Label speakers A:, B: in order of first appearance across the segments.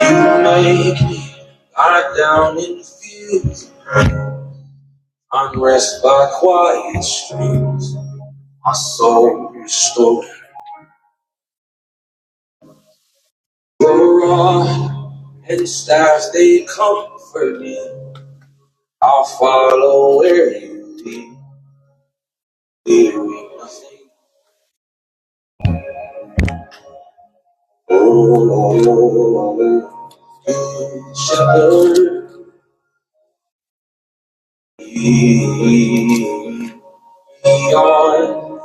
A: Make me lie down in fields, unrest by quiet streams. My soul restored. The rod and staff they comfort me. I'll follow where you lead. Fearing nothing. Oh, you shepherd lead me beyond.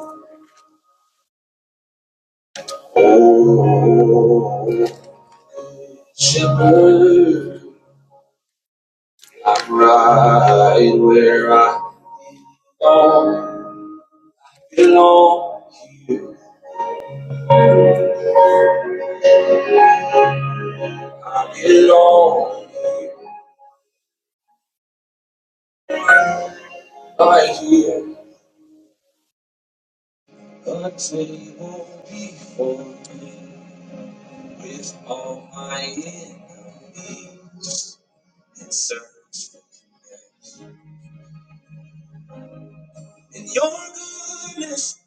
A: Oh, shepherd. I'm right where I don't belong. I belong right here. A table before me with all my enemies and search for you in your goodness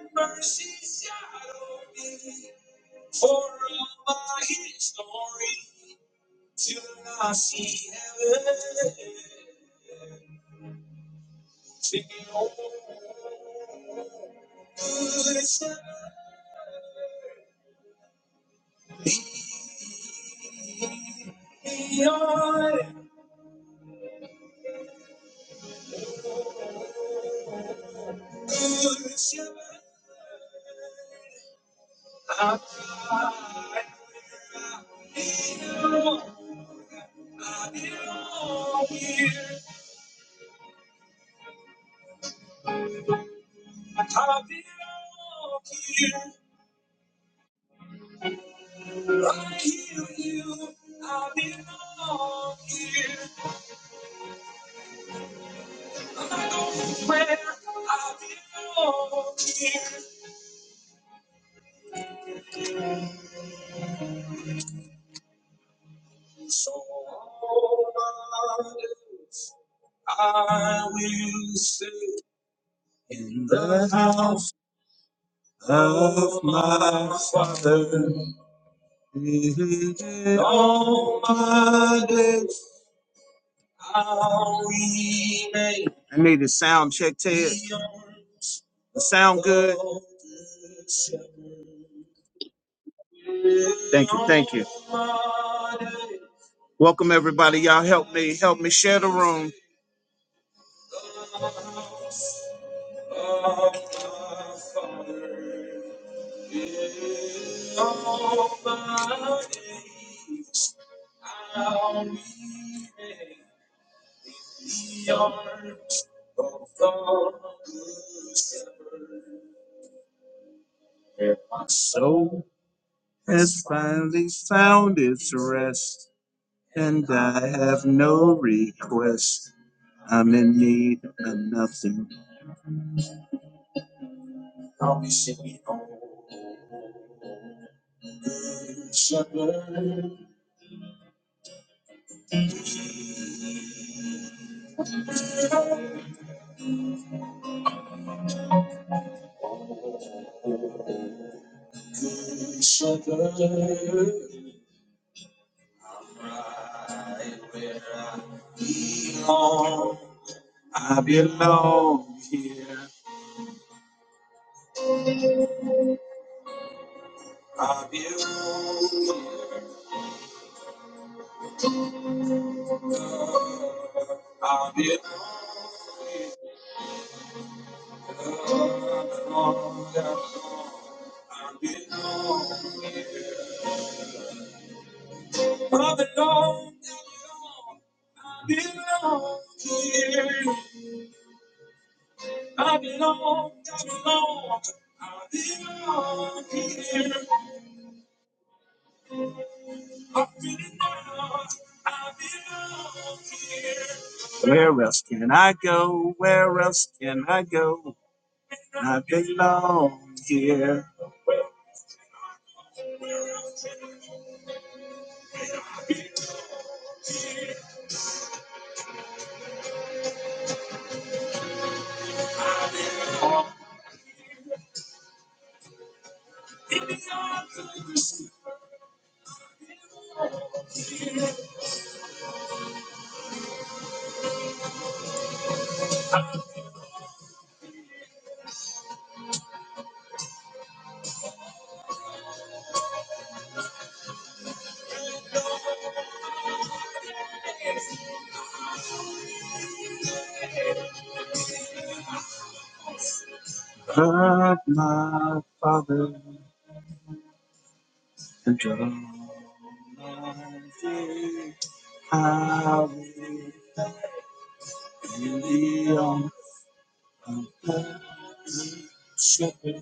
A: and mercy shadow me for all my hits on the I need a sound check tape. The sound. Welcome everybody. Y'all help help me share room. Has finally found its rest, and I have no request. I'm in need of nothing. Right where I belong. I belong here. I belong. Where else can I go? Where else can I go? Belong here. Of my father. The drum I in the arms of the shepherd.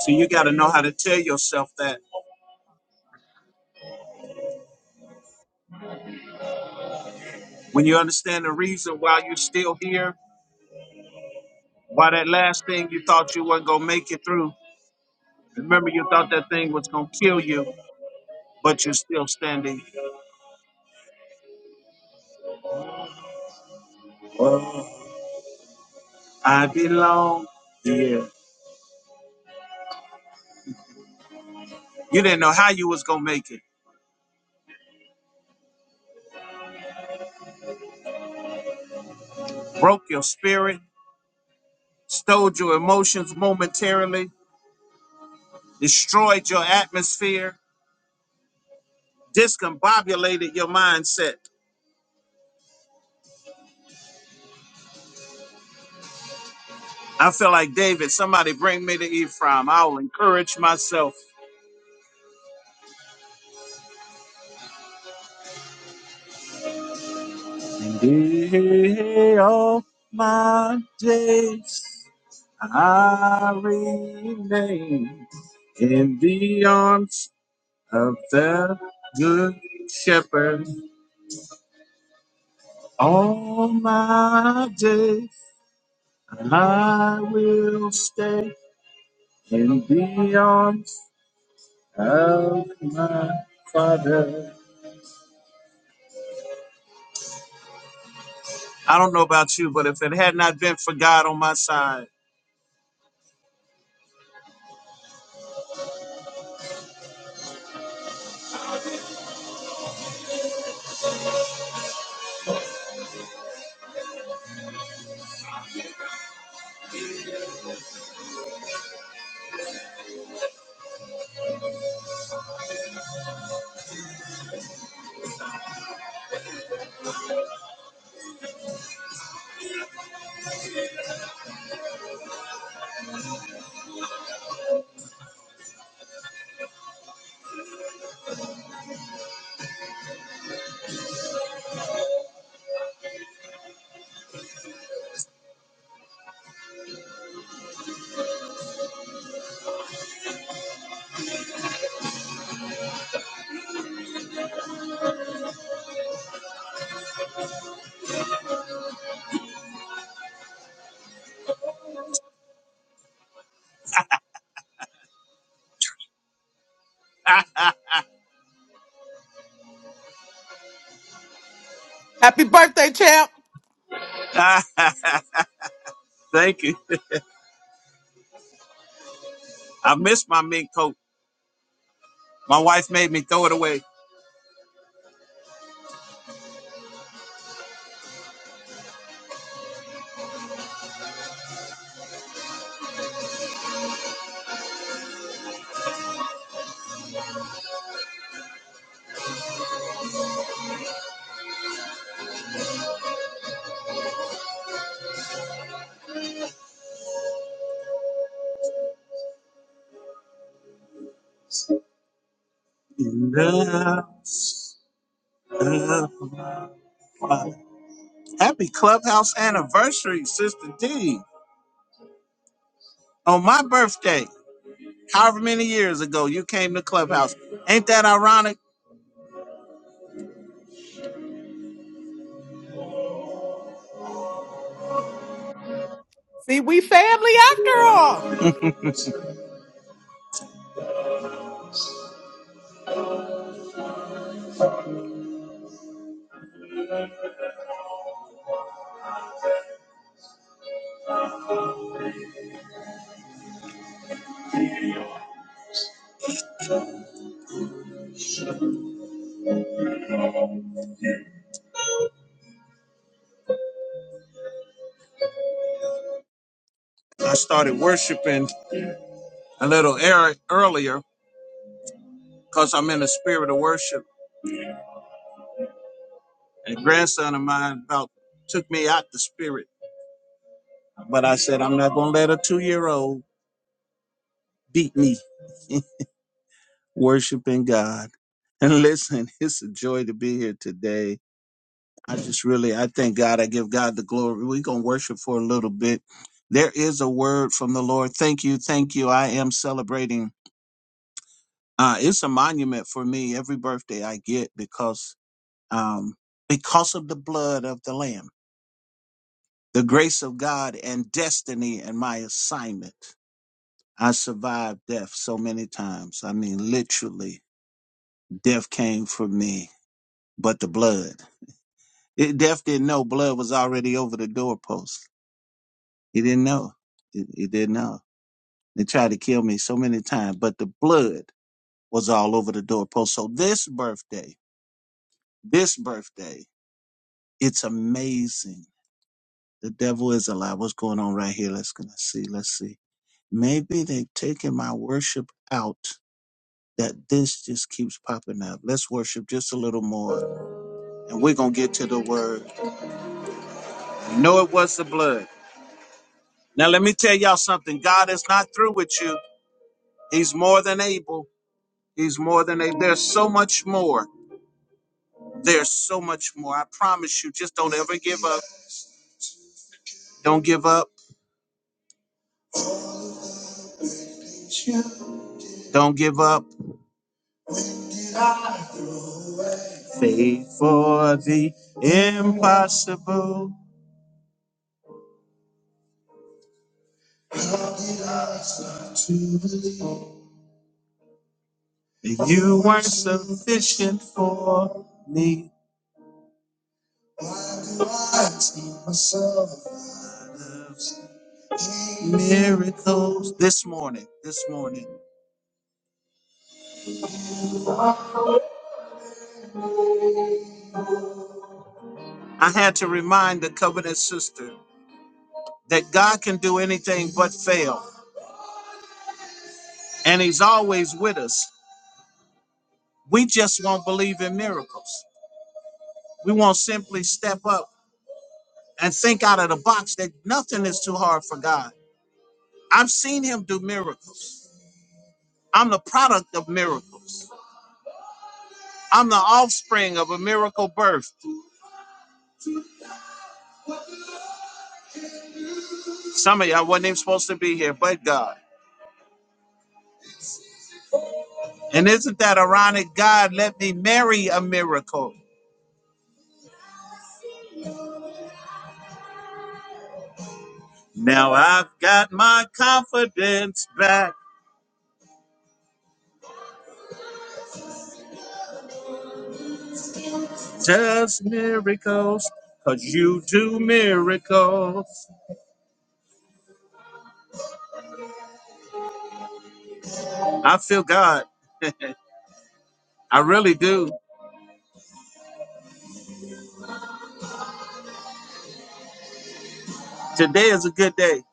A: So you got to know how to tell yourself that when you understand the reason why you're still here, why that last thing you thought you wasn't gonna make it through. Remember, you thought that thing was gonna kill you, but you're still standing. I belong. Yeah. You didn't know how you was gonna make it. Broke your spirit. stowed your emotions momentarily, destroyed your atmosphere, discombobulated your mindset. I feel like David, somebody bring me to Ephraim. I'll encourage myself. In all my days, I remain in the arms of the good shepherd. All my days, I will stay. in the arms of my father. I don't know about you, but if it had not been for God on my side,
B: Happy birthday, champ.
A: thank you. I missed my mink coat. My wife made me throw it away. In the house of my father. Happy clubhouse anniversary, Sister D. On my birthday, however many years ago, you came to clubhouse. Ain't that ironic?
B: See, we family after all.
A: I started worshiping a little ear- earlier because I'm in a spirit of worship. And a grandson of mine about took me out the spirit, but I said, I'm not going to let a two year old beat me worshiping God. And listen, it's a joy to be here today. I just really, I thank God. I give God the glory. We're going to worship for a little bit. There is a word from the Lord. Thank you. Thank you. I am celebrating. Uh, it's a monument for me every birthday I get because, um, because of the blood of the Lamb the grace of God and destiny and my assignment. I survived death so many times. I mean, literally, death came for me, but the blood. It, death didn't know blood was already over the doorpost. He didn't know. He, he didn't know. They tried to kill me so many times, but the blood was all over the doorpost. So this birthday, this birthday, it's amazing. The devil is alive. What's going on right here? Let's gonna see. Let's see. Maybe they've taken my worship out that this just keeps popping up. Let's worship just a little more, and we're going to get to the word. You know it was the blood. Now, let me tell y'all something. God is not through with you. He's more than able. He's more than able. There's so much more. There's so much more. I promise you, just don't ever give up. Don't give up. Don't give up. Faith for the impossible. You weren't sufficient for me. miracles this morning this morning i had to remind the covenant sister that god can do anything but fail and he's always with us we just won't believe in miracles we won't simply step up and think out of the box that nothing is too hard for god i've seen him do miracles i'm the product of miracles i'm the offspring of a miracle birth some of y'all wasn't even supposed to be here but god And isn't that ironic? God, let me marry a miracle. Now I've got my confidence back. Just miracles, because you do miracles. I feel God. I really do. Today is a good day.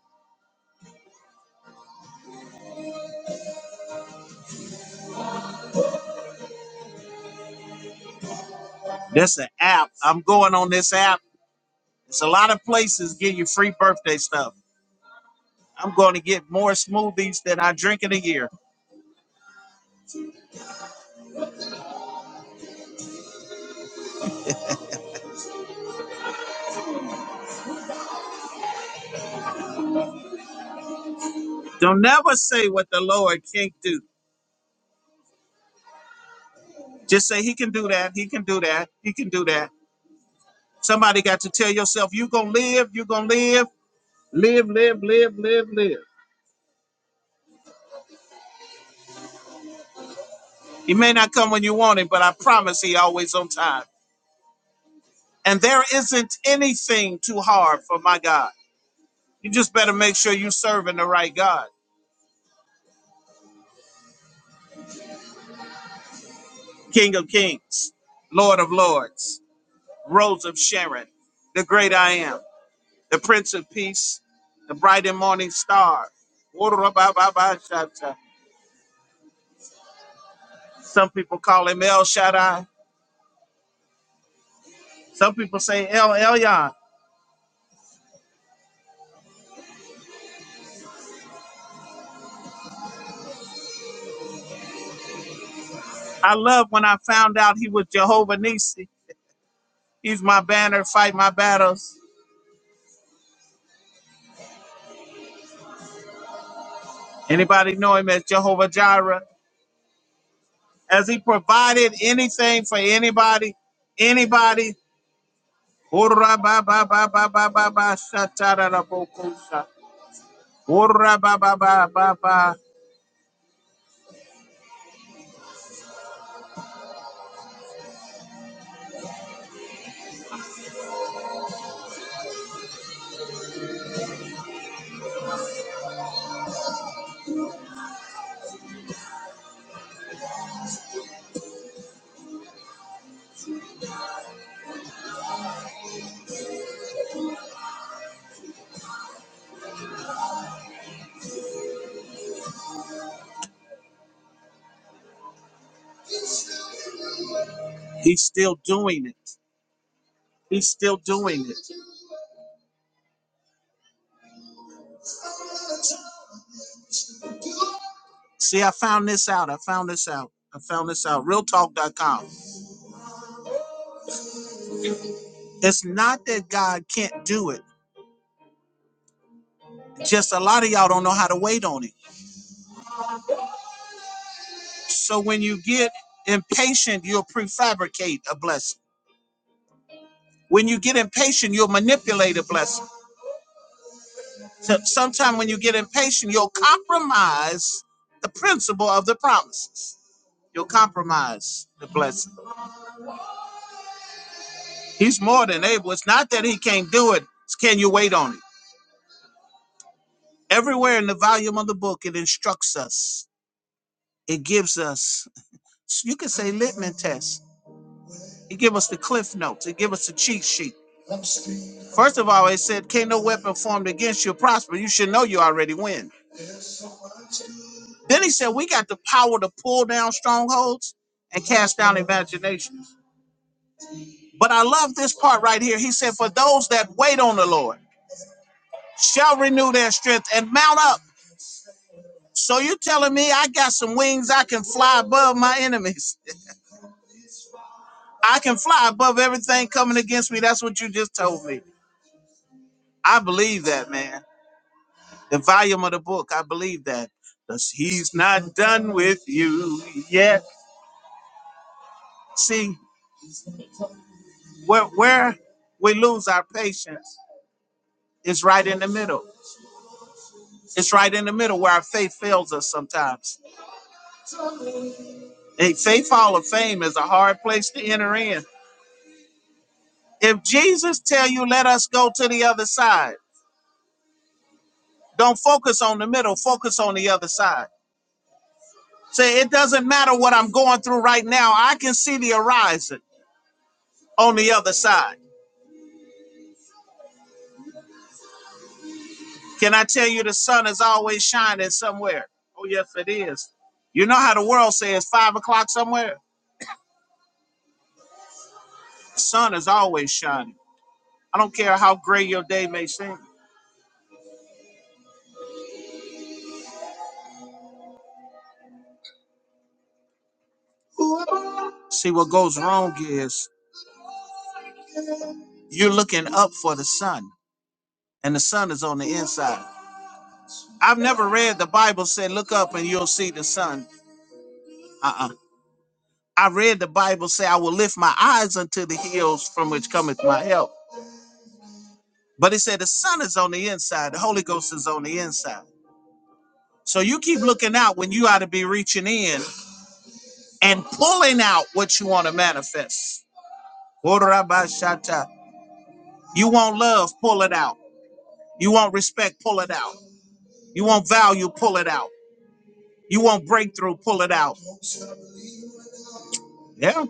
A: That's an app. I'm going on this app. It's a lot of places give you free birthday stuff. I'm going to get more smoothies than I drink in a year. Don't never say what the Lord can't do. Just say, He can do that. He can do that. He can do that. Somebody got to tell yourself, you're going to live, you're going to live, live. He may not come when you want him, but I promise he always on time. And there isn't anything too hard for my God. You just better make sure you're serving the right God. King of kings, Lord of lords, Rose of Sharon, the great I am, the Prince of Peace, the bright and morning star. Some people call him El Shaddai. Some people say El Elyon. I love when I found out he was Jehovah Nisi. He's my banner, fight my battles. Anybody know him as Jehovah Jireh? Has he provided anything for anybody? Anybody? Hurrah, ba, ba, ba, ba, ba, ba, ba, sha, ta, da, da, bo, ko, sha. Hurrah, ba, ba, ba, ba, ba. He's still doing it. He's still doing it. See, I found this out. I found this out. I found this out. Realtalk.com. It's not that God can't do it. Just a lot of y'all don't know how to wait on him. So when you get impatient, you'll prefabricate a blessing. When you get impatient, you'll manipulate a blessing. So sometime when you get impatient, you'll compromise the principle of the promises. You'll compromise the blessing. He's more than able. It's not that he can't do it. It's can you wait on it? Everywhere in the volume of the book, it instructs us. It gives us, you could say, litmus test. It gives us the cliff notes. It gives us the cheat sheet First of all, it said, Can no weapon formed against you prosper? You should know you already win. Then he said, We got the power to pull down strongholds and cast down imaginations. But I love this part right here. He said, For those that wait on the Lord shall renew their strength and mount up. So you're telling me I got some wings, I can fly above my enemies. I can fly above everything coming against me. That's what you just told me. I believe that, man. the volume of the book. I believe that. 'Cause he's not done with you yet. See, where, where we lose our patience is right in the middle. It's right in the middle where our faith fails us sometimes. A faith hall of fame is a hard place to enter in. If Jesus tell you, let us go to the other side, don't focus on the middle, focus on the other side. Say, it doesn't matter what I'm going through right now. I can see the horizon on the other side. Can I tell you the sun is always shining somewhere? Oh, yes, it is. You know how the world says five o'clock somewhere? The Sun is always shining. I don't care how gray your day may seem. See, what goes wrong is you're looking up for the sun, and the sun is on the inside. I've never read the Bible say, look up and you'll see the sun. Uh-uh. I read the Bible say, I will lift my eyes unto the hills from which cometh my help. But it said the sun is on the inside, the Holy Ghost is on the inside. So you keep looking out when you ought to be reaching in and pulling out what you want to manifest. Orabashata. You want love, pull it out. You want respect, pull it out. You want value, pull it out. You want breakthrough, pull it out. Yeah.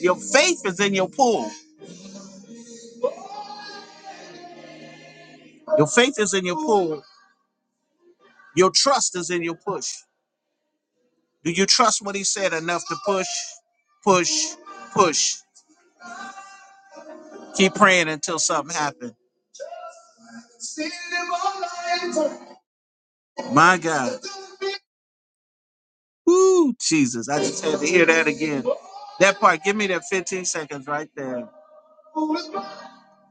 A: Your faith is in your pull. Your faith is in your pull. Your trust is in your push. Do you trust what he said enough to push, push, push? Keep praying until something happens. My God. Woo, Jesus. I just had to hear that again. That part, give me that 15 seconds right there.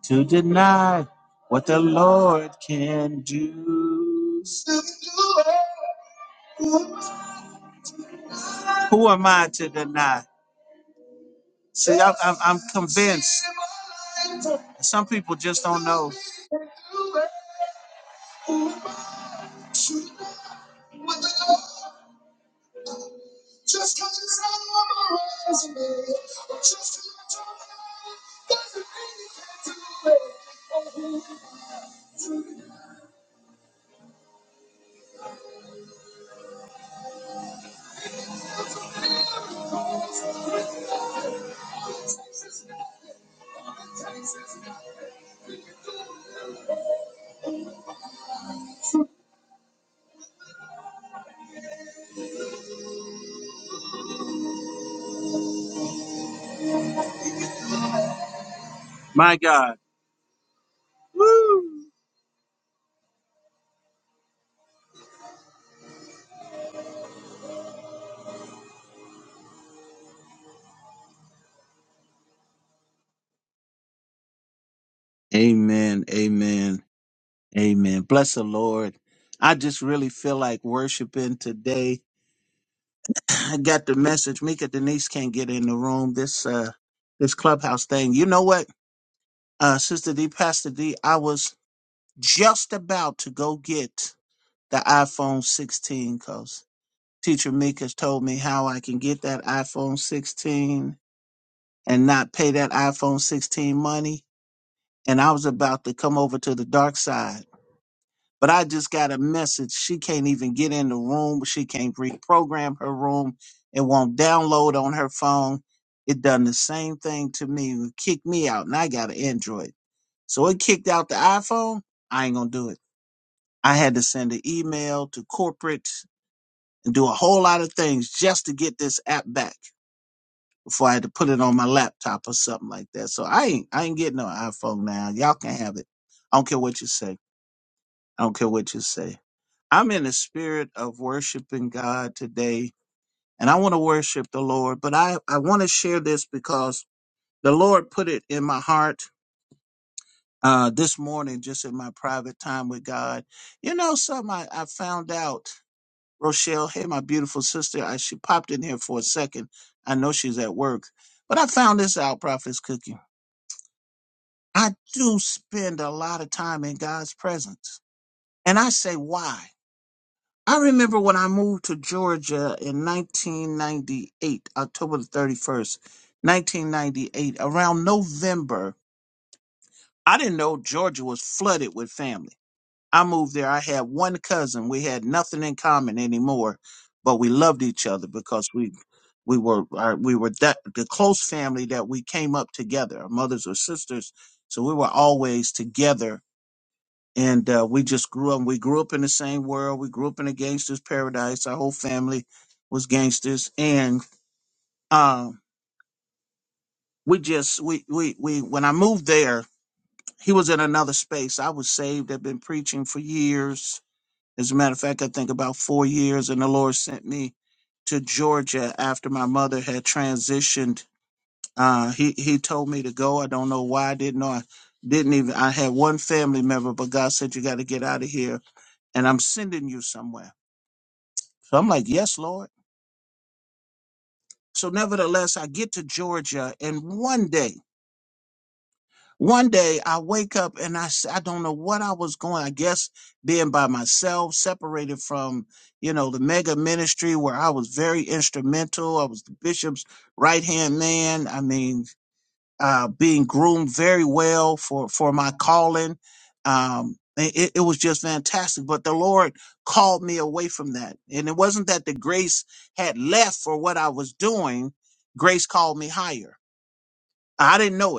A: To deny what the Lord can do. Who am I to deny? See, I'm, I'm, I'm convinced. Some people just don't know. My God. Amen. Amen. Amen. Bless the Lord. I just really feel like worshiping today. I got the message. Mika Denise can't get in the room. This, uh, this clubhouse thing. You know what? Uh, Sister D, Pastor D, I was just about to go get the iPhone 16 because Teacher Meek has told me how I can get that iPhone 16 and not pay that iPhone 16 money. And I was about to come over to the dark side. But I just got a message. She can't even get in the room. She can't reprogram her room. It won't download on her phone. It done the same thing to me. It kicked me out, and I got an Android. So it kicked out the iPhone. I ain't gonna do it. I had to send an email to corporate and do a whole lot of things just to get this app back before I had to put it on my laptop or something like that. So I ain't I ain't getting no iPhone now. Y'all can have it. I don't care what you say. I don't care what you say. I'm in the spirit of worshiping God today and I want to worship the Lord, but I, I want to share this because the Lord put it in my heart uh, this morning, just in my private time with God. You know, something I, I found out, Rochelle, hey, my beautiful sister, I, she popped in here for a second. I know she's at work, but I found this out, Prophet's Cookie. I do spend a lot of time in God's presence. And I say, why? I remember when I moved to Georgia in 1998, October the 31st, 1998, around November, I didn't know Georgia was flooded with families. I moved there. I had one cousin. We had nothing in common anymore, but we loved each other because we we were our, we were that the close family that we came up together. Our mothers were sisters, so we were always together. And uh, we just grew up. We grew up in the same world. We grew up in a gangster's paradise. Our whole family was gangsters, and um, we just we we we. When I moved there, he was in another space. I was saved. I've been preaching for years As a matter of fact, I think about four years, and the Lord sent me to Georgia after my mother had transitioned. Uh, he He told me to go. I don't know why. I didn't know. I didn't even. I had one family member, but God said you got to get out of here, and I'm sending you somewhere. So I'm like, yes, Lord. So nevertheless, I get to Georgia, and one day One day I wake up and I, s- I don't know what I was going. I guess being by myself, separated from, you know, the mega ministry where I was very instrumental. I was the bishop's right hand man. I mean, uh, being groomed very well for, for my calling. Um, it, it it was just fantastic. But the Lord called me away from that. And it wasn't that the grace had left for what I was doing. Grace called me higher. I didn't know it.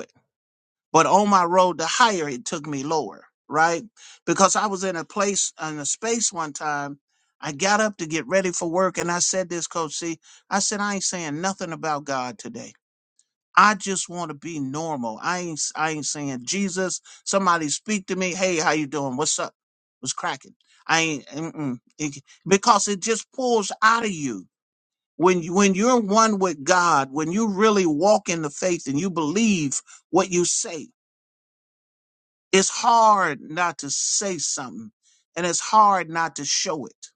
A: But on my road to higher, it took me lower, right? Because I was in a place, in a space one time. I got up to get ready for work and I said this, Coach C. I said, I ain't saying nothing about God today. I just want to be normal. I ain't, I ain't saying Jesus. Somebody speak to me. Hey, how you doing? What's up? What's cracking? I ain't, mm-mm. It- because it just pulls out of you. When, you- when you're one with God, when you really walk in the faith and you believe what you say, it's hard not to say something and it's hard not to show it.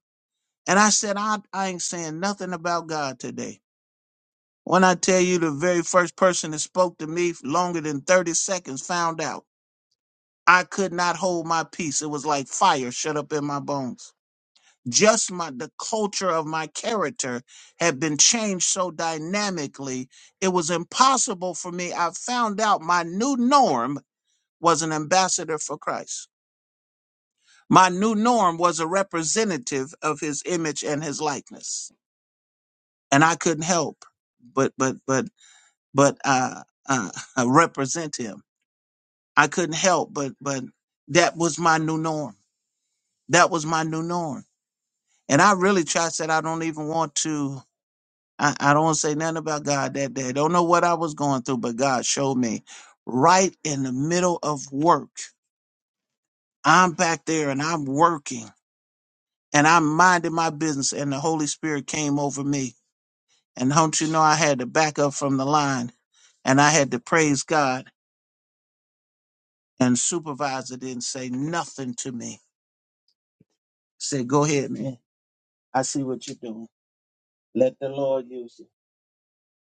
A: And I said, I, I ain't saying nothing about God today. When I tell you the very first person that spoke to me longer than 30 seconds found out I could not hold my peace. It was like fire shut up in my bones. Just my the culture of my character had been changed so dynamically, it was impossible for me. I found out my new norm was an ambassador for Christ. My new norm was a representative of his image and his likeness. And I couldn't help but but but but uh uh represent him. I couldn't help but but that was my new norm. That was my new norm. And I really tried said I don't even want to I, I don't want to say nothing about God that day. Don't know what I was going through, but God showed me right in the middle of work. I'm back there and I'm working and I'm minding my business and the Holy Spirit came over me And don't you know I had to back up from the line and I had to praise God and supervisor didn't say nothing to me. Said, go ahead, man. I see what you're doing. Let the Lord use you.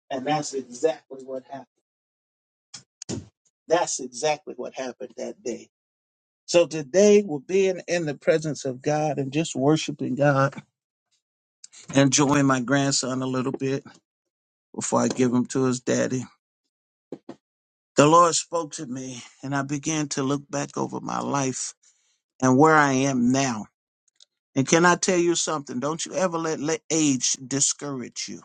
A: And that's exactly what happened. That's exactly what happened that day. So today we're being in the presence of God and just worshiping God, enjoying my grandson a little bit before I give him to his daddy. The Lord spoke to me and I began to look back over my life and where I am now. And can I tell you something? Don't you ever let, let age discourage you.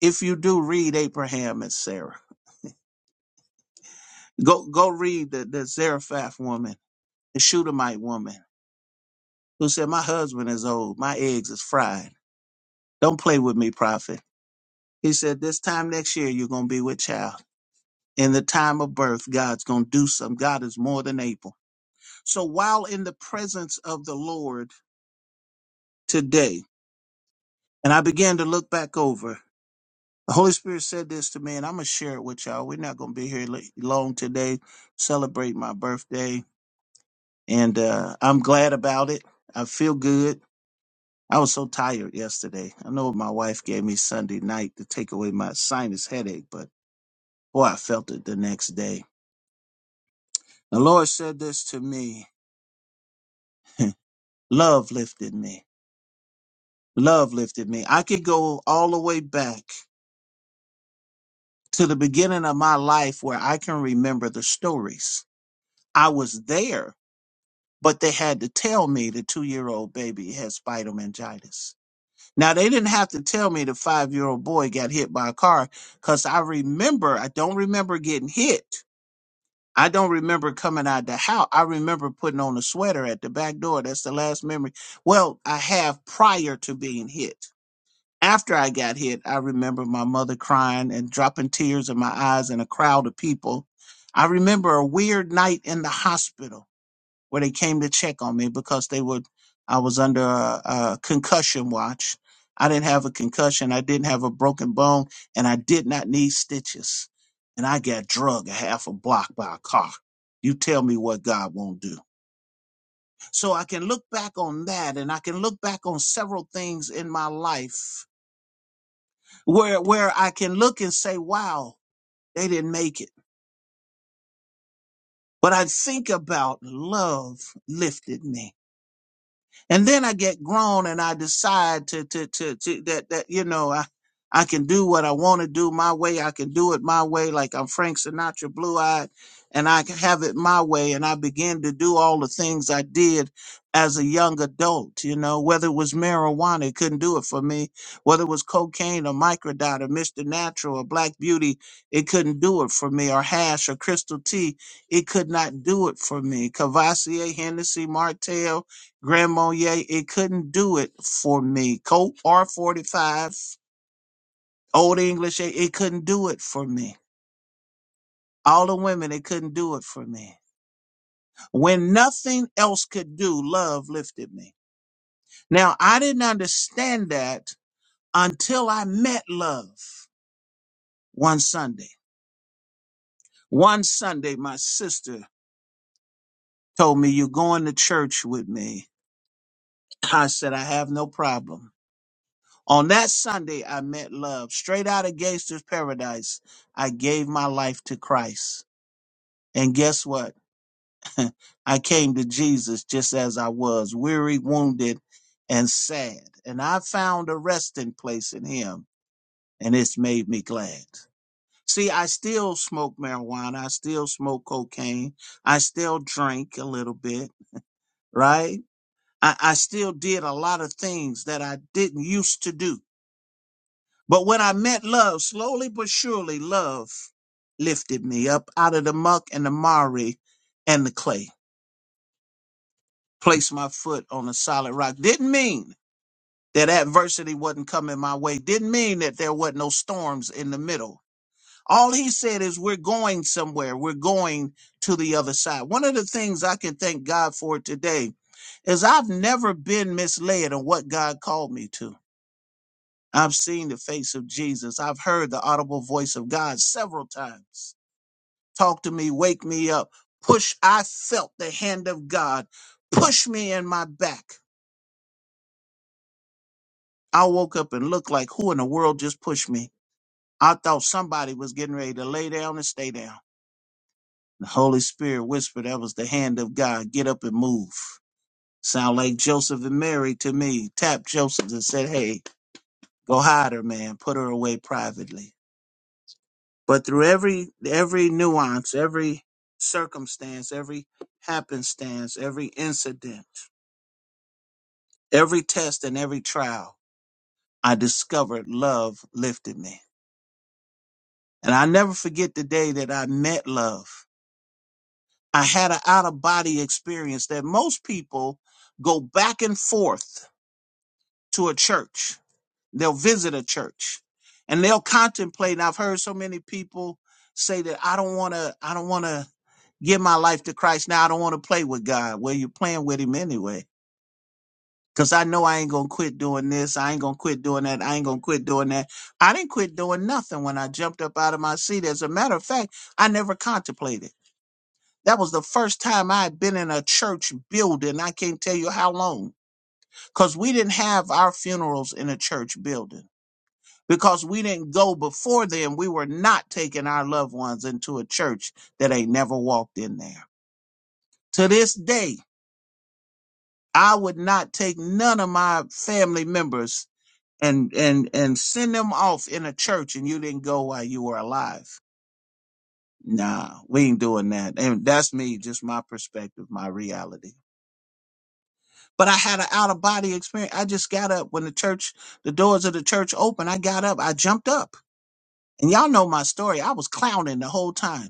A: If you do, read Abraham and Sarah. Go go read the, the Zarephath woman, the Shunammite woman, who said, My husband is old, my eggs is fried. Don't play with me, prophet. He said, This time next year you're gonna be with child. In the time of birth, God's gonna do something. God is more than able. So while in the presence of the Lord today, and I began to look back over. The Holy Spirit said this to me, and I'm gonna share it with y'all. We're not gonna be here late, long today. Celebrate my birthday, and uh, I'm glad about it. I feel good. I was so tired yesterday. I know my wife gave me Sunday night to take away my sinus headache, but boy, I felt it the next day. The Lord said this to me. Love lifted me. Love lifted me. I could go all the way back to the beginning of my life where I can remember the stories. I was there but they had to tell me the two year old baby had spinal meningitis. Now they didn't have to tell me the five year old boy got hit by a car because I remember I don't remember getting hit. I don't remember coming out the house. I remember putting on a sweater at the back door. That's the last memory. Well, I have prior to being hit. After I got hit, I remember my mother crying and dropping tears in my eyes in a crowd of people. I remember a weird night in the hospital where they came to check on me because they were I was under a, a concussion watch. I didn't have a concussion. I didn't have a broken bone, and I did not need stitches. And I got drug a half a block by a car. You tell me what God won't do. So I can look back on that, and I can look back on several things in my life where where I can look and say, "Wow, they didn't make it." But I think about love lifted me and then I get grown and I decide to to to, to that that you know I I can do what I want to do my way. I can do it my way, like I'm Frank Sinatra, blue eyed, and I can have it my way. And I begin to do all the things I did as a young adult. You know, whether it was marijuana, it couldn't do it for me. Whether it was cocaine or microdot or Mr. Natural or Black Beauty, it couldn't do it for me. Or hash or crystal tea, it could not do it for me. Cavassier, Hennessy, Martell Grandma Ye, it couldn't do it for me. Colt R45, Old English, it it couldn't do it for me. All the women, it couldn't do it for me. When nothing else could do, love lifted me. Now, I didn't understand that until I met love one Sunday. One Sunday, my sister told me, You're going to church with me. I said, I have no problem. On that Sunday, I met love. Straight out of Gangster's Paradise, I gave my life to Christ. And guess what? I came to Jesus just as I was, weary, wounded, and sad. And I found a resting place in Him, and it's made me glad. See, I still smoke marijuana. I still smoke cocaine. I still drink a little bit, right? I, I still did a lot of things that I didn't used to do But when I met love, slowly but surely, love lifted me up out of the muck and the mire and the clay, placed my foot on a solid rock. Didn't mean that adversity wasn't coming my way, didn't mean that there wasn't no storms in the middle. All he said is, We're going somewhere, we're going to the other side. One of the things I can thank God for today is I've never been misled on what God called me to. I've seen the face of Jesus. I've heard the audible voice of God several times. Talk to me, wake me up, push. I felt the hand of God push me in my back. I woke up and looked like who in the world just pushed me? I thought somebody was getting ready to lay down and stay down. The Holy Spirit whispered that was the hand of God. Get up and move. Sound like Joseph and Mary to me. Tapped Joseph and said, Hey, go hide her, man. Put her away privately. But through every every nuance, every circumstance, every happenstance, every incident, every test and every trial, I discovered love lifted me. And I never forget the day that I met love. I had an out of body experience that most people go back and forth to a church They'll visit a church and they'll contemplate. And I've heard so many people say that I don't want to, I don't want to give my life to Christ now. I don't want to play with God. Well, you're playing with him anyway. Cause I know I ain't gonna quit doing this. I ain't gonna quit doing that. I ain't gonna quit doing that. I didn't quit doing nothing when I jumped up out of my seat. As a matter of fact, I never contemplated. That was the first time I had been in a church building. I can't tell you how long. Cause we didn't have our funerals in a church building because we didn't go before them. We were not taking our loved ones into a church that ain't never walked in there. To this day, I would not take none of my family members and and and send them off in a church and you didn't go while you were alive. Nah, we ain't doing that. And that's me, just my perspective, my reality. But I had an out of body experience. I just got up when the church, the doors of the church opened. I got up, I jumped up. And y'all know my story. I was clowning the whole time.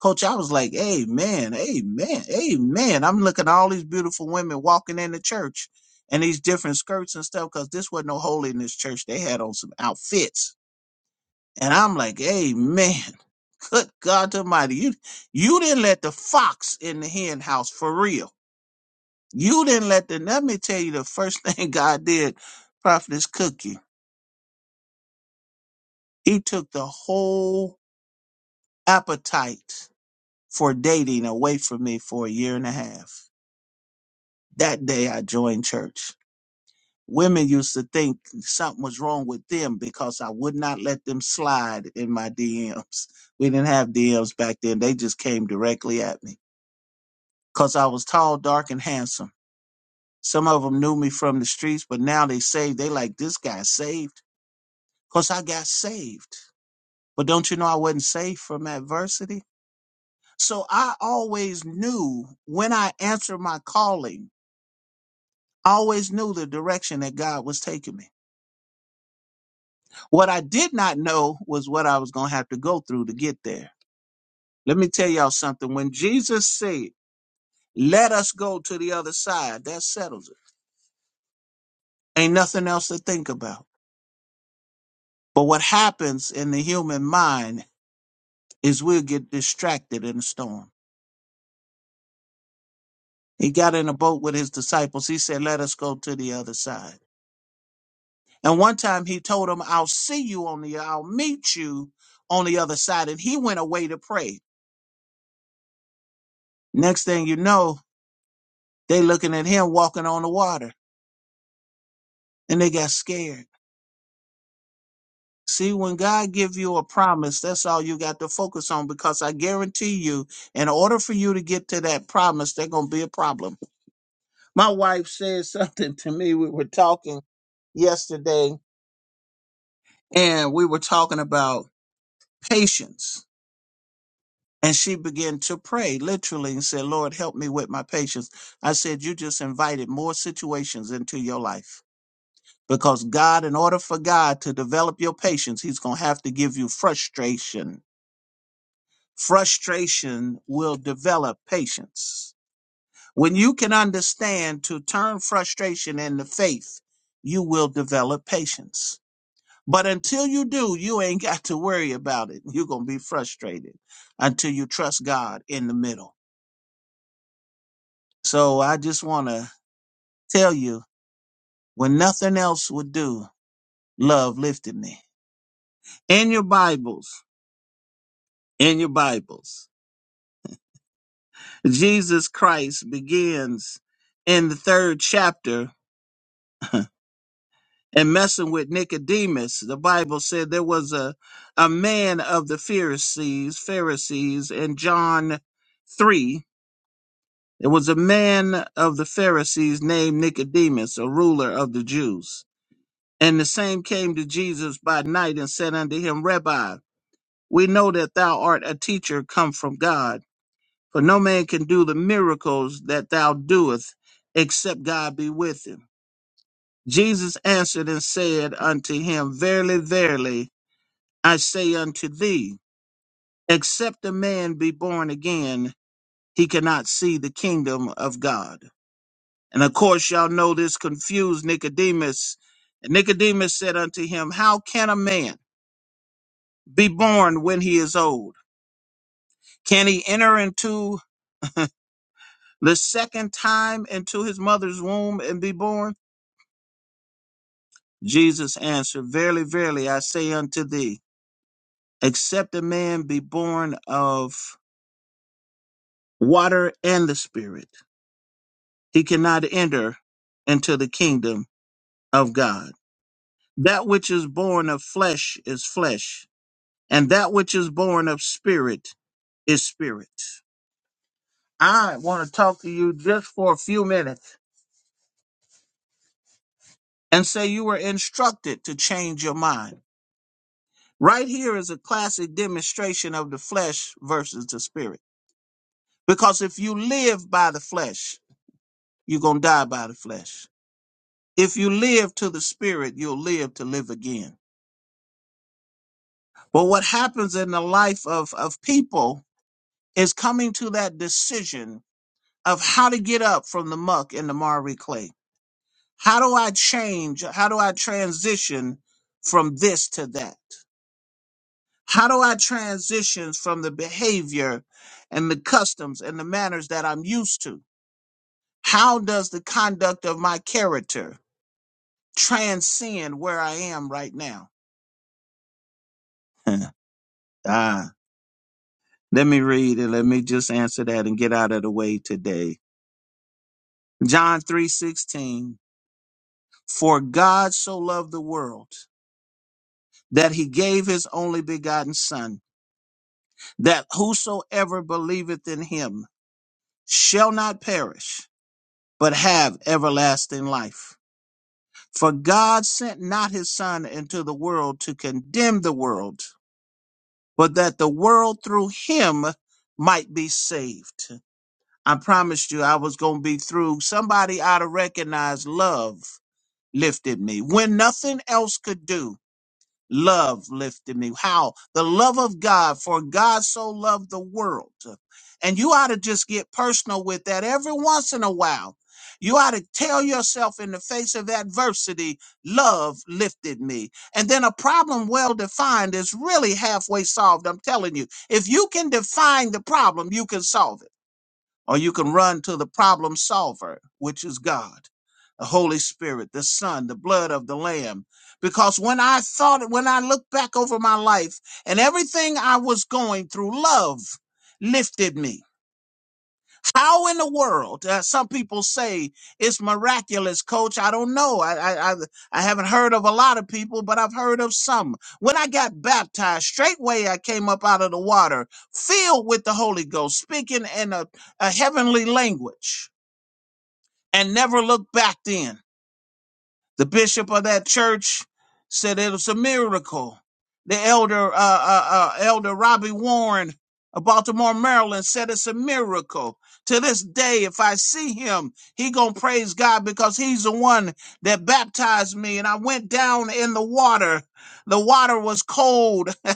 A: Coach, I was like, Amen, Amen, Amen. I'm looking at all these beautiful women walking in the church and these different skirts and stuff because this wasn't no holiness church. They had on some outfits. And I'm like, Amen. Good God Almighty. You, you didn't let the fox in the hen house for real. You didn't let the, let me tell you the first thing God did, Prophetess Cookie. He took the whole appetite for dating away from me for a year and a half That day I joined church. Women used to think something was wrong with them because I would not let them slide in my DMs. We didn't have DMs back then. They just came directly at me because I was tall, dark, and handsome. Some of them knew me from the streets, but now they saved. They like, this guy saved because I got saved. But don't you know I wasn't saved from adversity? So I always knew when I answered my calling, I always knew the direction that God was taking me. What I did not know was what I was going to have to go through to get there. Let me tell y'all something. When Jesus said, let us go to the other side, that settles it. Ain't nothing else to think about. But what happens in the human mind is we'll get distracted in the storm. He got in a boat with his disciples. He said, let us go to the other side. And one time he told them, I'll see you on the, I'll meet you on the other side. And he went away to pray. Next thing you know, they looking at him walking on the water. and they got scared. See, when God give you a promise, that's all you got to focus on because I guarantee you, in order for you to get to that promise, there's gonna be a problem. My wife said something to me. We were talking yesterday, and we were talking about patience. And she began to pray literally and said, Lord, help me with my patience. I said, You just invited more situations into your life. Because God, in order for God to develop your patience, He's going to have to give you frustration frustration will develop patience. When you can understand to turn frustration into faith, you will develop patience. But until you do, you ain't got to worry about it. You're going to be frustrated until you trust God in the middle. So I just want to tell you when nothing else would do, love lifted me. In your Bibles, in your Bibles, Jesus Christ begins in the third chapter and messing with Nicodemus. The Bible said there was a, a man of the Pharisees, Pharisees in John 3. There was a man of the Pharisees named Nicodemus, a ruler of the Jews. And the same came to Jesus by night and said unto him, Rabbi, we know that thou art a teacher come from God, for no man can do the miracles that thou doest except God be with him. Jesus answered and said unto him, Verily, verily, I say unto thee, except a man be born again, he cannot see the kingdom of God. And of course, y'all know this confused Nicodemus. And Nicodemus said unto him, How can a man be born when he is old? Can he enter into the second time into his mother's womb and be born? Jesus answered, Verily, verily, I say unto thee, except a man be born of water and the Spirit he cannot enter into the kingdom of God. That which is born of flesh is flesh, and that which is born of spirit is spirit. I want to talk to you just for a few minutes and say you were instructed to change your mind. Right here is a classic demonstration of the flesh versus the spirit. Because if you live by the flesh, you're going to die by the flesh. If you live to the spirit, you'll live to live again. But what happens in the life of, of people is coming to that decision of how to get up from the muck and the marry clay. How do I change? How do I transition from this to that? How do I transition from the behavior and the customs and the manners that I'm used to? How does the conduct of my character transcend where I am right now? ah, let me read and let me just answer that and get out of the way today. John 3:16 For God so loved the world that he gave his only begotten son that whosoever believeth in him shall not perish but have everlasting life for God sent not his son into the world to condemn the world but that the world through him might be saved I promised you I was going to be through somebody ought to recognize love lifted me when nothing else could do love lifted me. How? The love of God, for God so loved the world. And you ought to just get personal with that every once in a while. You ought to tell yourself in the face of adversity, love lifted me. And then a problem well defined is really halfway solved. I'm telling you, if you can define the problem, you can solve it or you can run to the problem solver, which is God, the Holy Spirit, the Son, the blood of the Lamb. Because when I thought, when I look back over my life and everything I was going through, love lifted me. How in the world? Uh, some people say it's miraculous, coach. I don't know. I, I I I haven't heard of a lot of people, but I've heard of some. When I got baptized, straightway I came up out of the water, filled with the Holy Ghost, speaking in a, a heavenly language, and never looked back then. The bishop of that church said it was a miracle. The elder, uh, uh, uh, elder Robbie Warren of Baltimore, Maryland said it's a miracle. To this day, if I see him, he gonna praise God because he's the one that baptized me. And I went down in the water. The water was cold.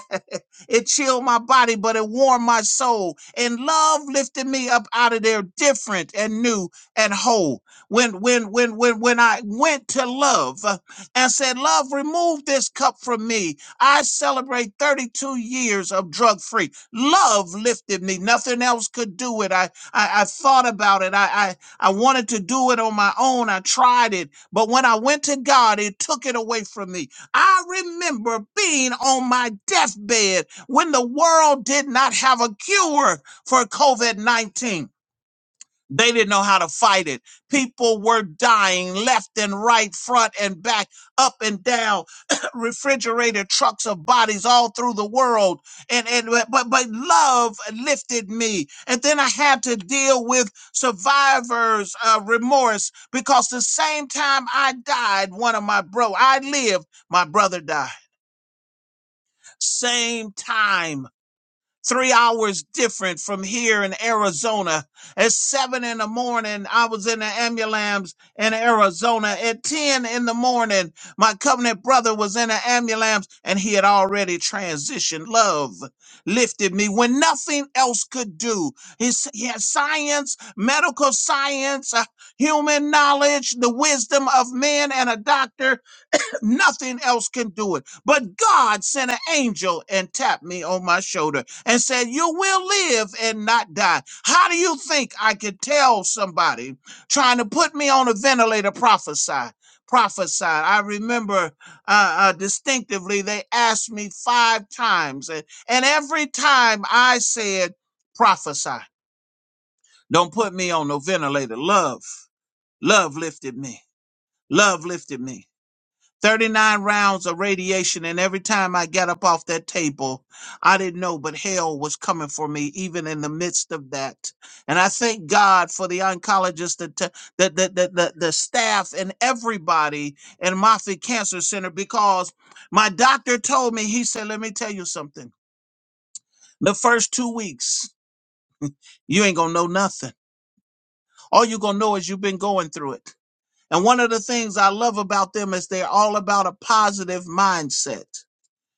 A: It chilled my body, but it warmed my soul. And love lifted me up out of there different and new and whole when when when when when I went to love uh, and said, "Love, remove this cup from me." I celebrate 32 years of drug free. Love lifted me. Nothing else could do it. I I, I thought about it. I, I I wanted to do it on my own. I tried it, but when I went to God, it took it away from me. I remember being on my deathbed when the world did not have a cure for COVID 19. They didn't know how to fight it. People were dying left and right, front and back, up and down, refrigerated trucks of bodies all through the world. And and but but love lifted me. And then I had to deal with survivors' uh, remorse because the same time I died, one of my bro, I lived, my brother died. Same time three hours different from here in Arizona. At seven in the morning, I was in the ambulance in Arizona. At 10 in the morning, my covenant brother was in the ambulance and he had already transitioned. Love lifted me when nothing else could do. His, he had science, medical science, uh, human knowledge, the wisdom of men and a doctor Nothing else can do it. But God sent an angel and tapped me on my shoulder and said, You will live and not die. How do you think I could tell somebody trying to put me on a ventilator prophesy? Prophesy. I remember uh, uh, distinctively they asked me five times, and, and every time I said, Prophesy. Don't put me on no ventilator. Love, love lifted me. Love lifted me. 39 rounds of radiation, and every time I got up off that table, I didn't know, but hell was coming for me, even in the midst of that. And I thank God for the oncologist, the, t- the, the, the, the, the staff, and everybody in Moffitt Cancer Center because my doctor told me, he said, Let me tell you something. The first two weeks, you ain't gonna know nothing. All you're gonna know is you've been going through it. And one of the things I love about them is they're all about a positive mindset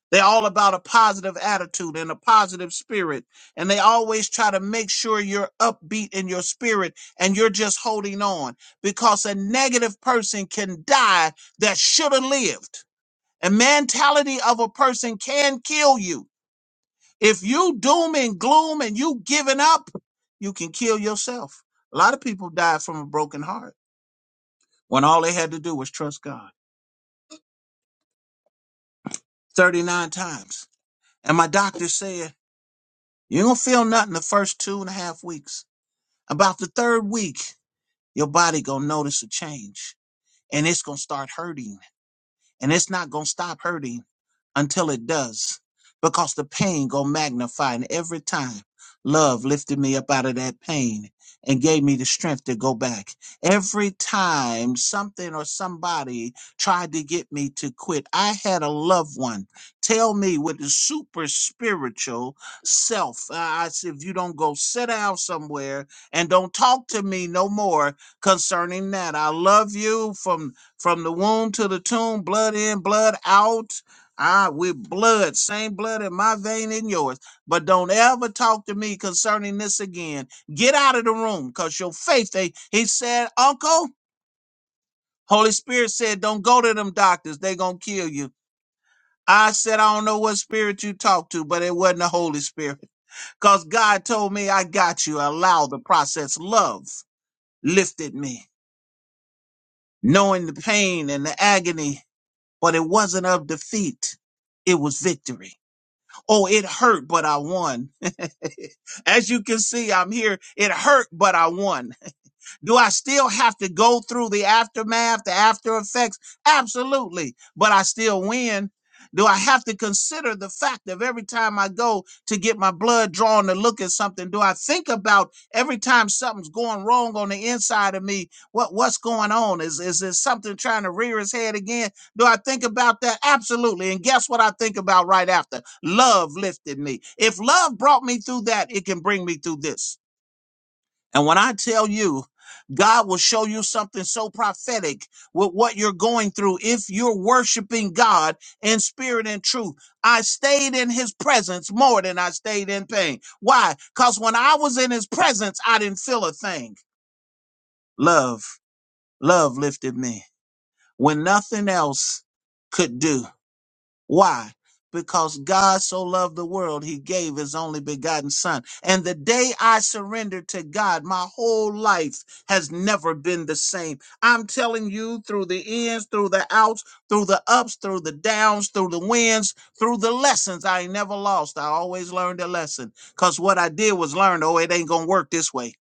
A: They're all about a positive attitude and a positive spirit. And they always try to make sure you're upbeat in your spirit and you're just holding on because a negative person can die that should have lived. A mentality of a person can kill you. If you doom and gloom and you giving up, you can kill yourself. A lot of people died from a broken heart when all they had to do was trust God 39 times. And my doctor said, You ain't gonna feel nothing the first two and a half weeks. About the third week, your body gonna notice a change and it's gonna start hurting and it's not gonna stop hurting until it does because the pain gonna magnify and every time love lifted me up out of that pain and gave me the strength to go back every time something or somebody tried to get me to quit i had a loved one tell me with the super spiritual self uh, i said if you don't go sit down somewhere and don't talk to me no more concerning that i love you from from the womb to the tomb blood in blood out Ah, with blood, same blood in my vein and yours. But don't ever talk to me concerning this again. Get out of the room, cause your faith. They he said, Uncle, Holy Spirit said, don't go to them doctors. They gonna kill you. I said, I don't know what spirit you talked to, but it wasn't the Holy Spirit. Cause God told me I got you. Allow the process. Love lifted me, knowing the pain and the agony, but it wasn't of defeat. It was victory. Oh, it hurt, but I won. As you can see, I'm here. It hurt, but I won. Do I still have to go through the aftermath, the after effects? Absolutely. But I still win. Do I have to consider the fact of every time I go to get my blood drawn to look at something? Do I think about every time something's going wrong on the inside of me? What what's going on? Is is there something trying to rear its head again? Do I think about that? Absolutely. And guess what I think about right after? Love lifted me. If love brought me through that, it can bring me through this. And when I tell you, God will show you something so prophetic with what you're going through if you're worshiping God in spirit and truth. I stayed in his presence more than I stayed in pain. Why? Because when I was in his presence, I didn't feel a thing. Love, love lifted me when nothing else could do. Why? Because God so loved the world, he gave his only begotten son. And the day I surrendered to God, my whole life has never been the same. I'm telling you, through the ins, through the outs, through the ups, through the downs, through the wins, through the lessons, I ain't never lost. I always learned a lesson. Because what I did was learn, oh, it ain't going to work this way.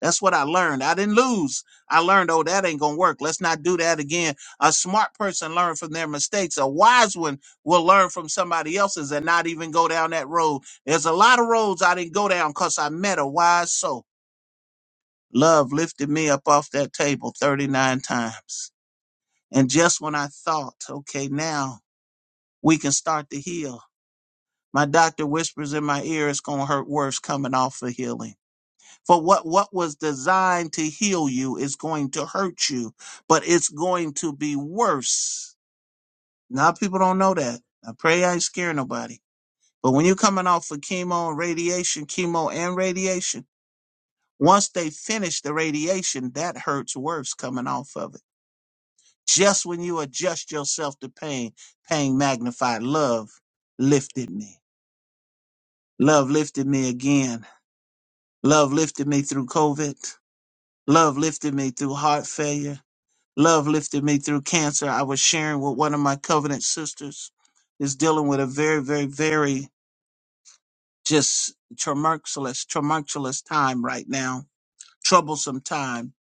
A: That's what I learned. I didn't lose. I learned, oh, that ain't going to work. Let's not do that again. A smart person learns from their mistakes. A wise one will learn from somebody else's and not even go down that road. There's a lot of roads I didn't go down because I met a wise soul. Love lifted me up off that table 39 times. And just when I thought, okay, now we can start to heal, my doctor whispers in my ear, it's going to hurt worse coming off for healing. For what, what was designed to heal you is going to hurt you, but it's going to be worse. Now people don't know that. I pray I ain't scare nobody. But when you're coming off of chemo and radiation, chemo and radiation, once they finish the radiation, that hurts worse coming off of it. Just when you adjust yourself to pain, pain magnified. Love lifted me. Love lifted me again. Love lifted me through COVID. Love lifted me through heart failure. Love lifted me through cancer. I was sharing with one of my covenant sisters is dealing with a very, very, very just tumultuous, tumultuous time right now, troublesome time,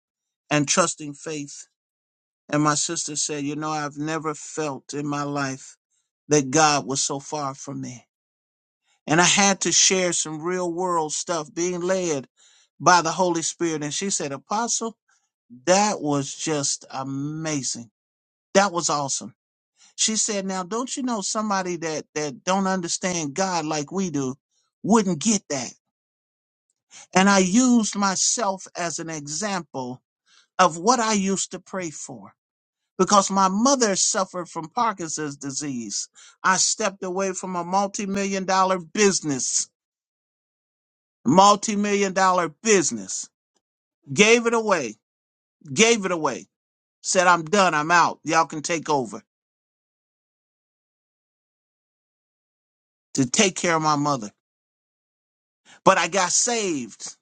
A: and trusting faith. And my sister said, You know, I've never felt in my life that God was so far from me. And I had to share some real world stuff being led by the Holy Spirit. And she said, Apostle, that was just amazing. That was awesome She said, "Now, don't you know somebody that that don't understand God like we do wouldn't get that." And I used myself as an example of what I used to pray for because my mother suffered from Parkinson's disease. I stepped away from a multi-million dollar business, multi-million dollar business. Gave it away. Gave it away. Said, "I'm done. I'm out. Y'all can take over." To take care of my mother. But I got saved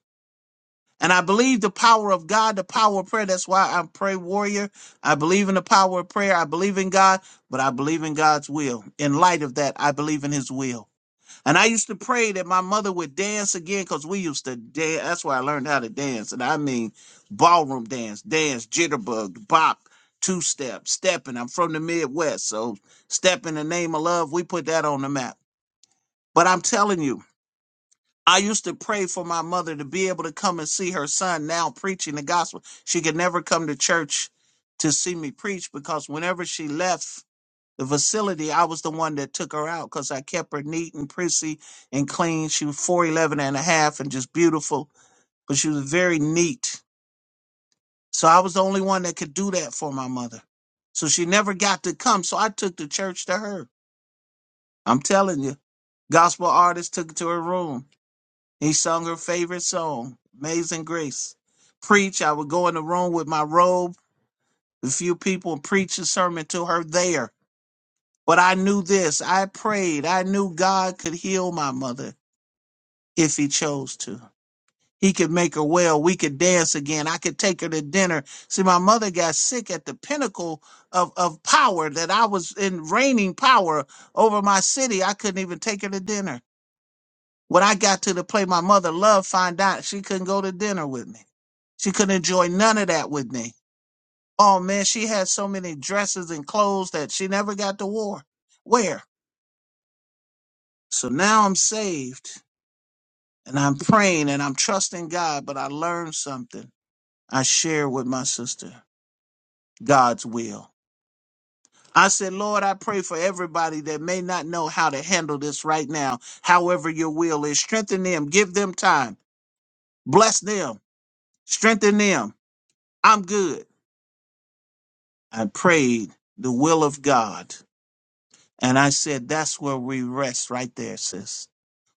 A: And I believe the power of God, the power of prayer. That's why I'm pray warrior. I believe in the power of prayer. I believe in God, but I believe in God's will. In light of that, I believe in his will. And I used to pray that my mother would dance again because we used to dance. That's why I learned how to dance. And I mean ballroom dance, dance, jitterbug, bop, two step, stepping. I'm from the Midwest. So step in the name of love, we put that on the map. But I'm telling you, I used to pray for my mother to be able to come and see her son now preaching the gospel. She could never come to church to see me preach because whenever she left the facility, I was the one that took her out because I kept her neat and prissy and clean. She was four eleven and a half and just beautiful, but she was very neat. So I was the only one that could do that for my mother. So she never got to come. So I took the church to her. I'm telling you, gospel artists took it to her room. He sung her favorite song, Amazing Grace. Preach, I would go in the room with my robe, a few people, and preach a sermon to her there. But I knew this. I prayed. I knew God could heal my mother if he chose to. He could make her well. We could dance again. I could take her to dinner. See, my mother got sick at the pinnacle of, of power that I was in reigning power over my city. I couldn't even take her to dinner. When I got to the place my mother loved, find out she couldn't go to dinner with me. She couldn't enjoy none of that with me. Oh man, she had so many dresses and clothes that she never got to wear. Where? So now I'm saved and I'm praying and I'm trusting God, but I learned something. I share with my sister God's will. I said, Lord, I pray for everybody that may not know how to handle this right now. However, your will is strengthen them, give them time, bless them, strengthen them. I'm good. I prayed the will of God And I said, that's where we rest right there, sis.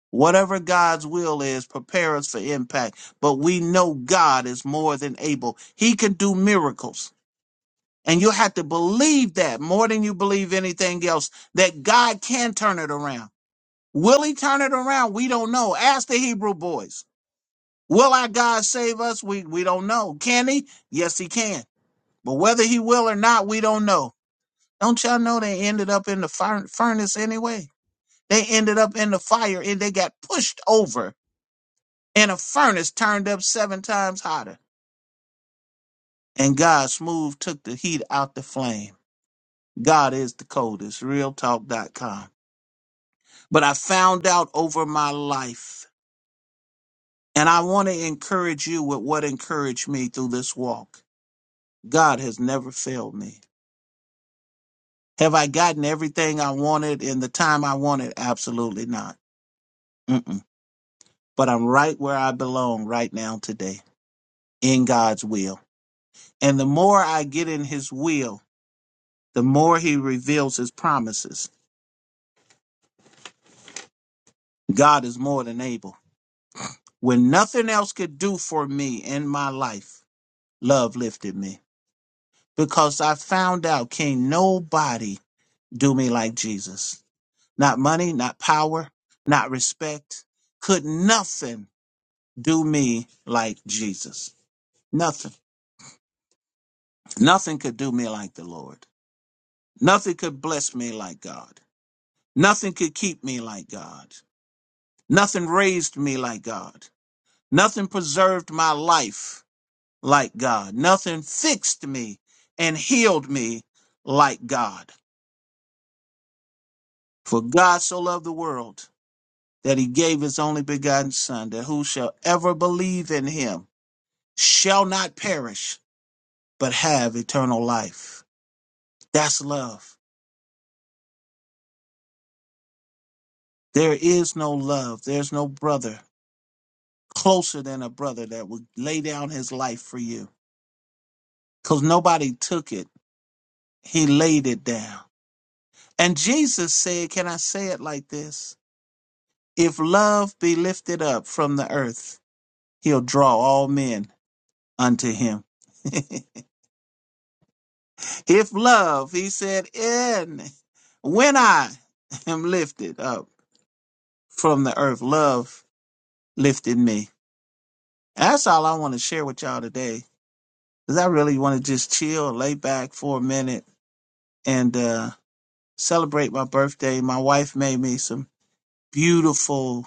A: Whatever God's will is, prepare us for impact. But we know God is more than able. He can do miracles. And you have to believe that more than you believe anything else, that God can turn it around. Will he turn it around? We don't know. Ask the Hebrew boys. Will our God save us? We, we don't know. Can he? Yes, he can. But whether he will or not, we don't know. Don't y'all know they ended up in the fir- furnace anyway? They ended up in the fire and they got pushed over in a furnace turned up seven times hotter. And God smooth took the heat out the flame. God is the coldest, realtalk.com. But I found out over my life, and I want to encourage you with what encouraged me through this walk. God has never failed me. Have I gotten everything I wanted in the time I wanted? Absolutely not. Mm-mm. But I'm right where I belong right now today in God's will. And the more I get in his will, the more he reveals his promises. God is more than able. When nothing else could do for me in my life, love lifted me because I found out can't nobody do me like Jesus. Not money, not power, not respect. Could nothing do me like Jesus. Nothing. Nothing could do me like the Lord. Nothing could bless me like God. Nothing could keep me like God. Nothing raised me like God. Nothing preserved my life like God. Nothing fixed me and healed me like God. For God so loved the world that he gave his only begotten Son, that who shall ever believe in him shall not perish, but have eternal life. That's love. There is no love. There's no brother closer than a brother that would lay down his life for you. Because nobody took it, he laid it down. And Jesus said, Can I say it like this? If love be lifted up from the earth, he'll draw all men unto him. if love, he said, in when I am lifted up from the earth, love lifted me. That's all I want to share with y'all today. Cause I really want to just chill, lay back for a minute and uh celebrate my birthday. My wife made me some beautiful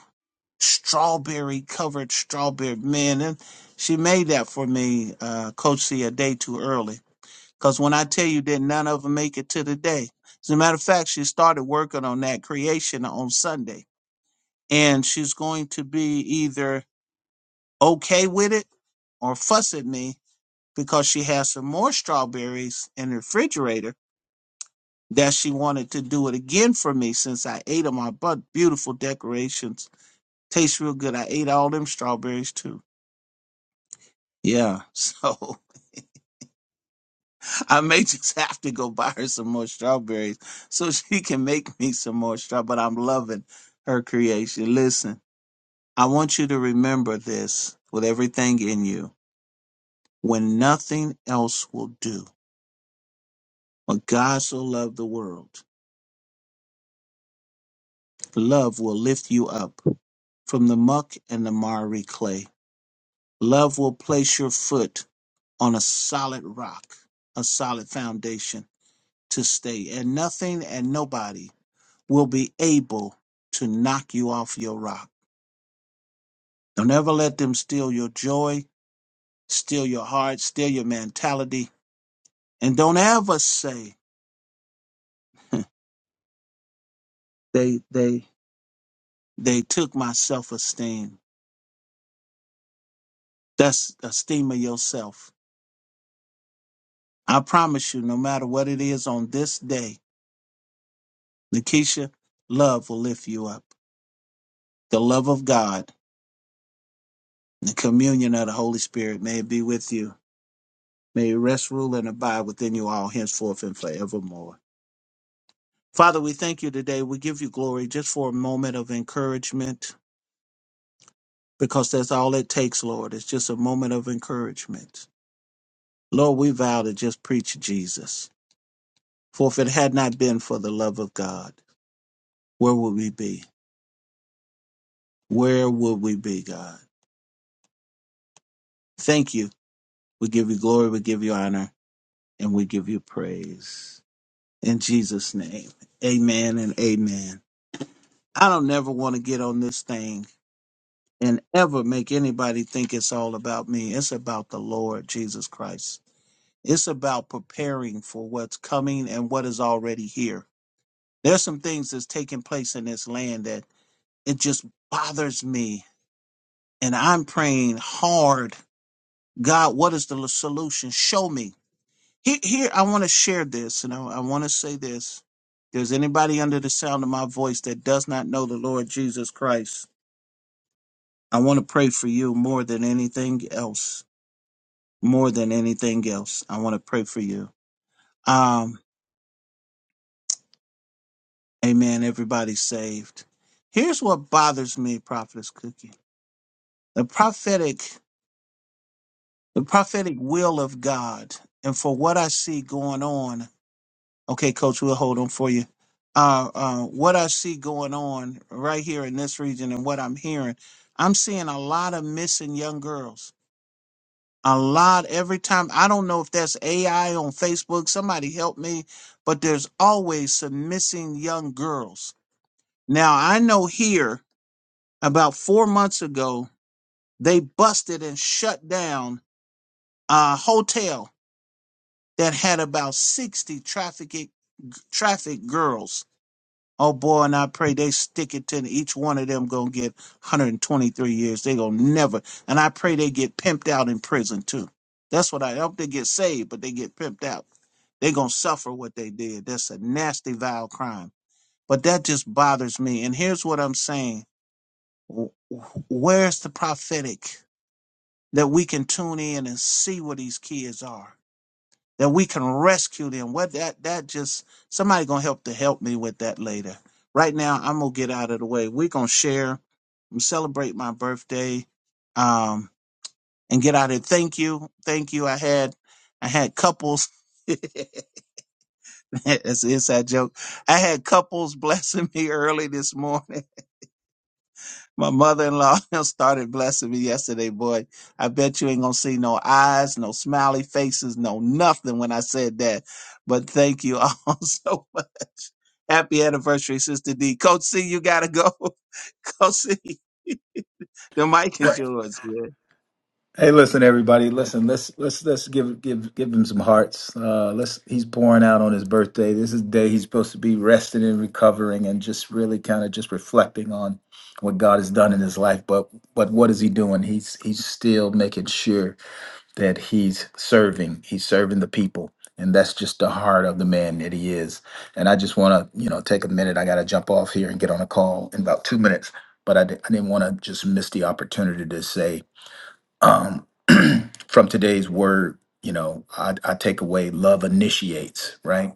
A: strawberry covered strawberry man and she made that for me uh coach c a day too early because when i tell you that none of them make it to the day as a matter of fact she started working on that creation on sunday and she's going to be either okay with it or fuss at me because she has some more strawberries in the refrigerator that she wanted to do it again for me since i ate them i bought beautiful decorations tastes real good i ate all them strawberries too Yeah, so I may just have to go buy her some more strawberries so she can make me some more straw. But I'm loving her creation. Listen, I want you to remember this with everything in you. When nothing else will do, but God so loved the world, love will lift you up from the muck and the miry clay. Love will place your foot on a solid rock, a solid foundation to stay, and nothing and nobody will be able to knock you off your rock. Don't ever let them steal your joy, steal your heart, steal your mentality. And don't ever say, they, they, they took my self esteem. That's esteem of yourself. I promise you, no matter what it is on this day, Nikisha, love will lift you up. The love of God, the communion of the Holy Spirit may it be with you. May it rest, rule, and abide within you all henceforth and forevermore. Father, we thank you today. We give you glory just for a moment of encouragement because that's all it takes, Lord. It's just a moment of encouragement. Lord, we vow to just preach Jesus. For if it had not been for the love of God, where would we be? Where would we be, God? Thank you. We give you glory, we give you honor, and we give you praise. In Jesus' name, amen and amen. I don't never want to get on this thing and ever make anybody think it's all about me. It's about the Lord Jesus Christ. It's about preparing for what's coming and what is already here. There's some things that's taking place in this land that it just bothers me. And I'm praying hard. God, what is the solution? Show me. Here, here I want to share this and I, I want to say this. If there's anybody under the sound of my voice that does not know the Lord Jesus Christ, I want to pray for you more than anything else more than anything else. I want to pray for you. Um, amen. Everybody's saved. Here's what bothers me, Prophetess Cookie. The prophetic, the prophetic will of God, and for what I see going on. Okay, Coach, we'll hold on for you. Uh, uh, what I see going on right here in this region, and what I'm hearing, I'm seeing a lot of missing young girls. a lot every time. I don't know if that's AI on Facebook. Somebody help me. But there's always some missing young girls. Now, I know here about four months ago, they busted and shut down a hotel that had about 60 traffic, traffic girls Oh boy, and I pray they stick it to each one of them gonna get 123 years. They gonna never. And I pray they get pimped out in prison too. That's what I hope they get saved, but they get pimped out. They gonna suffer what they did. That's a nasty, vile crime. But that just bothers me. And here's what I'm saying: Wh- wh- Where's the prophetic that we can tune in and see where these kids are? that we can rescue them. What that that just somebody gonna help to help me with that later. Right now, I'm gonna get out of the way. We're gonna share and celebrate my birthday, um, and get out of it. Thank you, thank you. I had I had couples. That's an inside joke. I had couples blessing me early this morning My mother in law started blessing me yesterday, boy. I bet you ain't gonna see no eyes, no smiley faces, no nothing when I said that. But thank you all so much. Happy anniversary, Sister D. Coach C, you gotta go. Coach C, the mic is
C: Right.
A: yours. Yeah.
C: Hey, listen, everybody. Listen, let's let's let's give give give him some hearts. Uh, let's he's pouring out on his birthday. This is the day he's supposed to be resting and recovering and just really kind of just reflecting on what God has done in his life. But but what is he doing? He's he's still making sure that he's serving. He's serving the people. And that's just the heart of the man that he is. And I just want to, you know, take a minute. I got to jump off here and get on a call in about two minutes. But I, di- I didn't want to just miss the opportunity to say, Um, from today's word, you know, I, I take away love initiates, right?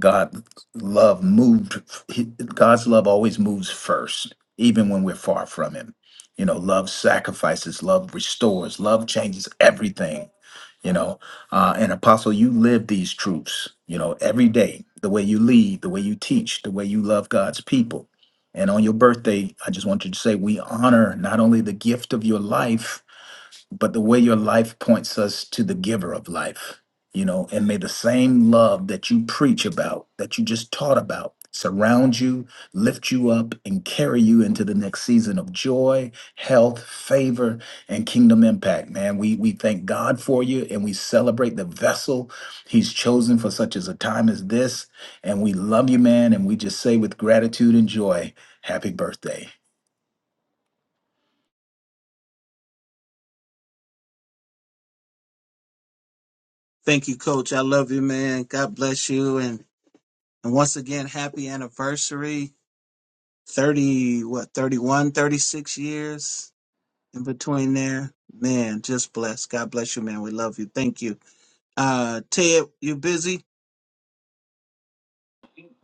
C: God, love moved, he- God's love always moves first, even when we're far from Him. You know, love sacrifices, love restores, love changes everything, you know. Uh, and Apostle, you live these truths, you know, every day, the way you lead, the way you teach, the way you love God's people. And on your birthday, I just want you to say, we honor not only the gift of your life, but the way your life points us to the giver of life, you know, and may the same love that you preach about, that you just taught about, surround you, lift you up, and carry you into the next season of joy, health, favor, and kingdom impact. Man, we we thank God for you and we celebrate the vessel He's chosen for such as a time as this. And we love you, man, and we just say with gratitude and joy, happy birthday.
A: Thank you, Coach. I love you, man. God bless you. And and once again, happy anniversary. 30, what, 31, 36 years? in between there. Man, just blessed. God bless you, man. We love you. Thank you. Uh Ted, you busy?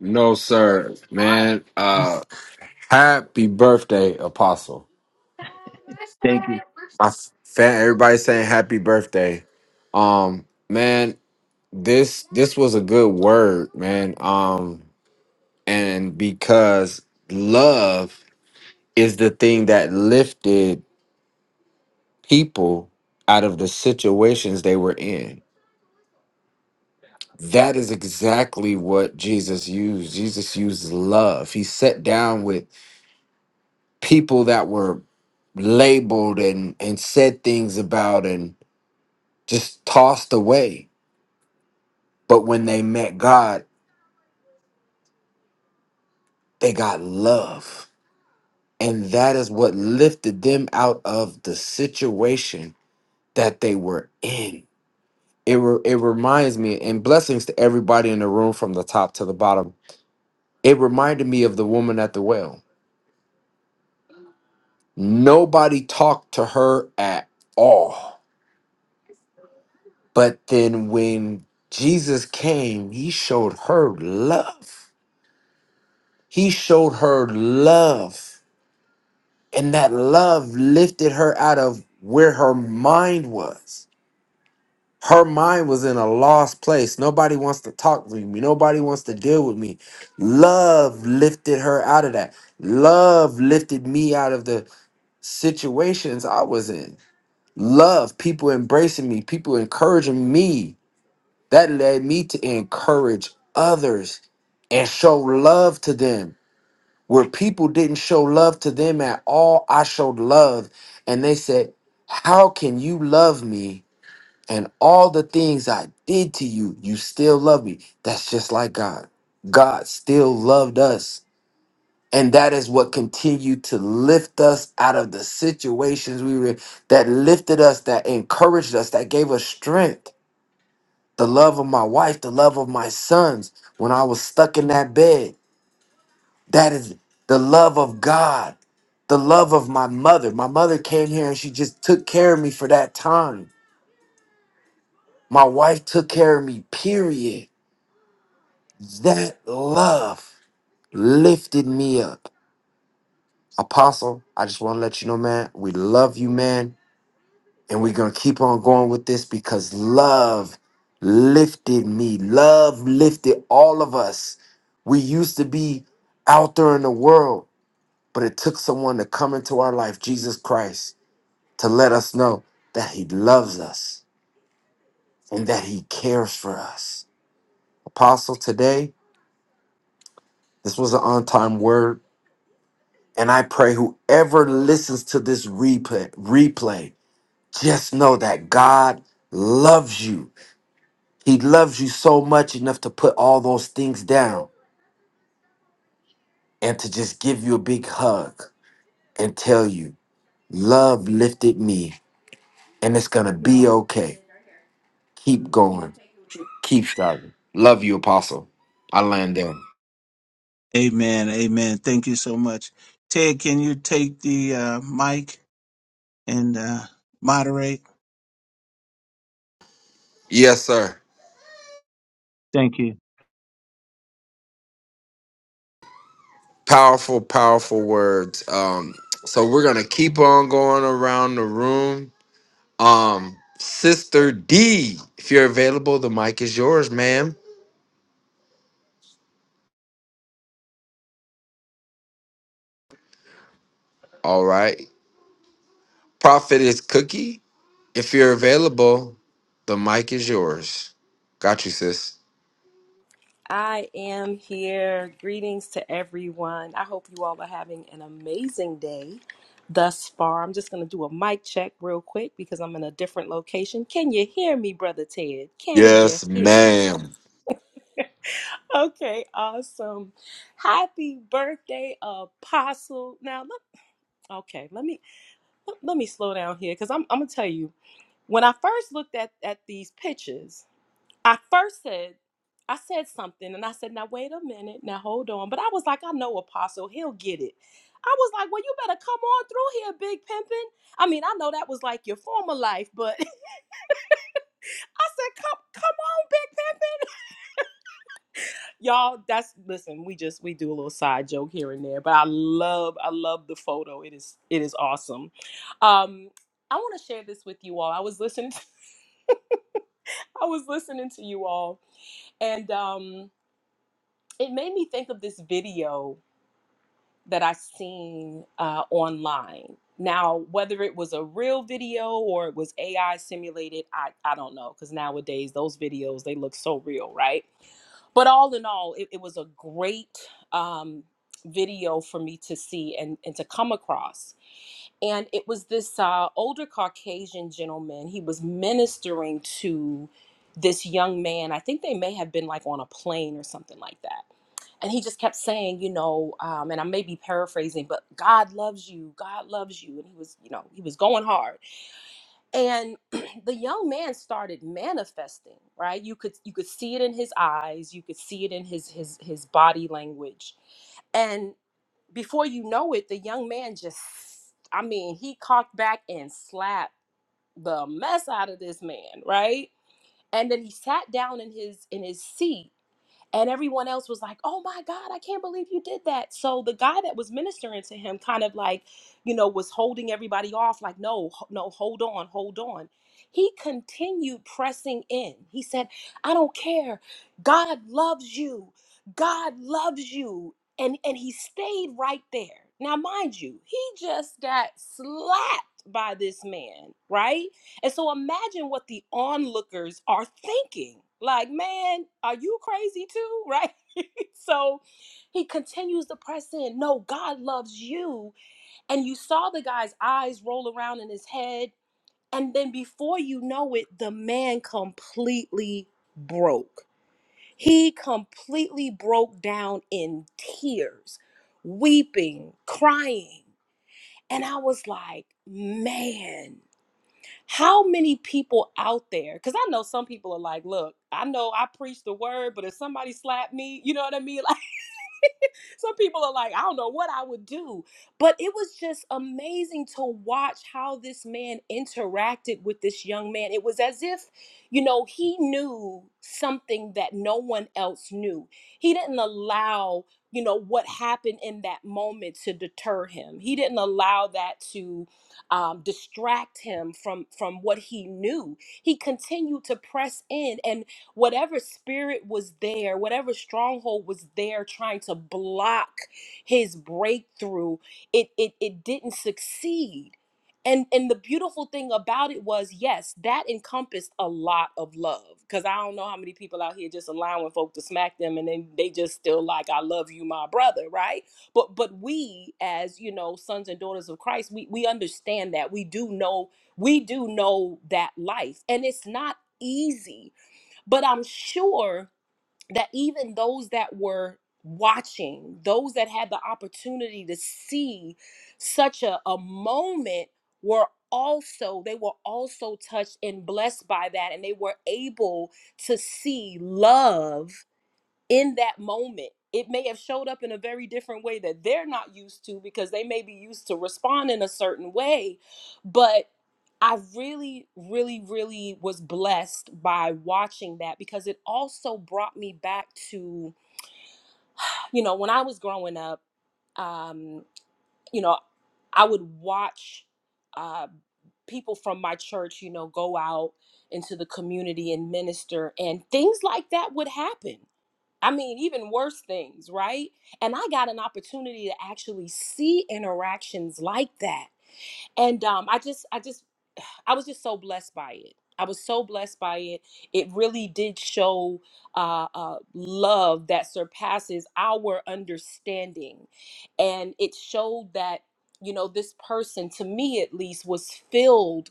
D: No, sir, man. Uh, happy birthday, Apostle.
A: Thank you.
D: My fan, everybody saying happy birthday. Um, man, this this was a good word, man. Um, and because love is the thing that lifted people out of the situations they were in. That is exactly what Jesus used. Jesus used love. He sat down with people that were labeled and and said things about and just tossed away but when they met god they got love and that is what lifted them out of the situation that they were in it, re- it reminds me and blessings to everybody in the room from the top to the bottom it reminded me of the woman at the well nobody talked to her at all But then when Jesus came, he showed her love. He showed her love. And that love lifted her out of where her mind was. Her mind was in a lost place. Nobody wants to talk to me. Nobody wants to deal with me. Love lifted her out of that. Love lifted me out of the situations I was in. Love, people embracing me, people encouraging me That led me to encourage others and show love to them. Where people didn't show love to them at all, I showed love. And they said, How can you love me and all the things I did to you? You still love me. That's just like God. God still loved us. And that is what continued to lift us out of the situations we were in, that lifted us, that encouraged us, that gave us strength the love of my wife, the love of my sons when I was stuck in that bed. That is the love of God, the love of my mother. My mother came here and she just took care of me for that time. My wife took care of me, period. That love lifted me up. Apostle, I just want to let you know, man, we love you, man. And we're going to keep on going with this because love lifted me. Love lifted all of us. We used to be out there in the world, but it took someone to come into our life, Jesus Christ, to let us know that He loves us and that He cares for us. Apostle, today, this was an on time word. And I pray whoever listens to this replay, replay, just know that God loves you He loves you so much enough to put all those things down and to just give you a big hug and tell you, Love lifted me and it's going to be okay. Keep going. Keep striving. Love you, Apostle. I land there.
A: Amen. Amen. Thank you so much. Ted, can you take the uh mic and uh moderate?
D: Yes, sir.
A: Thank you.
D: Powerful, powerful words. Um, so we're going to keep on going around the room. Um, Sister D, if you're available, the mic is yours, ma'am. All right. Prophet is Cookie. If you're available, the mic is yours. Got you, sis.
E: I am here. Greetings to everyone. I hope you all are having an amazing day thus far. I'm just going to do a mic check real quick because I'm in a different location. Can you hear me, Brother Ted? Can you
D: Yes,
E: hear me?
D: ma'am.
E: Okay, awesome. Happy birthday, Apostle. Now, let, okay, let me let, let me slow down here because I'm I'm gonna tell you when I first looked at at these pictures. I first said, I said something and I said, now wait a minute, now hold on. But I was like, I know Apostle, he'll get it. I was like, well, you better come on through here, Big Pimpin. I mean, I know that was like your former life, but I said, come, come on, Big Pimpin. Y'all, that's listen, we just we do a little side joke here and there, but I love, I love the photo. It is it is awesome. Um, I want to share this with you all. I was listening to, I was listening to you all, and um it made me think of this video that I seen uh, online. Now, whether it was a real video or it was AI simulated, I, I don't know because nowadays those videos they look so real, right? But all in all, it, it was a great um, video for me to see and, and to come across. And it was this uh, older Caucasian gentleman. He was ministering to this young man. I think they may have been like on a plane or something like that and he just kept saying, you know, um, and I may be paraphrasing, but God loves you, God loves you, and he was, you know, he was going hard. And the young man started manifesting, right? You could you could see it in his eyes, you could see it in his his his body language, and before you know it, the young man just, I mean, he cocked back and slapped the mess out of this man, right? And then he sat down in his in his seat and everyone else was like, oh my God, I can't believe you did that. So the guy that was ministering to him kind of like, you know, was holding everybody off, like, no, h- no, hold on, hold on. He continued pressing in. He said, I don't care. God loves you. God loves you. And and he stayed right there. Now, mind you, he just got slapped by this man, right? And so imagine what the onlookers are thinking. Like, man, are you crazy too? Right? So he continues to press in. No, God loves you. And you saw the guy's eyes roll around in his head. And then before you know it, the man completely broke. He completely broke down in tears, weeping, crying. And I was like, man. How many people out there? Because I know some people are like, look, I know I preach the word, but if somebody slapped me, you know what I mean? Some people are like, I don't know what I would do. But it was just amazing to watch how this man interacted with this young man. It was as if, you know, he knew something that no one else knew. He didn't allow, you know, what happened in that moment to deter him. He didn't allow that to um, distract him from from what he knew. He continued to press in and Whatever spirit was there, whatever stronghold was there trying to block his breakthrough, it it, it didn't succeed. And and the beautiful thing about it was, yes, that encompassed a lot of love. Cause I don't know how many people out here just allowing folk to smack them and then they just still like, I love you, my brother, right? But but we as, you know, sons and daughters of Christ, we we understand that. We do know, we do know that life. And it's not easy but I'm sure that even those that were watching, those that had the opportunity to see such a, a moment were also they were also touched and blessed by that and they were able to see love in that moment it may have showed up in a very different way that they're not used to because they may be used to respond in a certain way but i really really really was blessed by watching that because it also brought me back to you know when i was growing up um you know i would watch uh people from my church you know go out into the community and minister and things like that would happen I mean, even worse things, right? And I got an opportunity to actually see interactions like that, and um, I just, I just I was just so blessed by it. I was so blessed by it. It really did show uh, uh, love that surpasses our understanding. And it showed that, you know, this person, to me at least, was filled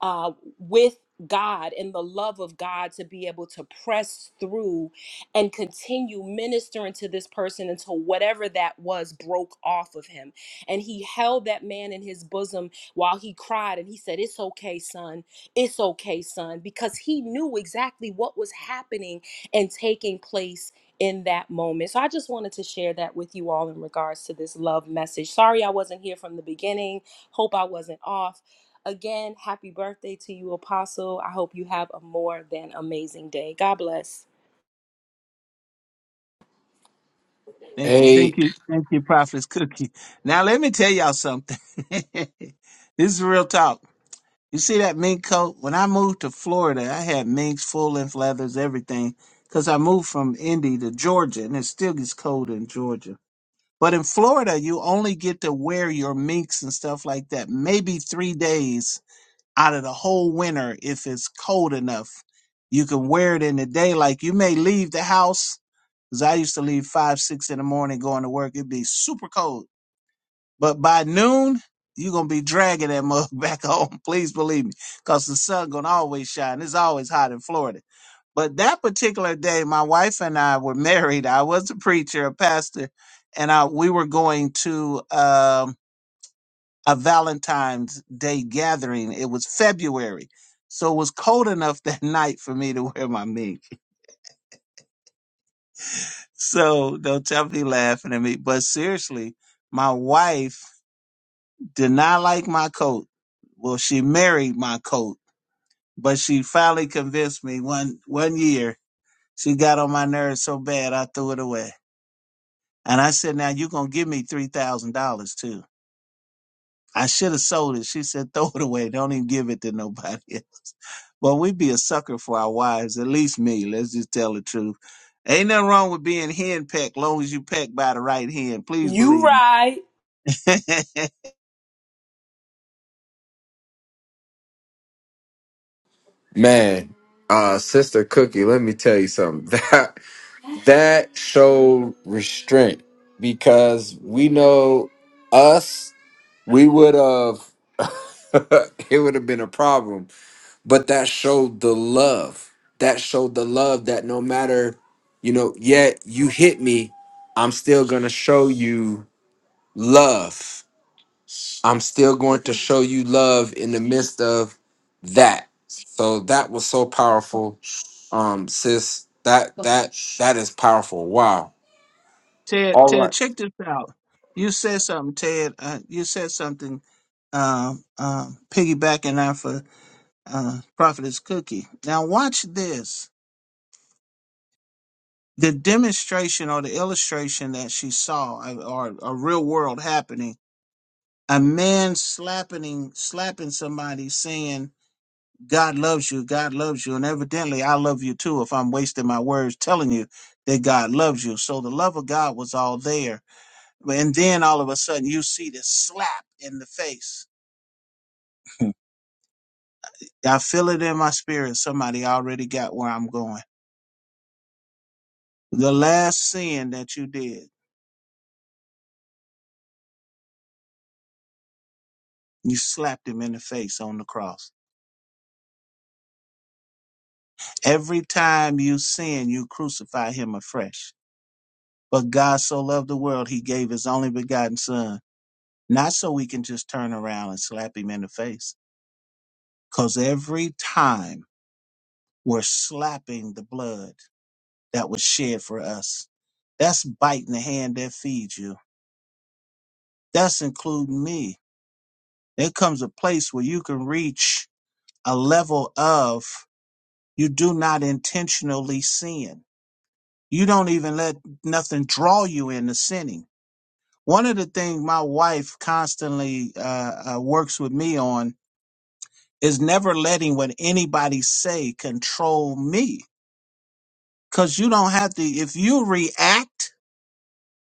E: uh, with God and the love of God to be able to press through and continue ministering to this person until whatever that was broke off of him. And he held that man in his bosom while he cried and he said, It's okay, son. It's okay, son, because he knew exactly what was happening and taking place in that moment. So I just wanted to share that with you all in regards to this love message. Sorry I wasn't here from the beginning. Hope I wasn't off. Again, happy birthday to you, Apostle. I hope you have a more than amazing day. God bless.
A: Thank
D: Hey,
A: thank you. Thank you, Prophet's Cookie. Now let me tell y'all something. this is real talk. You see that mink coat? When I moved to Florida, I had minks, full length leathers, everything. Because I moved from Indy to Georgia, and it still gets cold in Georgia But in Florida, you only get to wear your minks and stuff like that maybe three days out of the whole winter if it's cold enough. You can wear it in the day. Like you may leave the house, because I used to leave five, six in the morning going to work. It'd be super cold. But by noon, you're going to be dragging that mug back home. Please believe me, because the sun going to always shine. It's always hot in Florida but that particular day, my wife and I were married. I was a preacher, a pastor, and I, we were going to um, a Valentine's Day gathering. It was February. So it was cold enough that night for me to wear my mink. So don't tell me laughing at me. But seriously, my wife did not like my coat. Well, she married my coat, but she finally convinced me one one year. She got on my nerves so bad I threw it away. And I said, now you're going to give me $3,000 too. I should have sold it. She said, throw it away. Don't even give it to nobody else. Well, we'd be a sucker for our wives, at least me. Let's just tell the truth. Ain't nothing wrong with being henpecked, long as you peck by the right hand. Please
E: You
A: believe me.
E: right.
D: man, uh, sister Cookie, let me tell you something. That that showed restraint because we know us, we would have. it would have been a problem, but that showed the love. That showed the love that no matter, you know, yet you hit me, I'm still gonna show you love. I'm still going to show you love in the midst of that. So that was so powerful, um, sis. That that that is powerful. Wow.
A: Ted,
D: All
A: Ted, check this out. You said something, Ted. Uh, you said something, um, uh, piggybacking off of uh, Prophetess Cookie. Now watch this. the demonstration or the illustration that she saw uh, or a real world happening a man slapping slapping somebody saying god loves you god loves you and evidently i love you too if i'm wasting my words telling you that god loves you so the love of god was all there and then all of a sudden you see this slap in the face i feel it in my spirit somebody already got where i'm going the last sin that you did you slapped him in the face on the cross Every time you sin, you crucify him afresh. But God so loved the world, he gave his only begotten son, not so we can just turn around and slap him in the face. Because every time we're slapping the blood that was shed for us, that's biting the hand that feeds you. That's including me. There comes a place where you can reach a level of you do not intentionally sin. You don't even let nothing draw you into sinning One of the things my wife constantly uh, uh, works with me on is never letting what anybody say control me. Cause you don't have to. If you react,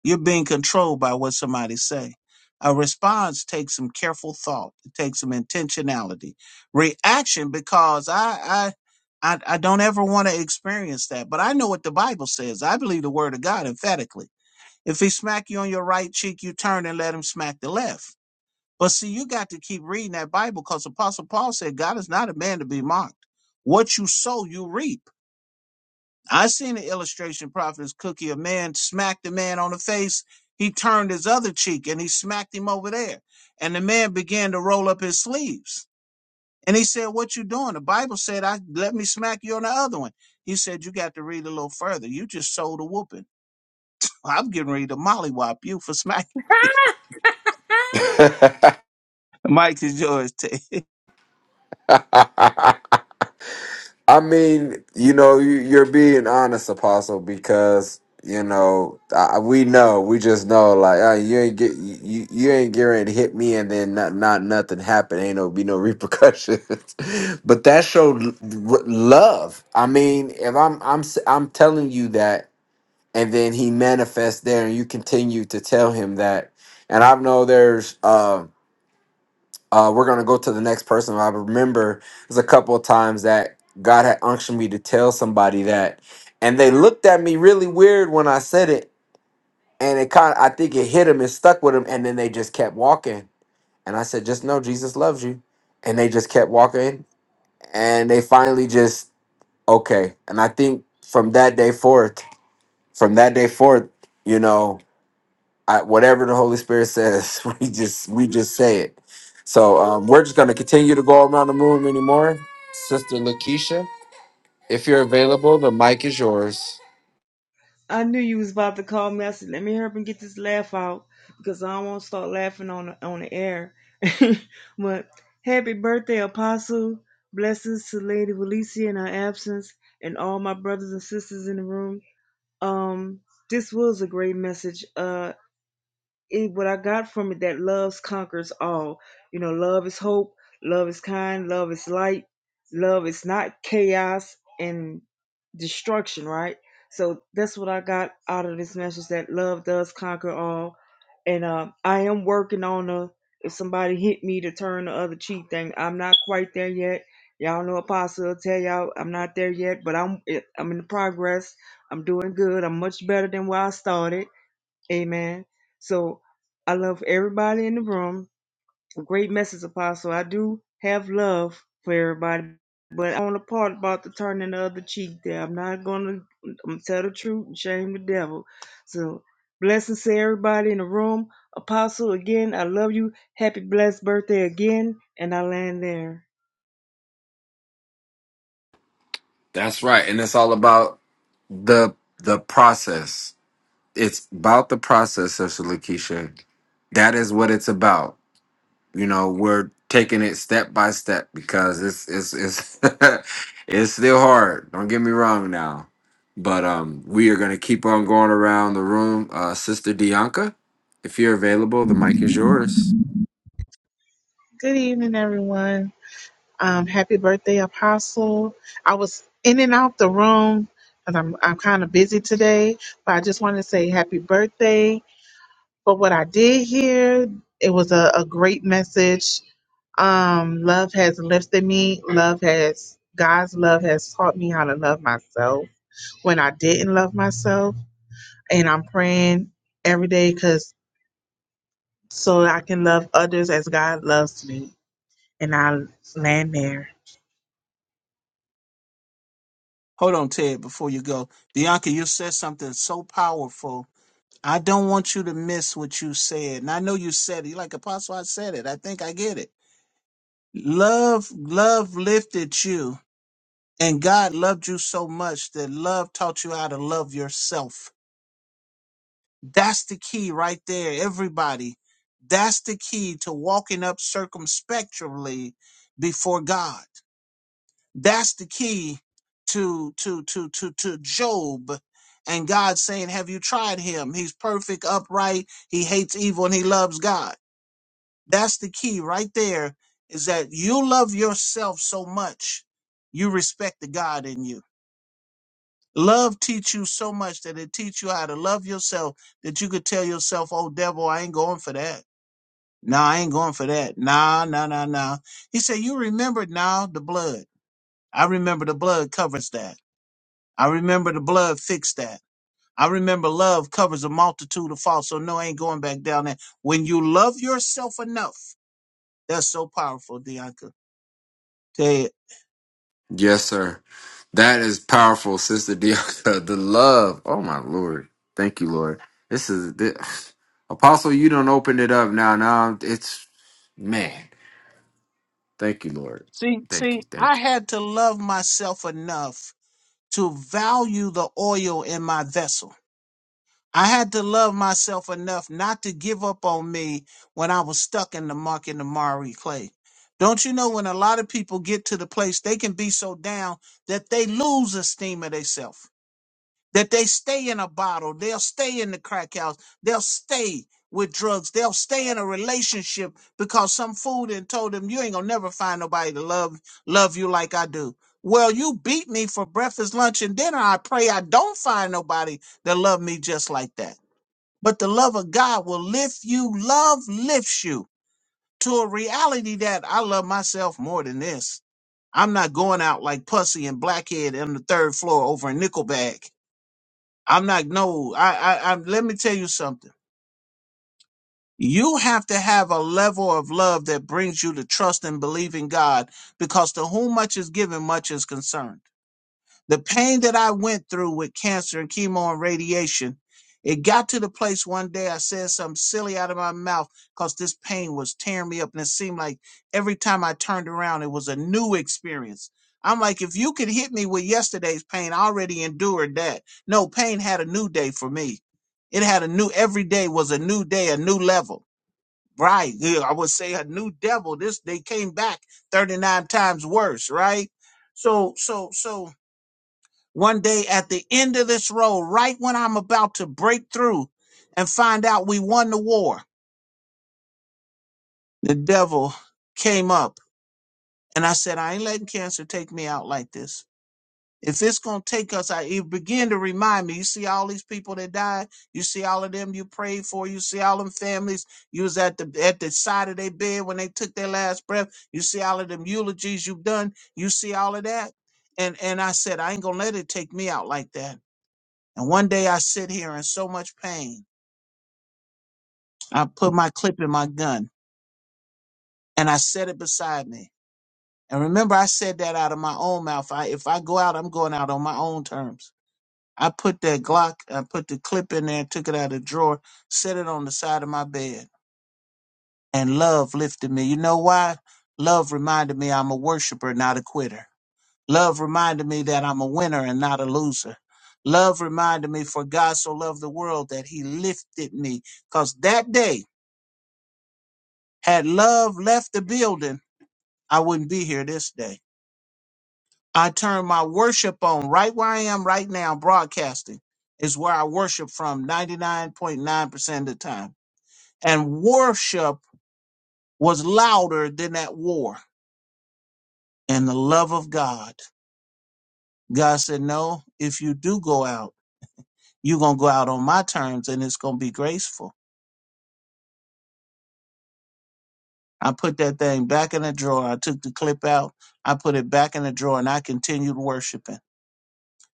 A: you're being controlled by what somebody say. A response takes some careful thought. It takes some intentionality. Reaction, because I, I, I, I don't ever want to experience that. But I know what the Bible says. I believe the Word of God emphatically. If he smack you on your right cheek, you turn and let him smack the left But see, you got to keep reading that Bible because Apostle Paul said, God is not a man to be mocked. What you sow, you reap. I seen an illustration, Prophet's Cookie. A man smacked the man on the face. He turned his other cheek and he smacked him over there. And the man began to roll up his sleeves. And he said, What you doing? The Bible said, I let me smack you on the other one. He said, You got to read a little further. You just sold a whooping. I'm getting ready to mollywop you for smacking.
D: right. I mean, you know, you, you're being honest, Apostle, because you know I, we know, we just know, like uh, you ain't get you, you ain't getting ready to hit me, and then not not nothing happen. Ain't no be no repercussions. but that showed l- r- love. I mean, if I'm I'm s- I'm telling you that, and then he manifests there, and you continue to tell him that, and I know there's um uh, we're gonna go to the next person. I remember there's a couple of times that God had unctioned me to tell somebody that, and they looked at me really weird when I said it, and it kind of I think it hit them and stuck with them, and then they just kept walking. And I said, just know Jesus loves you, and they just kept walking, and they finally just okay. And I think from that day forth, from that day forth. You know, I, whatever the Holy Spirit says, we just we just say it. So um, we're just going to continue to go around the room anymore. Sister Lakeisha, if you're available, the mic is yours.
F: I knew you was about to call me. I said, let me hurry up and get this laugh out because I won't start laughing on the, on the air. but happy birthday, Apostle. Blessings to Lady Valencia in her absence and all my brothers and sisters in the room. Um, this was a great message. Uh, it, what I got from it that love conquers all. You know, love is hope, love is kind, love is light, love is not chaos and destruction, right? So that's what I got out of this message that love does conquer all. And uh, I am working on a if somebody hit me to turn the other cheek thing. I'm not quite there yet. Y'all know Apostle will tell y'all I'm not there yet, but I'm I'm in progress. I'm doing good. I'm much better than where I started Amen. So I love everybody in the room. A great message, Apostle. I do have love for everybody, but on the part about the turning the other cheek there, I'm not going to I'm gonna tell the truth and shame the devil. So blessings to everybody in the room. Apostle, again, I love you. Happy blessed birthday again, and I land there.
D: That's right, and it's all about the the process. It's about the process, Sister Lakeisha. That is what it's about. you know we're taking it step by step because it's it's it's it's still hard don't get me wrong now but um we are going to keep on going around the room uh sister dianca if you're available the mic is yours
G: Good evening, everyone. Um, happy birthday, Apostle. I was in and out the room, and I'm I'm kind of busy today, but I just wanted to say happy birthday. But what I did hear, it was a, a great message. Um, love has lifted me. Love has God's love has taught me how to love myself when I didn't love myself, and I'm praying every day because so I can love others as God loves me, and I land there.
A: Hold on, Ted, before you go. Bianca, you said something so powerful I don't want you to miss what you said. And I know you said it. You're like Apostle, I said it. I think I get it. Love, love lifted you. And God loved you so much that love taught you how to love yourself. That's the key right there, everybody. That's the key to walking up circumspectly before God. That's the key to to to to to Job and God saying, Have you tried him? He's perfect, upright, he hates evil, and he loves God That's the key right there is that you love yourself so much, you respect the God in you. Love teach you so much that it teach you how to love yourself that you could tell yourself, oh devil, I ain't going for that. Nah, I ain't going for that. Nah, nah, nah, nah. He said, you remember now the blood. I remember the blood covers that. I remember the blood fixed that. I remember love covers a multitude of faults. So no, I ain't going back down there. When you love yourself enough, that's so powerful, Bianca
D: yes sir that is powerful sister dianca the love oh my lord thank you lord this is this, apostle you don't open it up now now it's man thank you lord
A: See,
D: thank you
A: see,
D: thank
A: I
D: you
A: had to love myself enough to value the oil in my vessel. I had to love myself enough not to give up on me when I was stuck in the muck and the miry clay. Don't you know when a lot of people get to the place they can be so down that they lose esteem of themselves? that they stay in a bottle, they'll stay in the crack house, they'll stay with drugs, they'll stay in a relationship because some fool done told them you ain't gonna never find nobody to love love you like I do. Well, you beat me for breakfast, lunch, and dinner. I pray I don't find nobody that love me just like that. But the love of God will lift you. Love lifts you to a reality that I love myself more than this. I'm not going out like Pussy and Blackhead on the third floor over in Nickelback I'm not. No, I, I, I. Let me tell you something. You have to have a level of love that brings you to trust and believe in God, because to whom much is given, much is concerned. The pain that I went through with cancer and chemo and radiation, it got to the place one day I said something silly out of my mouth because this pain was tearing me up. And it seemed like every time I turned around, it was a new experience. I'm like, if you could hit me with yesterday's pain, I already endured that. No, pain had a new day for me. It had a new, every day was a new day, a new level. Right. Yeah, I would say a new devil. This, they came back 39 times worse, right? So, so, so one day at the end of this road, right when I'm about to break through and find out we won the war, the devil came up and I said, I ain't letting cancer take me out like this. If it's going to take us, I, it began to remind me, you see all these people that died. You see all of them you prayed for. You see all them families. You was at the, at the side of their bed when they took their last breath. You see all of them eulogies you've done. You see all of that. And, and I said, I ain't going to let it take me out like that. And one day I sit here in so much pain, I put my clip in my gun and I set it beside me. And remember, I said that out of my own mouth. I, if I go out, I'm going out on my own terms. I put that Glock, I put the clip in there, took it out of the drawer, set it on the side of my bed, and love lifted me. You know why? Love reminded me I'm a worshiper, not a quitter. Love reminded me that I'm a winner and not a loser. Love reminded me, for God so loved the world that he lifted me. Because that day, Had love left the building, I wouldn't be here this day. I turn my worship on right where I am right now, broadcasting is where I worship from 99.9% of the time. And worship was louder than that war and the love of God. God said, No, if you do go out, you're going to go out on my terms and it's going to be graceful. I put that thing back in the drawer. I took the clip out. I put it back in the drawer and I continued worshiping.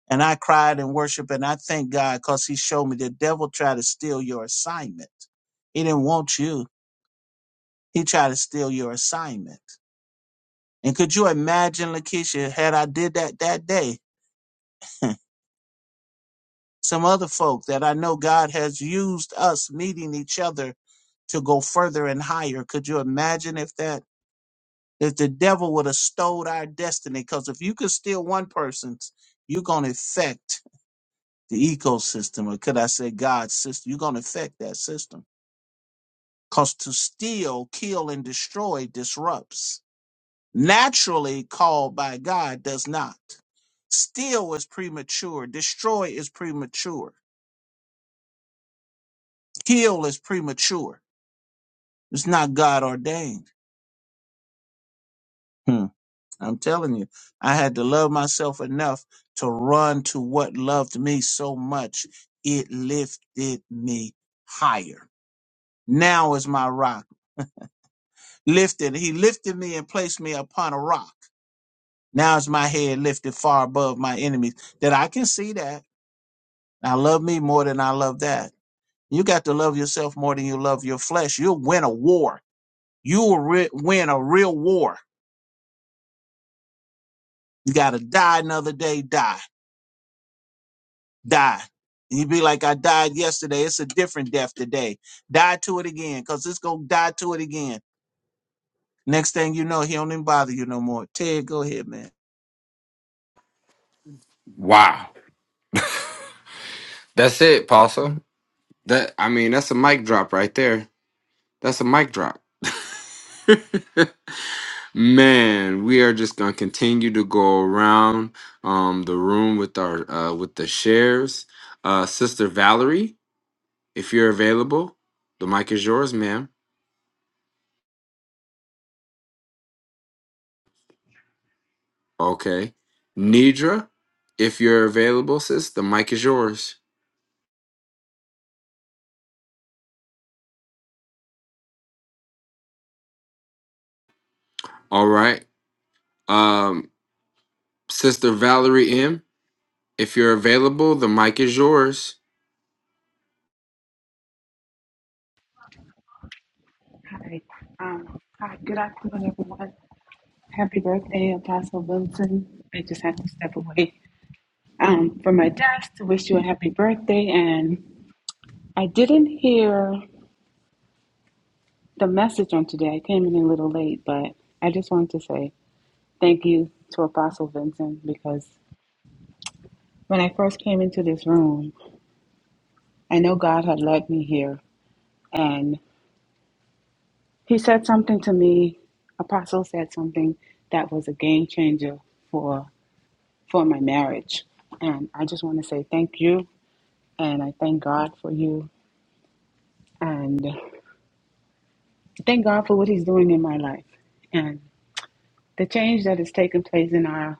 A: And I cried and worshiped, and I thank God because He showed me the devil tried to steal your assignment. He didn't want you. He tried to steal your assignment. And could you imagine, Lakeisha, had I did that that day? Some other folk that I know God has used us meeting each other to go further and higher. Could you imagine if that if the devil would have stole our destiny? Because if you could steal one person's, you're gonna affect the ecosystem, or could I say God's system? You're gonna affect that system. Because to steal, kill, and destroy disrupts. Naturally called by God does not. Steal is premature. Destroy is premature. Kill is premature. It's not God ordained. Hmm. I'm telling you, I had to love myself enough to run to what loved me so much. It lifted me higher. Now is my rock lifted. He lifted me and placed me upon a rock. Now is my head lifted far above my enemies, that I can see that. I love me more than I love that. You got to love yourself more than you love your flesh. You'll win a war. You will re- win a real war. You got to die another day, die, die. And you be like, I died yesterday. It's a different death today. Die to it again, because it's going to die to it again. Next thing you know, he don't even bother you no more. Ted, go ahead, man.
D: wow that's it apostle That I mean, that's a mic drop right there. That's a mic drop. Man, we are just gonna continue to go around um the room with our uh with the shares. Uh Sister Valerie, if you're available, the mic is yours, ma'am. Okay. Nidra, if you're available, sis, the mic is yours. All right. Um Sister Valerie M, if you're available, the mic is yours.
H: Hi. Um, hi. Good afternoon, everyone. Happy birthday, Apostle Wilson. I just had to step away um, from my desk to wish you a happy birthday. And I didn't hear the message on today. I came in a little late, but I just wanted to say thank you to Apostle Vincent because when I first came into this room, I know God had led me here. And he said something to me, Apostle said something that was a game changer for for my marriage. And I just want to say thank you. And I thank God for you. And thank God for what He's doing in my life and the change that has taken place in our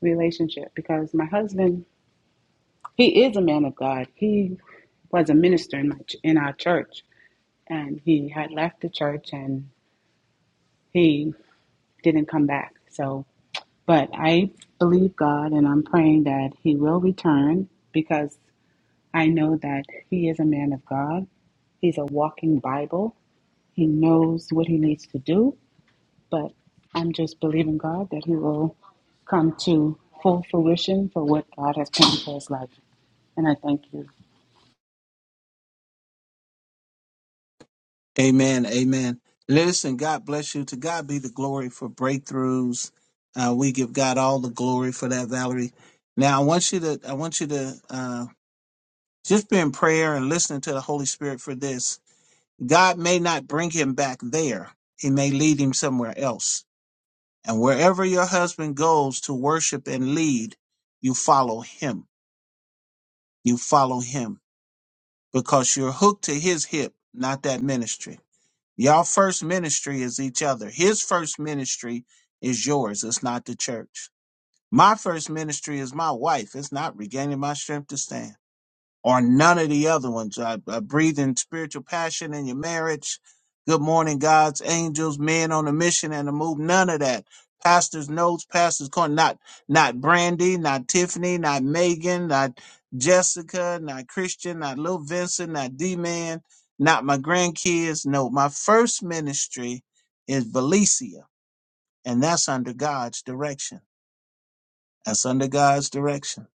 H: relationship. Because my husband, he is a man of God. He was a minister in, my, ch- in our church. And he had left the church and he didn't come back. So, but I believe God and I'm praying that he will return because I know that he is a man of God. He's a walking Bible. He knows what he needs to do, but I'm just believing God that he will come to full fruition for what God has planned for his life. And I thank you.
A: Amen. Amen. Listen, God bless you. To God be the glory for breakthroughs. Uh, we give God all the glory for that, Valerie. Now I want you to I want you to uh, just be in prayer and listening to the Holy Spirit for this. God may not bring him back there. He may lead him somewhere else. And wherever your husband goes to worship and lead, you follow him. You follow him because you're hooked to his hip, not that ministry. Y'all first ministry is each other. His first ministry is yours. It's not the church. My first ministry is my wife. It's not regaining my strength to stand or none of the other ones. I, I breathe in spiritual passion in your marriage. Good morning, God's angels, men on a mission and a move. None of that. Pastor's notes, pastor's corner. Not, not Brandy, not Tiffany, not Megan, not Jessica, not Christian, not Lil Vincent, not D Man, not my grandkids. No, my first ministry is Valencia, and that's under God's direction. That's under God's direction.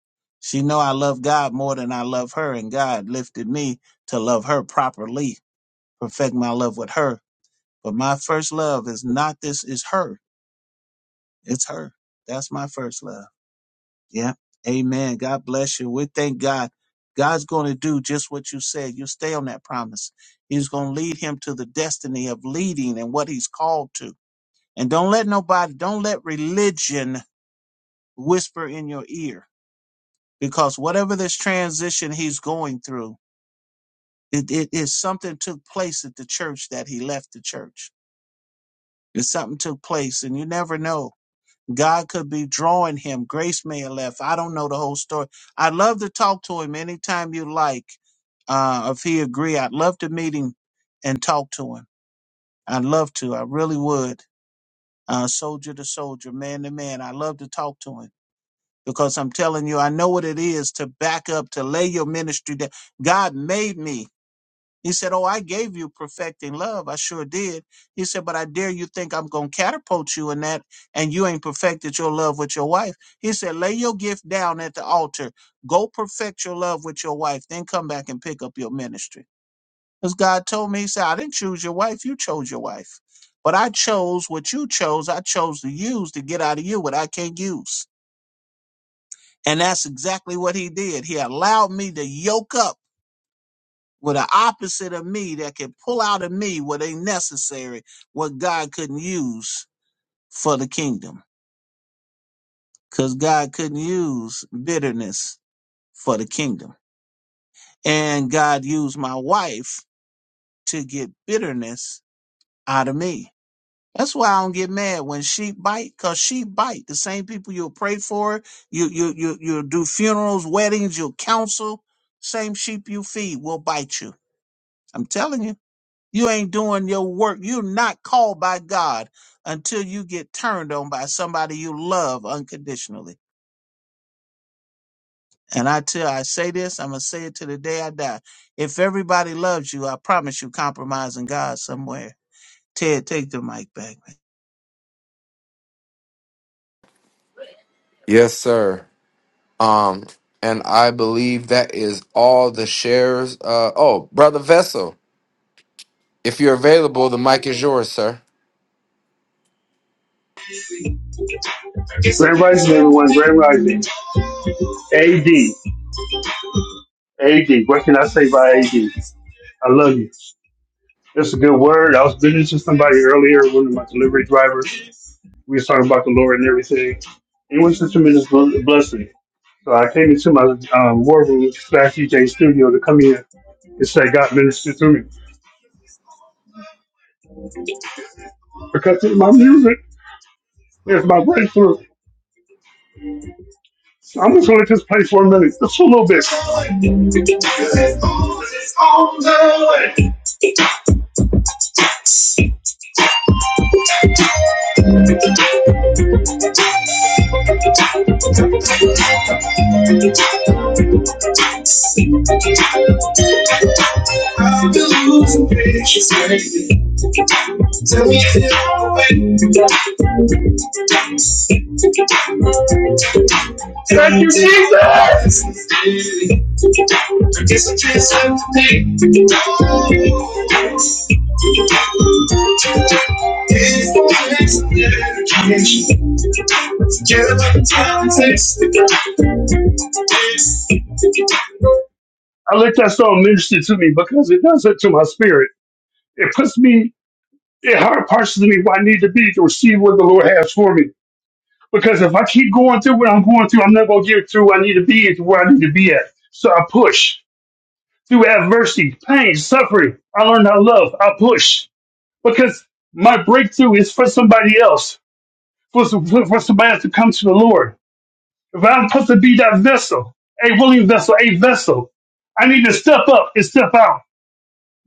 A: She know I love God more than I love her, and God lifted me to love her properly, perfect my love with her. But my first love is not this, is her. It's her. That's my first love. Yeah. Amen. God bless you. We thank God. God's going to do just what you said. You stay on that promise. He's going to lead him to the destiny of leading and what he's called to. And don't let nobody, don't let religion whisper in your ear because whatever this transition he's going through, it, it is something took place at the church that he left the church. It's something took place, and you never know. God could be drawing him. Grace may have left. I don't know the whole story. I'd love to talk to him anytime you like. Uh, if he agree, I'd love to meet him and talk to him. I'd love to. I really would. Uh, soldier to soldier, man to man. I love to talk to him because I'm telling you, I know what it is to back up, to lay your ministry down. God made me. He said, Oh, I gave you perfecting love. I sure did. He said, But I dare you think I'm going to catapult you in that and you ain't perfected your love with your wife. He said, Lay your gift down at the altar. Go perfect your love with your wife. Then come back and pick up your ministry. Because God told me, He said, I didn't choose your wife. You chose your wife. But I chose what you chose. I chose to use to get out of you what I can't use. And that's exactly what he did. He allowed me to yoke up with the opposite of me that could pull out of me what ain't necessary, what God couldn't use for the kingdom. Because God couldn't use bitterness for the kingdom. And God used my wife to get bitterness out of me. That's why I don't get mad when sheep bite, cause sheep bite. The same people you'll pray for, you you you you'll do funerals, weddings, you'll counsel. Same sheep you feed will bite you I'm telling you, you ain't doing your work. You're not called by God until you get turned on by somebody you love unconditionally. And I tell, I say this, I'm gonna say it to the day I die. If everybody loves you, I promise you, compromising God somewhere. Ted, take the mic back. man.
D: Yes, sir. Um, and I believe that is all the shares. Uh, oh, brother Vessel, if you're available, the mic is yours, sir.
I: Grand Rising, everyone. Grand Rising. AD. AD. What can I say by AD? I love you. That's a good word. I was listening to somebody earlier, one of my delivery drivers. We was talking about the Lord and everything. It was such a tremendous bl- blessing. So I came into my um, war room slash DJ studio to come here and say, God ministered through me. Because it's my music is my breakthrough. So I'm just going to just play for a minute, just a little bit. Thank you, Jesus. I let that song minister to me because it does that to my spirit. It puts me, it hard parses me where I need to be to receive what the Lord has for me. Because if I keep going through what I'm going through, I'm not going to get through where I need to be and to where I need to be at. So I push through adversity, pain, suffering. I learned how to love. I push because my breakthrough is for somebody else, for, for for somebody else to come to the Lord. If I'm supposed to be that vessel, a willing vessel, a vessel, I need to step up and step out.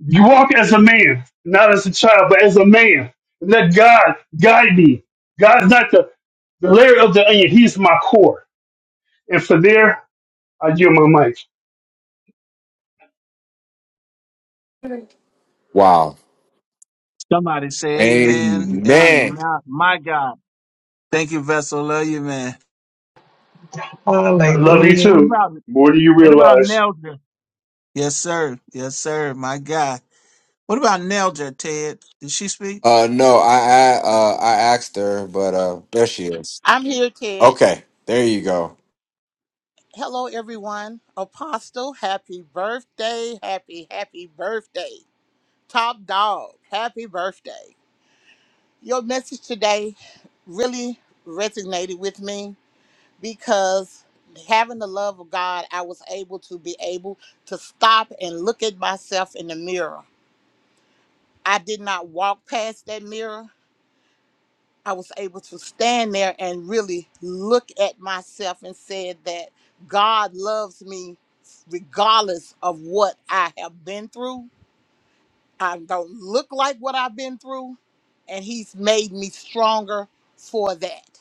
I: You walk as a man, not as a child, but as a man. Let God guide me. God is not the, the layer of the onion. He's my core. And for there, I give my mic.
D: Wow.
A: Somebody say Amen,
D: Amen.
A: Amen. My God, thank you, Vessel. Love you, man.
I: I love you
B: Hallelujah.
A: What
I: too.
A: about
I: More than you
A: what about
I: realize.
A: Nelda? Yes, sir. Yes, sir. My God. What about Nelda, Ted? Did she speak?
D: Uh no, I I uh I asked her, but uh there she is.
J: I'm here, Ted.
D: Okay, there you go.
J: Hello, everyone. Apostle, happy birthday, happy, happy birthday. Top dog, happy birthday. Your message today really resonated with me because having the love of God, I was able to be able to stop and look at myself in the mirror. I did not walk past that mirror. I was able to stand there and really look at myself and said that God loves me regardless of what I have been through. I don't look like what I've been through, and He's made me stronger for that.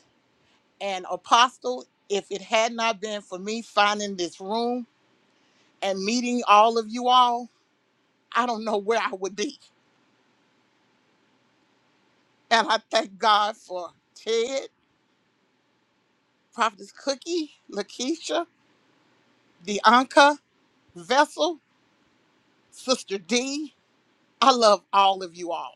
J: And Apostle, if it had not been for me finding this room and meeting all of you all, I don't know where I would be. And I thank God for Ted, Prophetess Cookie, Lakeisha, Deanka. Vessel, Sister D, I love all of you all.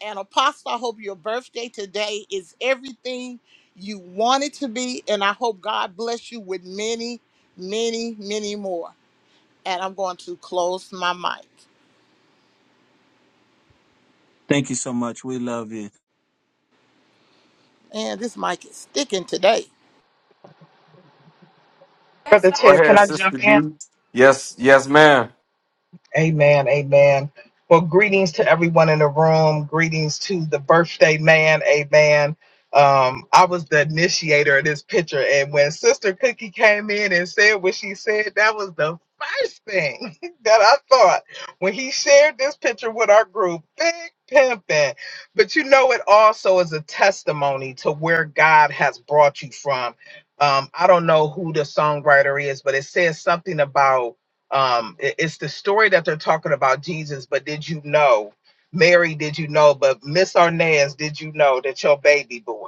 J: And Apostle, I hope your birthday today is everything you want it to be. And I hope God bless you with many, many, many more. And I'm going to close my mic.
A: Thank you so much. We love you.
J: Man, this mic is sticking today.
B: Brother
D: Go
B: Ted, can
D: ahead,
B: I
D: sister
B: jump in?
D: D. Yes, yes, ma'am.
B: Amen. Amen. Well, greetings to everyone in the room. Greetings to the birthday man. Amen. Um, I was the initiator of this picture, and when Sister Cookie came in and said what she said, that was the first thing that I thought when he shared this picture with our group. Big pimping. But you know, it also is a testimony to where God has brought you from. Um, I don't know who the songwriter is, but it says something about um i- it's the story that they're talking about jesus but did you know mary did you know but miss arnaz did you know that your baby boy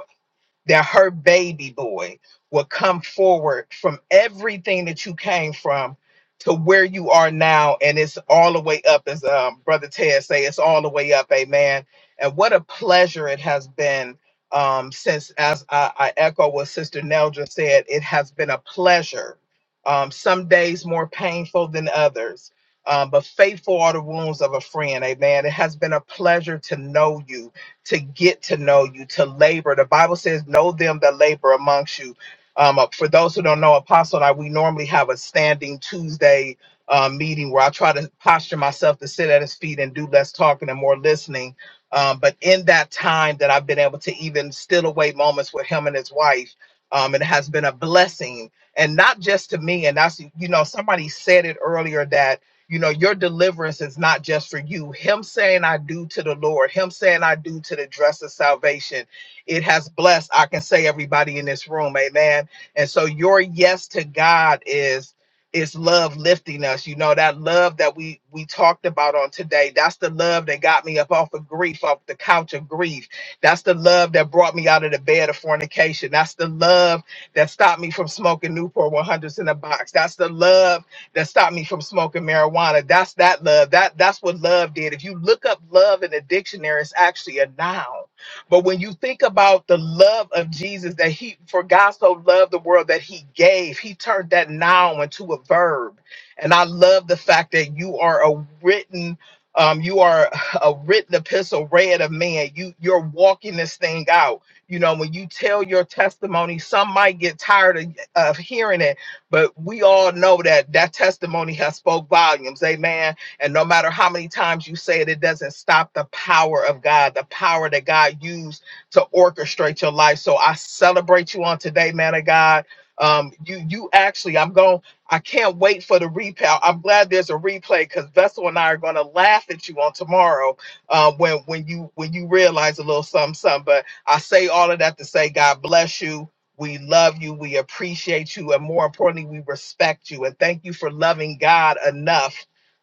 B: that her baby boy will come forward from everything that you came from to where you are now and it's all the way up as um, brother ted say it's all the way up amen and what a pleasure it has been um, since as I, I echo what sister nell just said it has been a pleasure um, some days more painful than others um, but faithful are the wounds of a friend amen it has been a pleasure to know you to get to know you, to labor. The Bible says, Know them that labor amongst you. Um, uh, for those who don't know, Apostle and I, we normally have a standing Tuesday uh, meeting where I try to posture myself to sit at his feet and do less talking and more listening. Um, but in that time that I've been able to even still away moments with him and his wife, um, it has been a blessing. And not just to me, and that's, you know, somebody said it earlier that you know, your deliverance is not just for you. Him saying, I do to the Lord, him saying, I do to the dress of salvation, it has blessed, I can say, everybody in this room. Amen. And so your yes to God is. Is love lifting us you know that love that we we talked about on today that's the love that got me up off of grief off the couch of grief that's the love that brought me out of the bed of fornication that's the love that stopped me from smoking newport 100s in a box that's the love that stopped me from smoking marijuana. That's that love. That that's what love did. If you look up love in the dictionary, it's actually a noun. But when you think about the love of Jesus, that he for God so loved the world that he gave, he turned that noun into a verb. And I love the fact that you are a written, um, you are a written epistle read of man. You you're walking this thing out. You know, when you tell your testimony, some might get tired of, of hearing it but we all know that that testimony has spoke volumes. Amen. And no matter how many times you say it, it doesn't stop the power of God, the power that God used to orchestrate your life. So I celebrate you on today, man of God. Um, you you actually, I'm going. I can't wait for the replay. I'm glad there's a replay because Vessel and I are going to laugh at you on tomorrow uh, when when you when you realize a little something something. But I say all of that to say God bless you. We love you. We appreciate you. And more importantly, we respect you. And thank you for loving God enough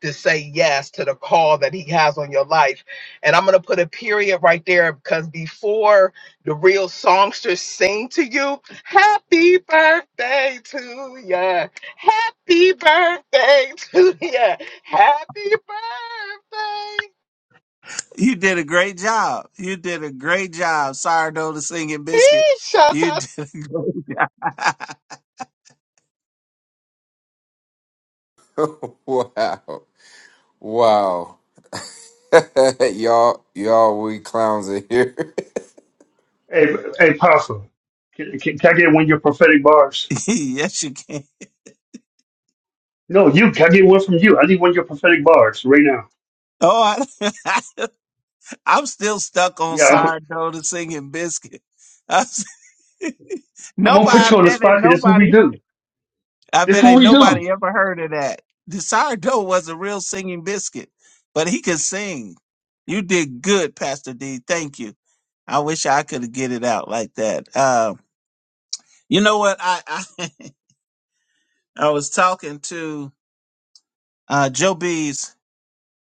B: to say yes to the call that he has on your life. And I'm going to put a period right there because before the real songsters sing to you, happy birthday to ya. Happy birthday to ya. Happy birthday.
A: You did a great job. You did a great job, sourdough the singing biscuit.
B: Shut
A: You
B: up.
A: did. A great-
D: wow. Wow. y'all y'all we clowns in here.
I: Hey, hey, Apostle, can, can, can I get one of your prophetic bars?
A: yes, you can.
I: No, you. Can I get one from you? I need one of your prophetic bars right now.
A: Oh, I, I'm still stuck on
I: Yeah, I'm,
A: sourdough the singing biscuit. i s-
I: I'm going to
A: nobody,
I: put
A: I
I: you on the
A: bet
I: spot
A: ain't
I: because this is what we
A: nobody.
I: do.
A: I
I: This is
A: bet
I: what
A: ain't
I: we do.
A: nobody ever heard of that. The sourdough was a real singing biscuit, but he could sing. You did good, Pastor D. Thank you. I wish I could get it out like that. Uh, You know what? I I, I was talking to uh, Joe B's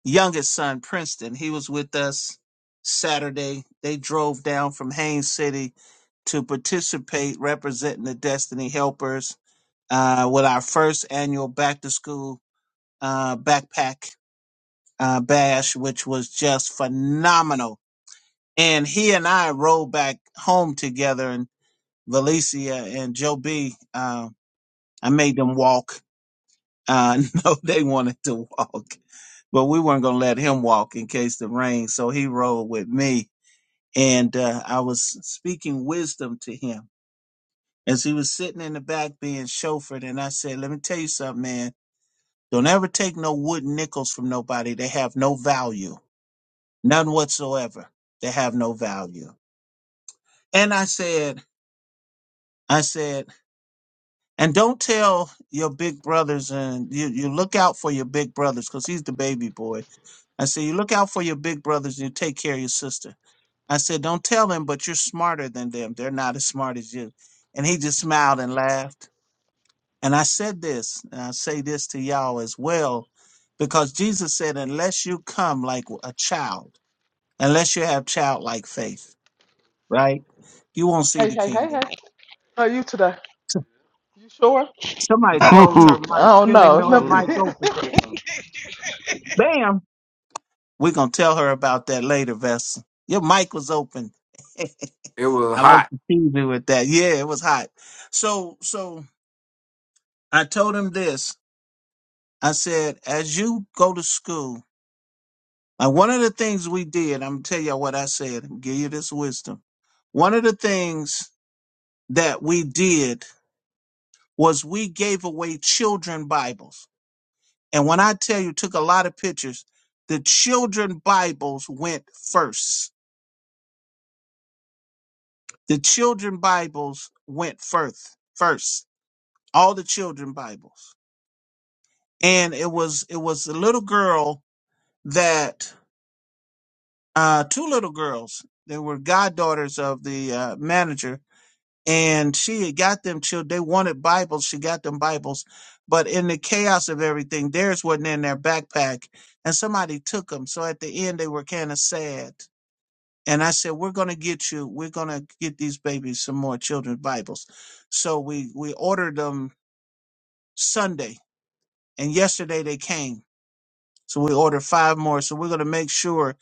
A: youngest son, Princeton. He was with us Saturday. They drove down from Haines City to participate, representing the Destiny Helpers uh, with our first annual back to school uh, backpack uh, bash, which was just phenomenal. And he and I rode back home together, and Valencia and Joe B. Uh, I made them walk Uh, no, they wanted to walk, but we weren't going to let him walk in case the rain. So he rode with me. And uh, I was speaking wisdom to him as he was sitting in the back being chauffeured. And I said, Let me tell you something, man. Don't ever take no wooden nickels from nobody. They have no value, none whatsoever. They have no value. And I said, I said, and don't tell your big brothers and you, you look out for your big brothers because he's the baby boy I said, you look out for your big brothers and you take care of your sister. I said, don't tell them, but you're smarter than them. They're not as smart as you. And he just smiled and laughed. And I said this, and I say this to y'all as well, because Jesus said, unless you come like a child, unless you have childlike faith, right? You won't see
B: Hey,
A: the
B: hey, hey,
A: kingdom.
B: hey. How are you today?
A: So-
B: You sure?
A: Somebody close her
B: I
A: mic. She
B: don't
A: don't even
B: know.
A: know her mic
B: Mm.
A: open. Bam! We're going to tell her about that later, Vessel. Your mic was open.
D: It was
A: I like
D: hot.
A: to tease you with that. Yeah, it was hot. So, so I told him this. I said, as you go to school, like one of the things we did, I'm gonna tell you all what I said. I'm Give you this wisdom. One of the things that we did was we gave away children Bibles, and when I tell you, took a lot of pictures. The children Bibles went first. The children Bibles went first. First, all the children Bibles. and it was it was a little girl that uh two little girls they were goddaughters of the uh, manager and she had got them children they wanted bibles she got them bibles but in the chaos of everything theirs wasn't in their backpack and somebody took them so at the end they were kind of sad and i said we're going to get you we're going to get these babies some more children's bibles so we we ordered them sunday and yesterday they came So we ordered five more. So we're going to make sure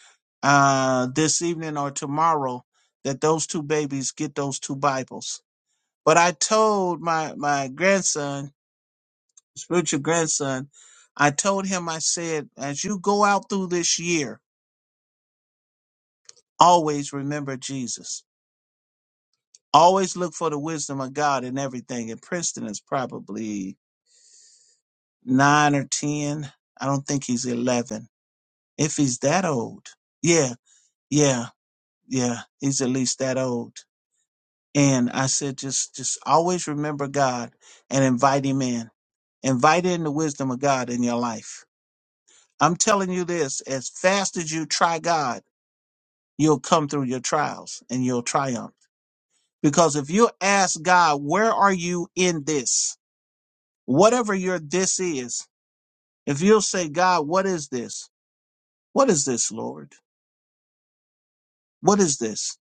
A: uh, this evening or tomorrow that those two babies get those two Bibles. But I told my, my grandson, spiritual grandson, I told him, I said, as you go out through this year, always remember Jesus. Always look for the wisdom of God in everything. And Princeton is probably nine or 10. I don't think he's 11. If he's that old. Yeah, yeah, yeah. He's at least that old And I said, just, just always remember God and invite him in. Invite in the wisdom of God in your life. I'm telling you this, as fast as you try God, you'll come through your trials and you'll triumph. Because if you ask God, where are you in this? Whatever your this is, if you'll say, God, what is this? What is this, Lord? What is this?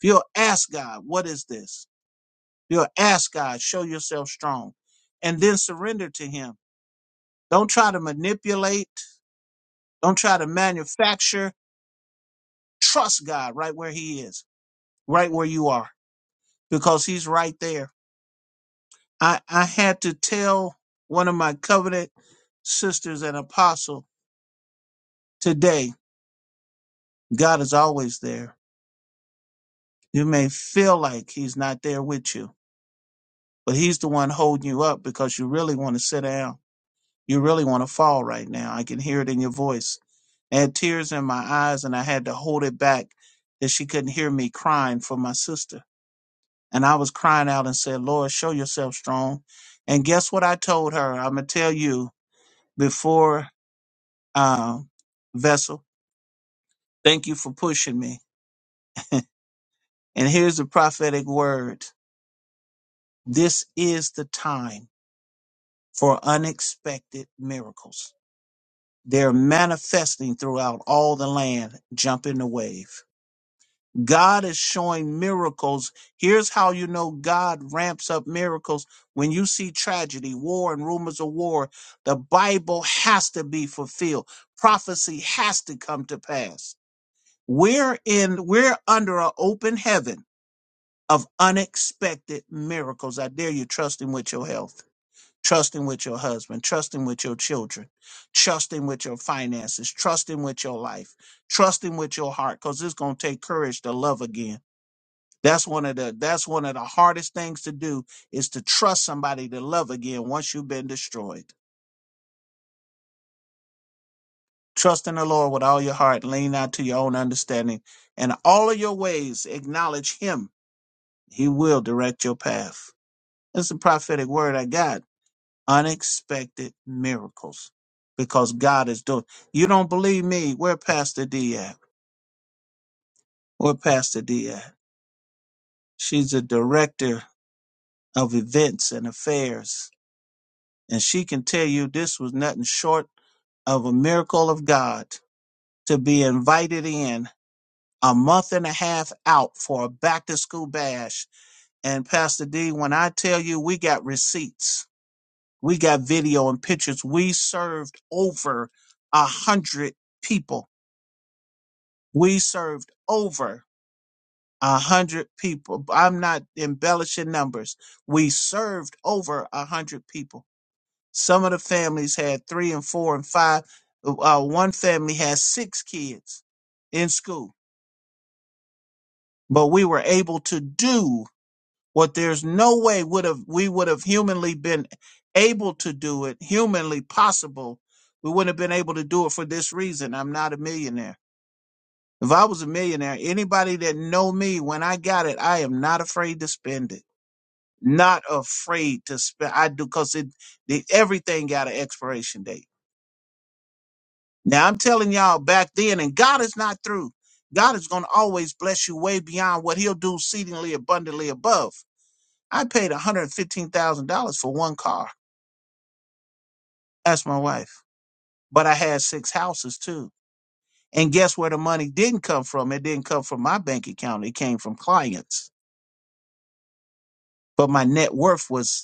A: If you'll ask God, what is this? If you'll ask God, show yourself strong and then surrender to him Don't try to manipulate. Don't try to manufacture. Trust God right where He is, right where you are, because He's right there. I, I had to tell one of my covenant sisters and apostle today God is always there. You may feel like He's not there with you, but He's the one holding you up because you really want to sit down. You really want to fall right now. I can hear it in your voice. I had tears in my eyes and I had to hold it back that she couldn't hear me crying for my sister. And I was crying out and said, Lord, show yourself strong. And guess what I told her? I'm going to tell you before um, Vessel, thank you for pushing me. And here's the prophetic word this is the time for unexpected miracles. They're manifesting throughout all the land. Jump in the wave. God is showing miracles. Here's how you know God ramps up miracles. When you see tragedy, war, and rumors of war, the Bible has to be fulfilled. Prophecy has to come to pass. We're in, we're under an open heaven of unexpected miracles. I dare you trust him with your health. Trust him with your husband. Trust him with your children. Trust him with your finances. Trust him with your life. Trust him with your heart because it's going to take courage to love again that's one of the that's one of the hardest things to do is to trust somebody to love again once you've been destroyed. Trust in the Lord with all your heart, lean not to your own understanding, and all of your ways acknowledge him. He will direct your path. That's the prophetic word I got. Unexpected miracles. Because God is doing. You don't believe me? Where Pastor D at? Where Pastor D at? She's a director of events and affairs and she can tell you this was nothing short of a miracle of God to be invited in a month and a half out for a back to school bash. And Pastor D, when I tell you we got receipts, we got video and pictures. We served over a hundred people. We served over a hundred people. I'm not embellishing numbers. We served over a hundred people Some of the families had three and four and five. Uh, one family had six kids in school, but we were able to do what there's no way would have we would have humanly been able to do it, humanly possible. We wouldn't have been able to do it for this reason. I'm not a millionaire. If I was a millionaire, anybody that know me when I got it, I am not afraid to spend it. Not afraid to spend. I do because it, the, everything got an expiration date Now I'm telling y'all back then, and God is not through. God is going to always bless you way beyond what He'll do exceedingly abundantly above. I paid $115,000 for one car. That's my wife. But I had six houses too. And guess where the money didn't come from? It didn't come from my bank account. It came from clients. But my net worth was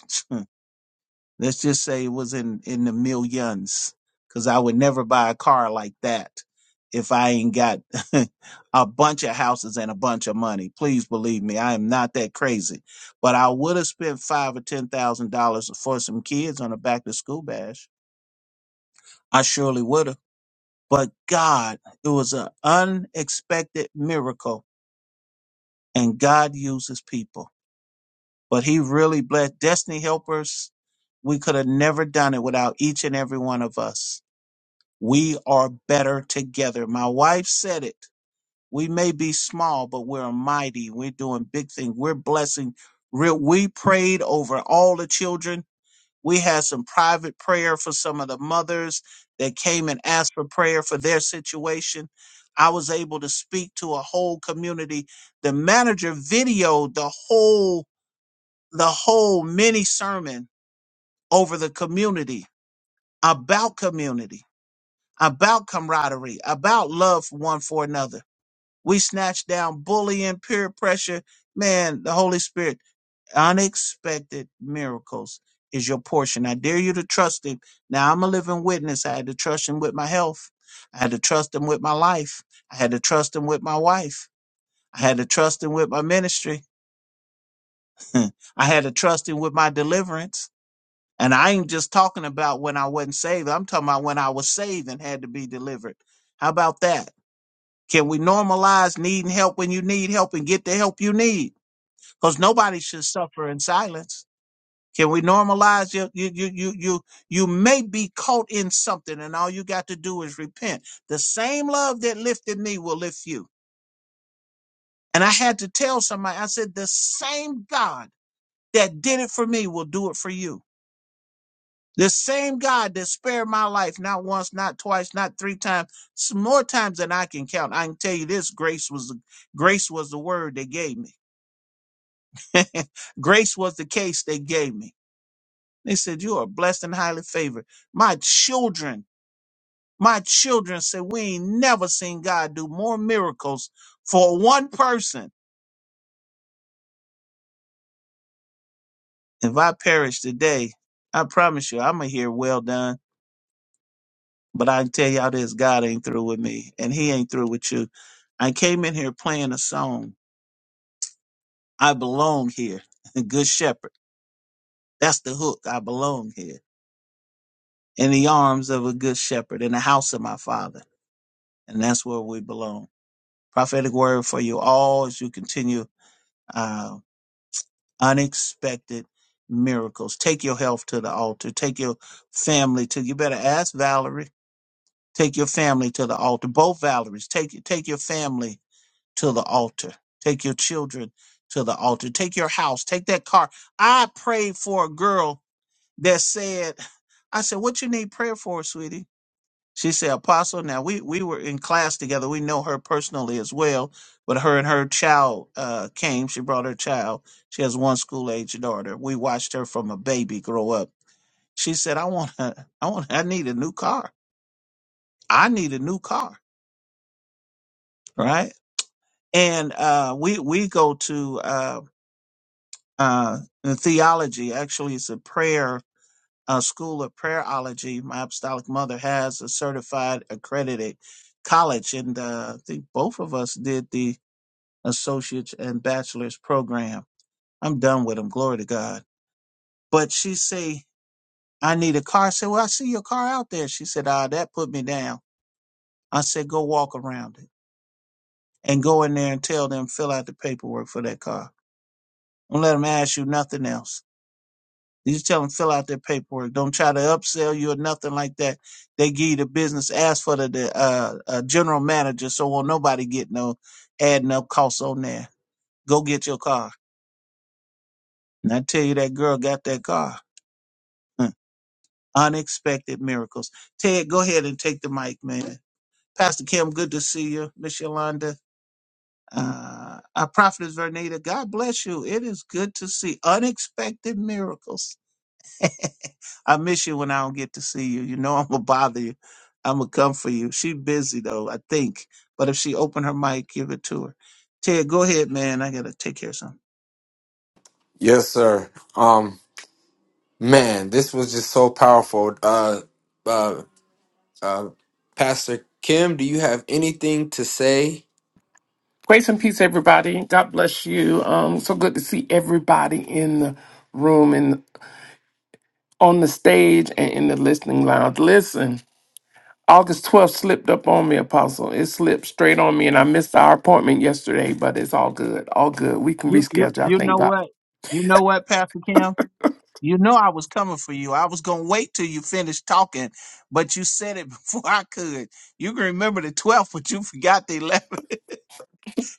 A: Let's just say it was in in the millions, because I would never buy a car like that if I ain't got a bunch of houses and a bunch of money. Please believe me, I am not that crazy. But I would have spent five or ten thousand dollars for some kids on a back to school bash. I surely would have. But God, it was an unexpected miracle, and God uses people. But He really blessed Destiny Helpers. We could have never done it without each and every one of us We are better together. My wife said it. We may be small, but we're mighty. We're doing big things. We're blessing. Re- We prayed over all the children. We had some private prayer for some of the mothers that came and asked for prayer for their situation. I was able to speak to a whole community. The manager videoed the whole the whole mini sermon over the community about community about camaraderie, about love for one for another. We snatch down bullying, peer pressure. Man, the Holy Spirit, unexpected miracles is your portion. I dare you to trust Him. Now, I'm a living witness. I had to trust Him with my health. I had to trust Him with my life. I had to trust Him with my wife. I had to trust Him with my ministry. I had to trust Him with my deliverance. And I ain't just talking about when I wasn't saved. I'm talking about when I was saved and had to be delivered. How about that? Can we normalize needing help when you need help and get the help you need? Because nobody should suffer in silence. Can we normalize you, you, you, you, you, you may be caught in something and all you got to do is repent. The same love that lifted me will lift you. And I had to tell somebody, I said, the same God that did it for me will do it for you. The same God that spared my life, not once, not twice, not three times, s- more times than I can count. I can tell you this grace was, the grace was the word they gave me Grace was the case they gave me. They said, You are blessed and highly favored. My children, my children said, We ain't never seen God do more miracles for one person. If I perish today, I promise you, I'm going to hear well done. But I can tell y'all this God ain't through with me, and He ain't through with you. I came in here playing a song. I belong here. Good shepherd. That's the hook. I belong here in the arms of a good shepherd in the house of my father. and that's where we belong. Prophetic word for you all as you continue uh, unexpected miracles. Take your health to the altar. Take your family to. You better ask Valerie. Take your family to the altar. Both Valeries. Take take your family to the altar. Take your children to the altar. Take your house. Take that car. I prayed for a girl that said, "I said, what you need prayer for, sweetie?" She said, Apostle, now we, we were in class together. We know her personally as well, but her and her child uh, came. She brought her child. She has one school age daughter. We watched her from a baby grow up. She said, I want to, I want, I need a new car. I need a new car. Right. And uh, we, we go to uh, uh, the theology. Actually, it's a prayer, uh school of prayerology. My apostolic mother has a certified accredited college. And uh, I think both of us did the associate's and bachelor's program. I'm done with them. Glory to God. But she say, I need a car. I said, well, I see your car out there. She said, ah, that put me down. I said, go walk around it and go in there and tell them, fill out the paperwork for that car. Don't let them ask you nothing else. You just tell them, fill out their paperwork. Don't try to upsell you or nothing like that. They give you the business. Ask for the, the uh, uh, general manager. So won't nobody get no adding up costs on there. Go get your car. And I tell you, that girl got that car. Unexpected miracles. Ted, go ahead and take the mic, man. Pastor Kim, good to see you. Miss Yolanda. Uh, our prophetess Vernita, God bless you. It is good to see unexpected miracles. I miss you when I don't get to see you. You know I'm gonna bother you. I'm gonna come for you. She busy though, I think. But if she open her mic, give it to her. Ted, go ahead, man. I gotta take care of something.
D: yes, sir. Um Man, this was just so powerful. Uh, uh, uh, Pastor Kim, do you have anything to say?
K: Grace and peace, everybody. God bless you. Um, so good to see everybody in the room and on the stage and in the listening lounge. Listen, August 12th slipped up on me, Apostle. It slipped straight on me, and I missed our appointment yesterday, but it's all good. All good. We can
A: You you
K: reschedule. I
A: you
K: thank
A: know
K: God.
A: what? You know what, Pastor Kim? You know I was coming for you. I was gonna wait till you finished talking, but you said it before I could. You can remember the twelfth, but you forgot the eleventh.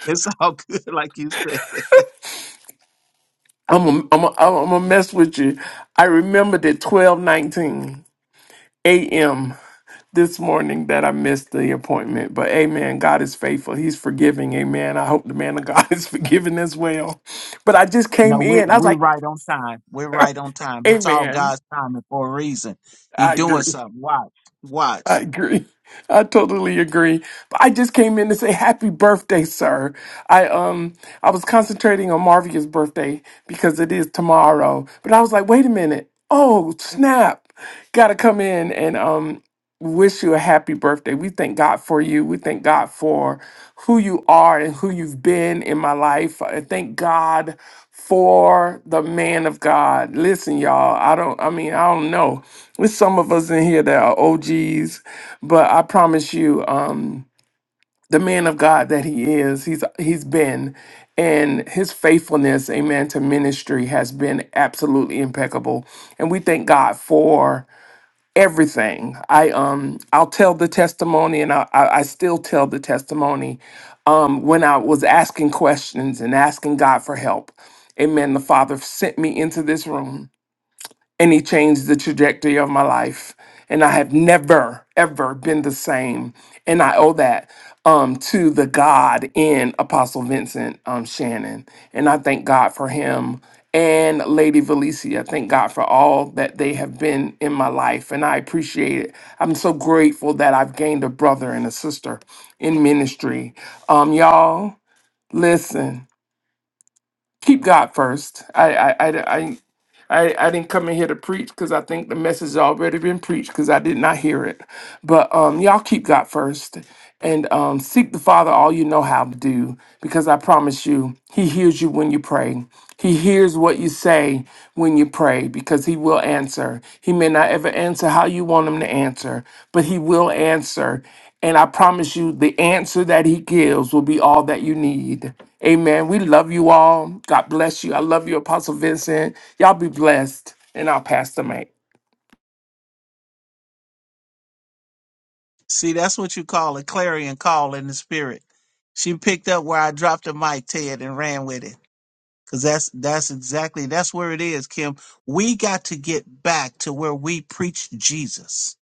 A: It's all good, like you said.
K: I'm going I'm to mess with you. I remembered it 12 19 a.m. this morning that I missed the appointment. But amen, God is faithful. He's forgiving. Amen. I hope the man of God is forgiving as well. But I just
A: No,
K: came
A: we
K: in. I was
A: we're
K: like,
A: right on time. We're right on time. It's all
K: amen.
A: God's timing for a reason. He
K: I
A: doing
K: agree.
A: something. Watch,
K: I
A: watch.
K: agree. I totally agree. But I just came in to say happy birthday, sir. I um I was concentrating on Marvia's birthday because it is tomorrow. But I was like, wait a minute. Oh, snap. Gotta come in and um wish you a happy birthday. We thank God for you. We thank God for who you are and who you've been in my life. I thank God for the man of God. Listen, y'all, I don't I mean, I don't know. There's some of us in here that are OGs, but I promise you, um, the man of God that he is, he's he's been, and his faithfulness, amen, to ministry has been absolutely impeccable. And we thank God for everything. I um I'll tell the testimony, and I I, I still tell the testimony um, when I was asking questions and asking God for help. Amen. The Father sent me into this room and he changed the trajectory of my life and i have never ever been the same and i owe that um, to the god in apostle vincent um, shannon and i thank god for him and lady valencia I thank god for all that they have been in my life and i appreciate it i'm so grateful that i've gained a brother and a sister in ministry um, y'all listen keep God first. I I I I, I, I didn't come in here to preach because I think the message has already been preached because I did not hear it. But um, y'all keep God first and um, seek the Father all you know how to do because I promise you, He hears you when you pray. He hears what you say when you pray because He will answer. He may not ever answer how you want Him to answer, but He will answer. And I promise you, the answer that He gives will be all that you need. Amen. We love you all. God bless you. I love you, Apostle Vincent. Y'all be blessed. And I'll pass the mic.
A: See, that's what you call a clarion call in the spirit. She picked up where I dropped the mic, Ted, and ran with it. Cause that's that's exactly that's where it is, Kim. We got to get back to where we preach Jesus.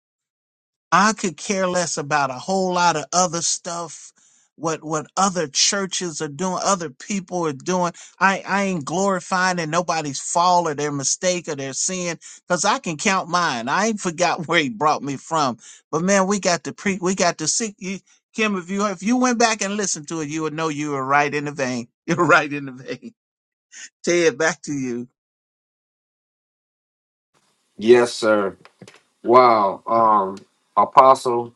A: I could care less about a whole lot of other stuff, what what other churches are doing, other people are doing. I, I ain't glorifying in nobody's fall or their mistake or their sin, because I can count mine. I ain't forgot where he brought me from. But man, we got to pre we got to seek you Kim, if you if you went back and listened to it, you would know you were right in the vein. You're right in the vein. Ted, back to you.
D: Yes, sir. Wow. Um, Apostle.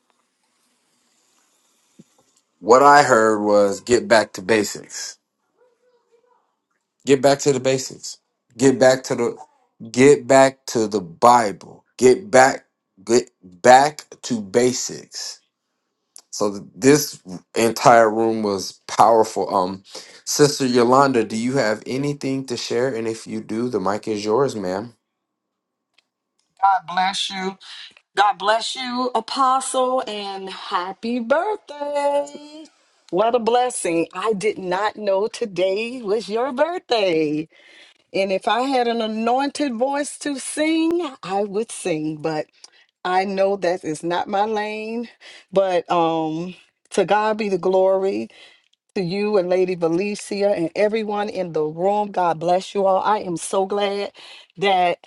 D: What I heard was get back to basics. Get back to the basics. Get back to the get back to the Bible. Get back get back to basics. So th- this entire room was powerful. Um, Sister Yolanda, do you have anything to share? And if you do, the mic is yours, ma'am.
L: God bless you. God bless you, Apostle, and happy birthday. What a blessing. I did not know today was your birthday. And if I had an anointed voice to sing, I would sing, but I know that is not my lane. But um to God be the glory to you and Lady Valencia and everyone in the room. God bless you all. I am so glad that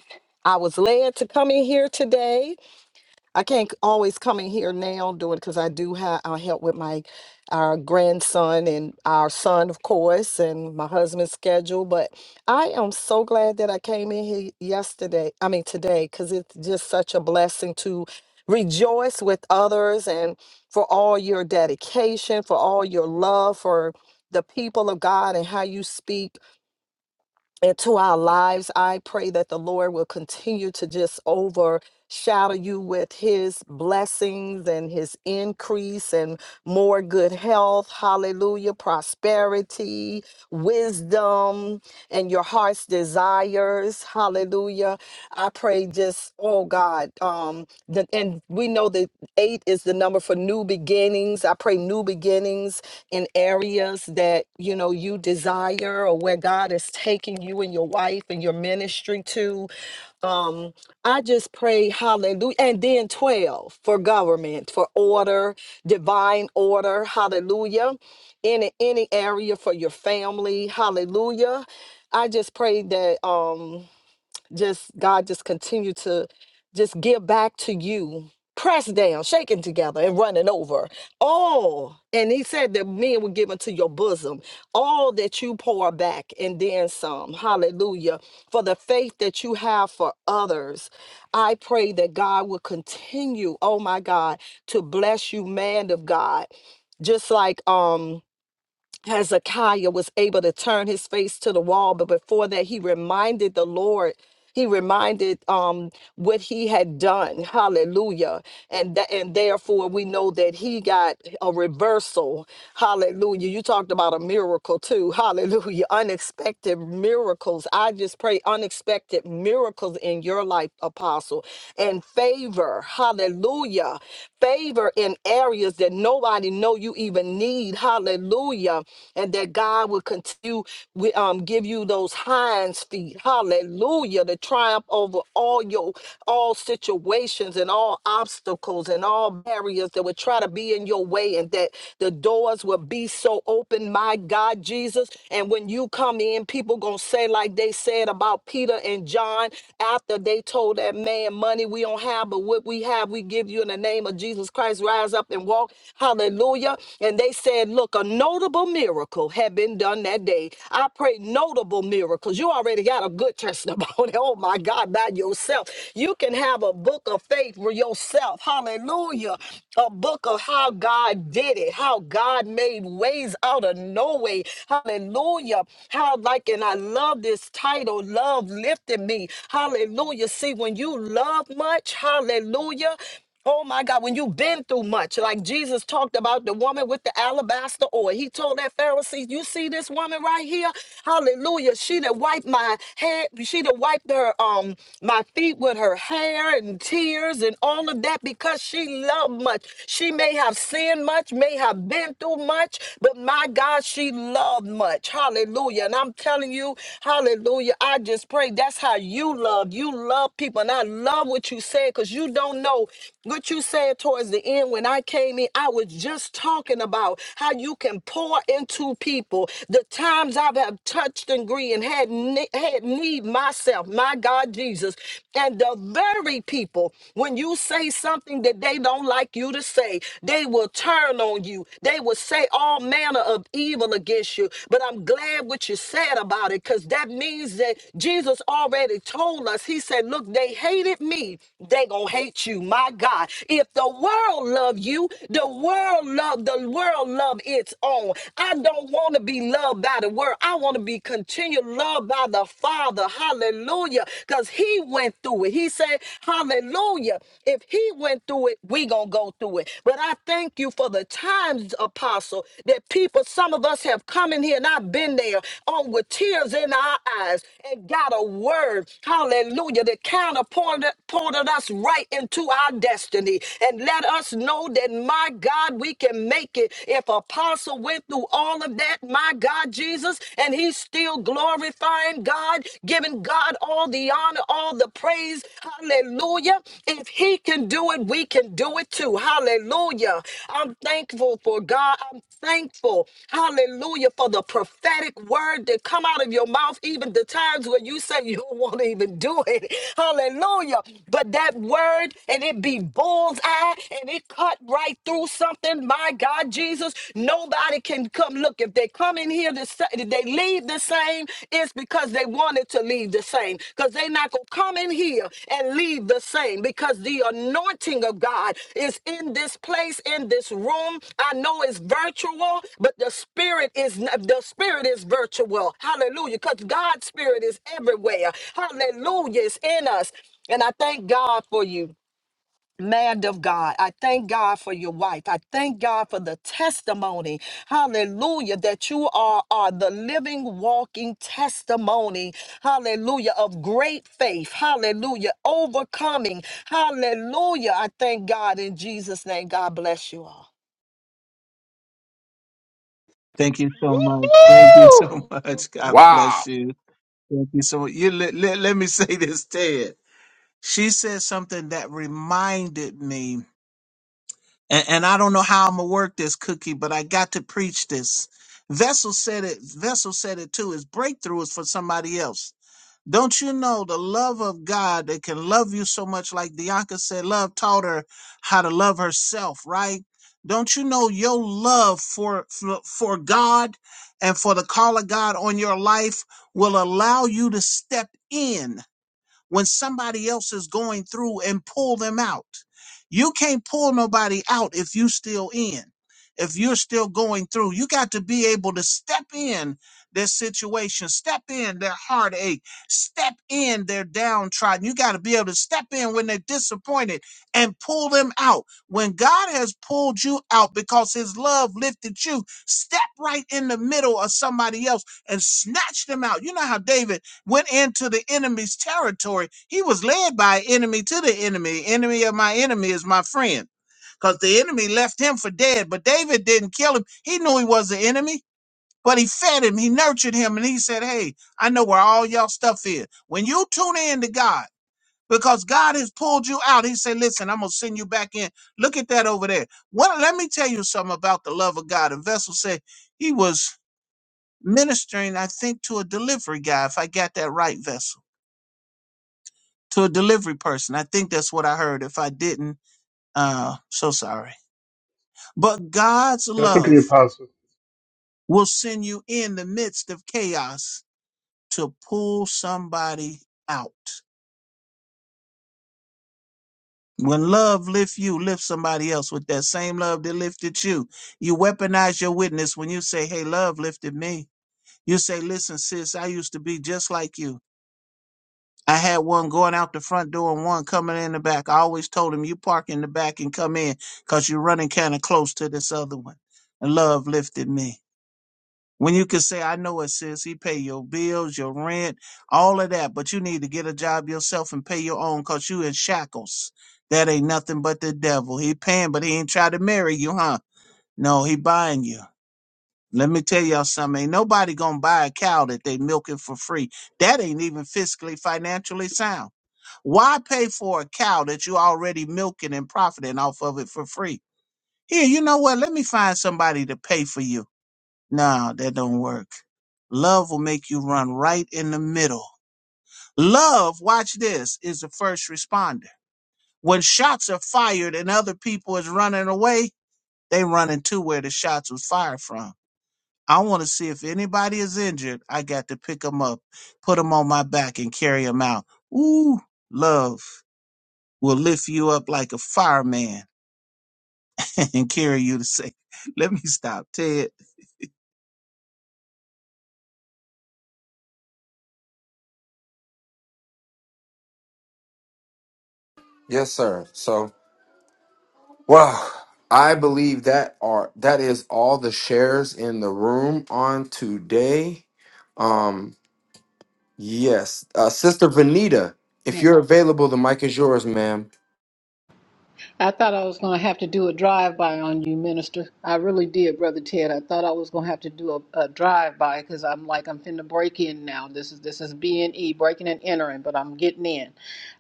L: I was led to come in here today I can't always come in here now and do it because I do have I help with my our grandson and our son, of course, and my husband's schedule. But I am so glad that I came in here yesterday. I mean today, because it's just such a blessing to rejoice with others and for all your dedication, for all your love for the people of God and how you speak into our lives. I pray that the Lord will continue to just overshadow you with his blessings and his increase and more good health, hallelujah, prosperity, wisdom, and your heart's desires, hallelujah. I pray just, oh God, um, that, and we know that eight is the number for new beginnings. I pray new beginnings in areas that you know you desire or where God is taking you and your wife and your ministry to. Um, I just pray, hallelujah. And then 12 for government, for order, divine order, hallelujah. In any area for your family, hallelujah. I just pray that um just God just continue to just give back to you, pressed down, shaken together, and running over. All, and he said that men were given to your bosom, all that you pour back, and then some. Hallelujah. For the faith that you have for others. I pray that God will continue, oh my God, to bless you, man of God. Just like um Hezekiah was able to turn his face to the wall, but before that, he reminded the Lord. He reminded um, what he had done. Hallelujah. And that and therefore we know that he got a reversal. Hallelujah. You talked about a miracle too. Hallelujah. Unexpected miracles. I just pray unexpected miracles in your life, apostle. And favor. Hallelujah. Favor in areas that nobody know you even need. Hallelujah. And that God will continue we um give you those hinds feet. Hallelujah to triumph over all your all situations and all obstacles and all barriers that would try to be in your way and that the doors will be so open my god jesus and when you come in people gonna say like they said about peter and john after they told that man money we don't have but what we have we give you in the name of jesus christ rise up and walk hallelujah and they said look a notable miracle had been done that day i pray notable miracles you you already got a good testimony. Oh my God, by yourself. You can have a book of faith for yourself. Hallelujah. A book of how God did it, how God made ways out of no way. Hallelujah. How, like, and I love this title, Love Lifted Me. Hallelujah. See, when you love much, hallelujah. Oh my God, when you've been through much, like Jesus talked about the woman with the alabaster oil. He told that Pharisee, You see this woman right here? Hallelujah. She that wiped my head, she that wiped her um my feet with her hair and tears and all of that because she loved much. She may have sinned much, may have been through much, but my God, she loved much. Hallelujah. And I'm telling you, hallelujah. I just pray that's how you love. You love people. And I love what you said because you don't know. What you said towards the end when I came in, I was just talking about how you can pour into people. The times I've have touched and grieved and had, ne- had need myself, my God Jesus, and the very people, when you say something that they don't like you to say, they will turn on you. They will say all manner of evil against you. But I'm glad what you said about it because that means that Jesus already told us. He said, Look, they hated me. They going to hate you. my." by God. If the world loved you, the world loved the world loved its own. I don't want to be loved by the world. I want to be continued loved by the Father. Hallelujah. Because he went through it. He said, Hallelujah. If he went through it, we gonna go through it. But I thank you for the times, apostle, that people, some of us have come in here and I've been there on with tears in our eyes and got a word. Hallelujah. That kind of pointed, pointed us right into to our destiny and let us know that, my God, we can make it. If Apostle went through all of that, my God, Jesus, and he's still glorifying God, giving God all the honor, all the praise. Hallelujah. If he can do it, we can do it too. Hallelujah. I'm thankful for God. I'm thankful. Hallelujah for the prophetic word that come out of your mouth, even the times where you say you don't want to even do it. Hallelujah. But that word and it be bullseye and it cut right through something. My God, Jesus, nobody can come. Look, if they come in here, the sa- if they leave the same, it's because they wanted to leave the same. Because they not going to come in here and leave the same because the anointing of God is in this place, in this room. I know it's virtual, but the spirit is n- the spirit is virtual. Hallelujah. Because God's spirit is everywhere. Hallelujah. It's in us. And I thank God for you. Man of God, I thank God for your wife. I thank God for the testimony. Hallelujah, that you are, are the living, walking testimony. Hallelujah, of great faith. Hallelujah, overcoming. Hallelujah. I thank God in Jesus' name. God bless you all.
A: Thank you so much. Thank you
B: Woohoo!
A: so much. God
D: Wow.
A: bless you. Thank you so much. You let, let, let me say this, Ted. She said something that reminded me, and, and I don't know how I'm gonna work this cookie, but I got to preach this. Vessel said it. Vessel said it too. His breakthrough is for somebody else. Don't you know the love of God that can love you so much, like Dianca said, love taught her how to love herself, right? Don't you know your love for, for for God and for the call of God on your life will allow you to step in when somebody else is going through and pull them out. You can't pull nobody out if you still in. If you're still going through, you got to be able to step in their situation, step in their heartache, step in their downtrodden. You got to be able to step in when they're disappointed and pull them out. When God has pulled you out because his love lifted you, step right in the middle of somebody else and snatch them out. You know how David went into the enemy's territory. He was led by enemy to the enemy. Enemy of my enemy is my friend. Because the enemy left him for dead, but David didn't kill him. He knew he was the enemy, but he fed him, he nurtured him, and he said, Hey, I know where all y'all stuff is. When you tune in to God, because God has pulled you out, He said, Listen, I'm going to send you back in. Look at that over there. What, let me tell you something about the love of God. And Vessel said he was ministering, I think, to a delivery guy, if I got that right, Vessel to a delivery person. I think that's what I heard. If I didn't, uh, so sorry. But God's
I: That's what the
A: love
I: apostle.
A: will send you in the midst of chaos to pull somebody out. When love lifts you, lift somebody else with that same love that lifted you. You weaponize your witness when you say, Hey, love lifted me. You say, Listen, sis, I used to be just like you. I had one going out the front door and one coming in the back. I always told him, you park in the back and come in because you're running kind of close to this other one. And love lifted me. When you can say, I know it, sis, he pay your bills, your rent, all of that, but you need to get a job yourself and pay your own because you in shackles. That ain't nothing but the devil. He paying, but he ain't try to marry you, huh? No, he buying you. Let me tell y'all something. Ain't nobody gonna buy a cow that they milking for free. That ain't even fiscally, financially sound. Why pay for a cow that you already milking and profiting off of it for free? Here, you know what? Let me find somebody to pay for you. No, that don't work. Love will make you run right in the middle. Love, watch this, is the first responder. When shots are fired and other people is running away, they running to where the shots was fired from. I want to see if anybody is injured. I got to pick them up, put them on my back, and carry them out. Ooh, love. will lift you up like a fireman and carry you to safety. Let me stop, Ted.
D: Yes, sir. So, wow. I believe that are that is all the shares in the room on today. Um, yes, uh, Sister Vanita, if
M: meant
D: you're available, the mic is yours, ma'am.
M: I thought I was going to have to do a drive by on you, Minister. I really did, Brother Ted. I thought I was going to have to do a, a drive by because I'm like I'm finna break in now. This is this is B and E breaking and entering, but I'm getting in.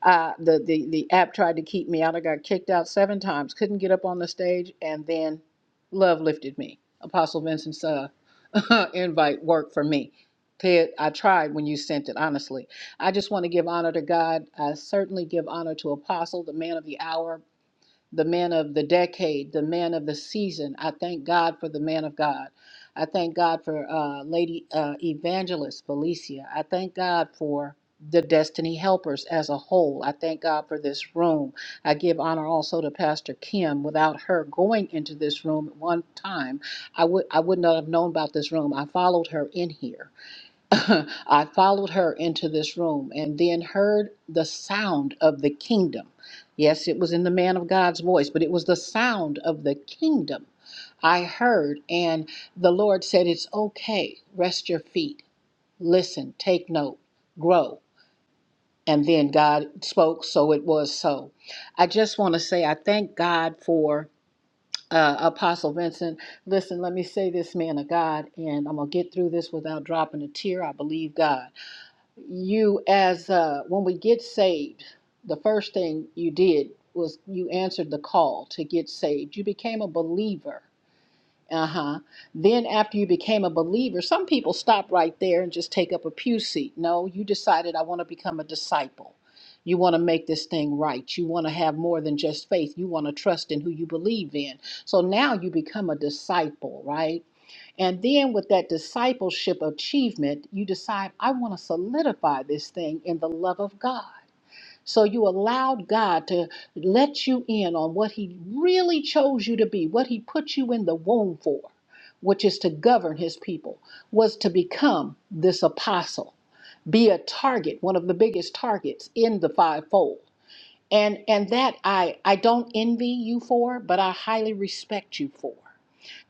M: Uh, the the the app tried to keep me out. I got kicked out seven times. Couldn't get up on the stage, and then love lifted me. Apostle Vincent's uh, invite worked for me. Ted, I tried when you sent it. Honestly, I just want to give honor to God. I certainly give honor to Apostle, the man of the hour the man of the decade, the man of the season. I thank God for the man of God. I thank God for uh, Lady uh, Evangelist Felicia. I thank God for the Destiny Helpers as a whole. I thank God for this room. I give honor also to Pastor Kim. Without her going into this room at one time, I would I would not have known about this room. I followed her in here. I followed her into this room and then heard the sound of the kingdom. Yes, it was in the man of God's voice, but it was the sound of the kingdom I heard. And the Lord said, It's okay. Rest your feet. Listen, take note, grow. And then God spoke, so it was so. I just want to say, I thank God for uh, Apostle Vincent. Listen, let me say this, man of God, and I'm going to get through this without dropping a tear. I believe God you as uh, when we get saved, the first thing you did was you answered the call to get saved. You became a believer. Uh huh. Then after you became a believer, some people stop right there and just take up a pew seat. No, you decided I want to become a disciple. You want to make this thing right. You want to have more than just faith. You want to trust in who you believe in. So now you become a disciple, right? And then with that discipleship achievement, you decide, I want to solidify this thing in the love of God. So you allowed God to let you in on what He really chose you to be, what He put you in the womb for, which is to govern His people, was to become this apostle, be a target, one of the biggest targets in the fivefold. And and that I I don't envy you for, but I highly respect you for.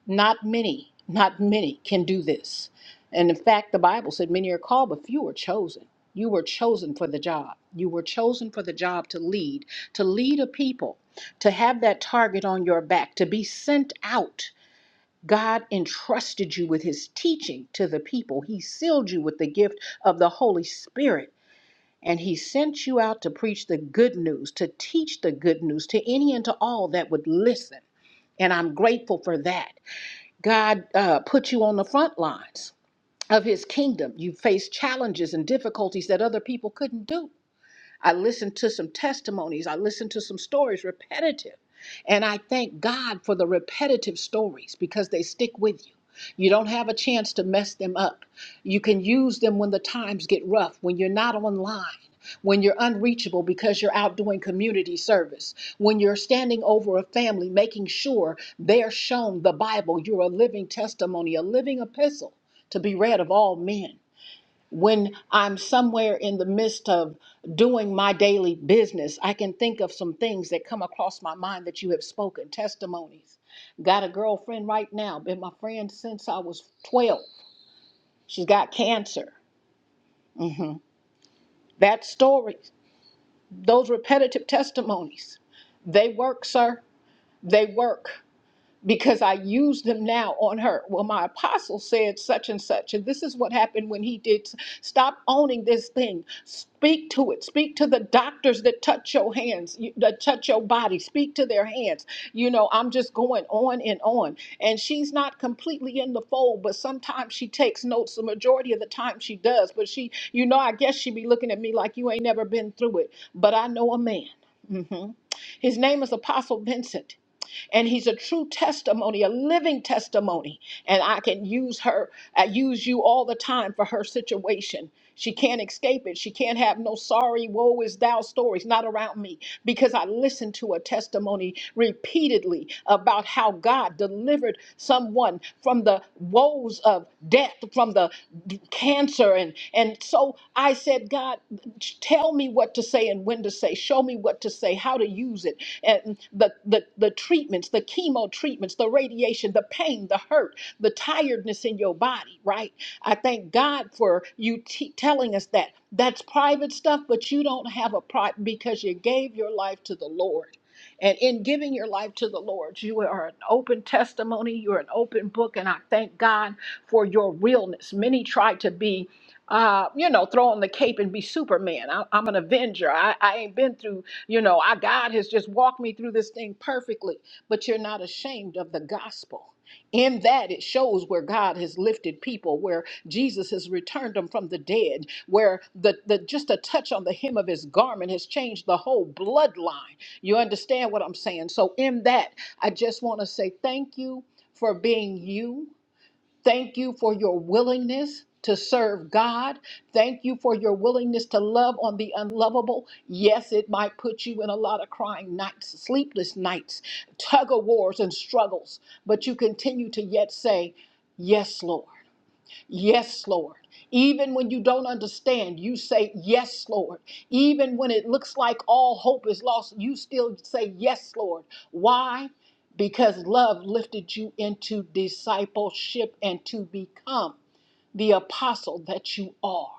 M: Not many, not many can do this. And in fact, the Bible said many are called, but few are chosen. You were chosen for the job. You were chosen for the job to lead, to lead a people, to have that target on your back, to be sent out. God entrusted you with his teaching to the people. He sealed you with the gift of the Holy Spirit, and he sent you out to preach the good news, to teach the good news to any and to all that would listen. And I'm grateful for that. God uh, put you on the front lines of his kingdom. You faced challenges and difficulties that other people couldn't do. I listened to some testimonies. I listened to some stories, repetitive. And I thank God for the repetitive stories because they stick with you. You don't have a chance to mess them up. You can use them when the times get rough, when you're not online, when you're unreachable because you're out doing community service, when you're standing over a family making sure they're shown the Bible. You're a living testimony, a living epistle to be read of all men when I'm somewhere in the midst of doing my daily business, I can think of some things that come across my mind that you have spoken, testimonies. Got a girlfriend right now, been my friend since I was 12. She's got cancer. That story, those repetitive testimonies, they work, sir. They work. because I use them now on her. Well, my apostle said such and such, and this is what happened when he did. Stop owning this thing. Speak to it. Speak to the doctors that touch your hands, you- that touch your body. Speak to their hands. You know, I'm just going on and on. And she's not completely in the fold, but sometimes she takes notes. The majority of the time she does, but she, you know, I guess she be looking at me like you ain't never been through it. But I know a man. Mhm. His name is Apostle Vincent and he's a true testimony, a living testimony. And I can use her, I use you all the time for her situation. She can't escape it. She can't have no sorry, woe is thou stories, not around me, because I listened to a testimony repeatedly about how God delivered someone from the woes of death, from the cancer answer and and so i said god tell me what to say and when to say show me what to say how to use it and the the, the treatments the chemo treatments the radiation the pain the hurt the tiredness in your body right i thank god for you t- telling us that that's private stuff but you don't have a private because you gave your life to the lord and in giving your life to the Lord, you are an open testimony, you're an open book, and I thank God for your realness. Many try to be. Uh, you know, throw on the cape and be Superman. I, I'm an Avenger. I, I ain't been through, you know, I God has just walked me through this thing perfectly. But you're not ashamed of the gospel in that it shows where god has lifted people where jesus has returned them from the dead where the, the just a touch on the hem of his garment has changed the whole bloodline you understand what i'm saying so in that i just want to say thank you for being you Thank you for your willingness to serve God. Thank you for your willingness to love on the unlovable. Yes, it might put you in a lot of crying nights, sleepless nights, tug of wars, and struggles, but you continue to yet say, Yes, Lord. Yes, Lord. Even when you don't understand, you say, Yes, Lord. Even when it looks like all hope is lost, you still say, Yes, Lord. Why? Because love lifted you into discipleship and to become the apostle that you are.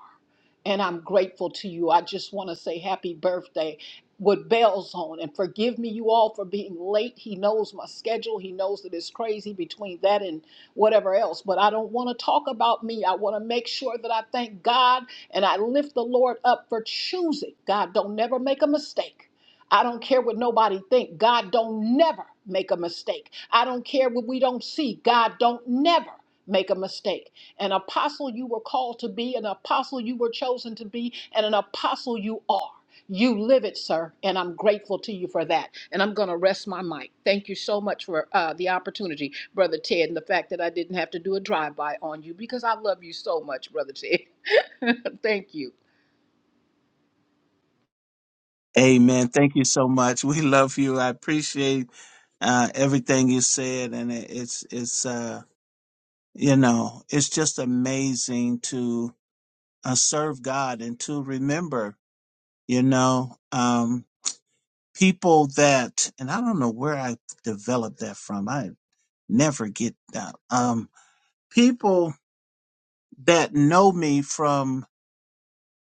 M: And I'm grateful to you. I just want to say happy birthday with bells on. And forgive me, you all, for being late. He knows my schedule. He knows that it's crazy between that and whatever else. But I don't want to talk about me. I want to make sure that I thank God and I lift the Lord up for choosing. God don't never make a mistake. I don't care what nobody think. God don't never make a mistake. I don't care what we don't see. God don't never make a mistake. An apostle you were called to be, an apostle you were chosen to be, and an apostle you are. You live it, sir, and I'm grateful to you for that. And I'm going to rest my mic. Thank you so much for uh, the opportunity, Brother Ted, and the fact that I didn't have to do a drive by on you because I love you so much, Brother Ted. Thank you.
A: Amen. Thank you so much. We love you. I appreciate uh, everything you said, and it, it's it's uh, you know it's just amazing to uh, serve God and to remember, you know, um, people that, and I don't know where I developed that from. I never get that. Um, people that know me from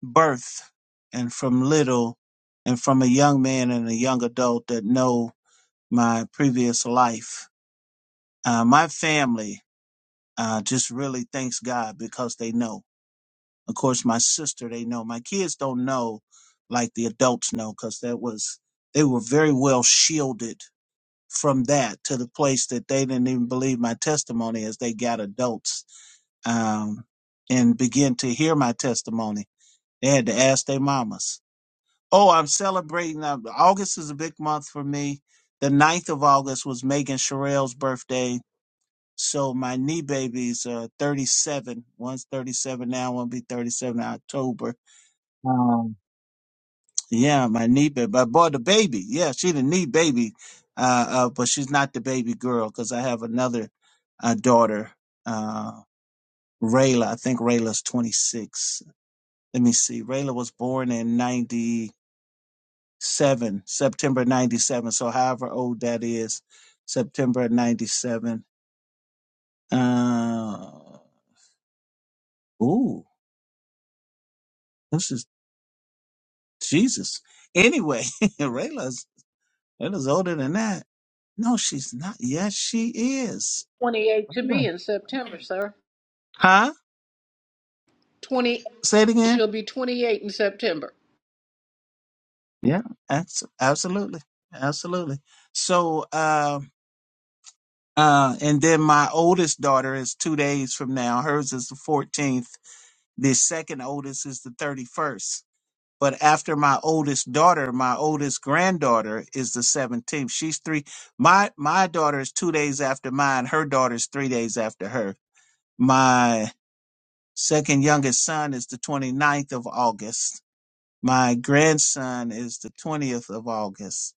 A: birth and from little and from a young man and a young adult that know my previous life. Uh, my family uh, just really thanks God because they know. Of course, my sister, they know. My kids don't know like the adults know because that was, they were very well shielded from that to the place that they didn't even believe my testimony as they got adults um, and began to hear my testimony. They had to ask their mamas Oh, I'm celebrating. Uh, August is a big month for me. The ninth of August was Megan Sherrill's birthday. So my knee baby's uh, 37. One's 37 now, one will be 37 in October. Um, yeah, my knee baby. I bought the baby. Yeah, she the knee baby. Uh, uh, but she's not the baby girl because I have another uh, daughter, uh, Rayla. I think Rayla's 26. Let me see. Rayla was born in 90. 7, September 97. So, however old that is, September 97. Uh, ooh, this is Jesus. Anyway, Rayla's, Rayla's older than that. No, she's not. Yes, she is.
M: 28 to be
A: Rayla.
M: in September, sir.
A: Huh?
M: 20,
A: Say it again.
M: she'll be 28 in September.
A: Yeah, abs- absolutely. Absolutely. So, uh, uh, and then my oldest daughter is two days from now. Hers is the 14th. The second oldest is the 31st. But after my oldest daughter, my oldest granddaughter is the 17th. She's three. My my daughter is two days after mine. Her daughter's three days after her. My second youngest son is the twenty ninth of August. My grandson is the 20th of August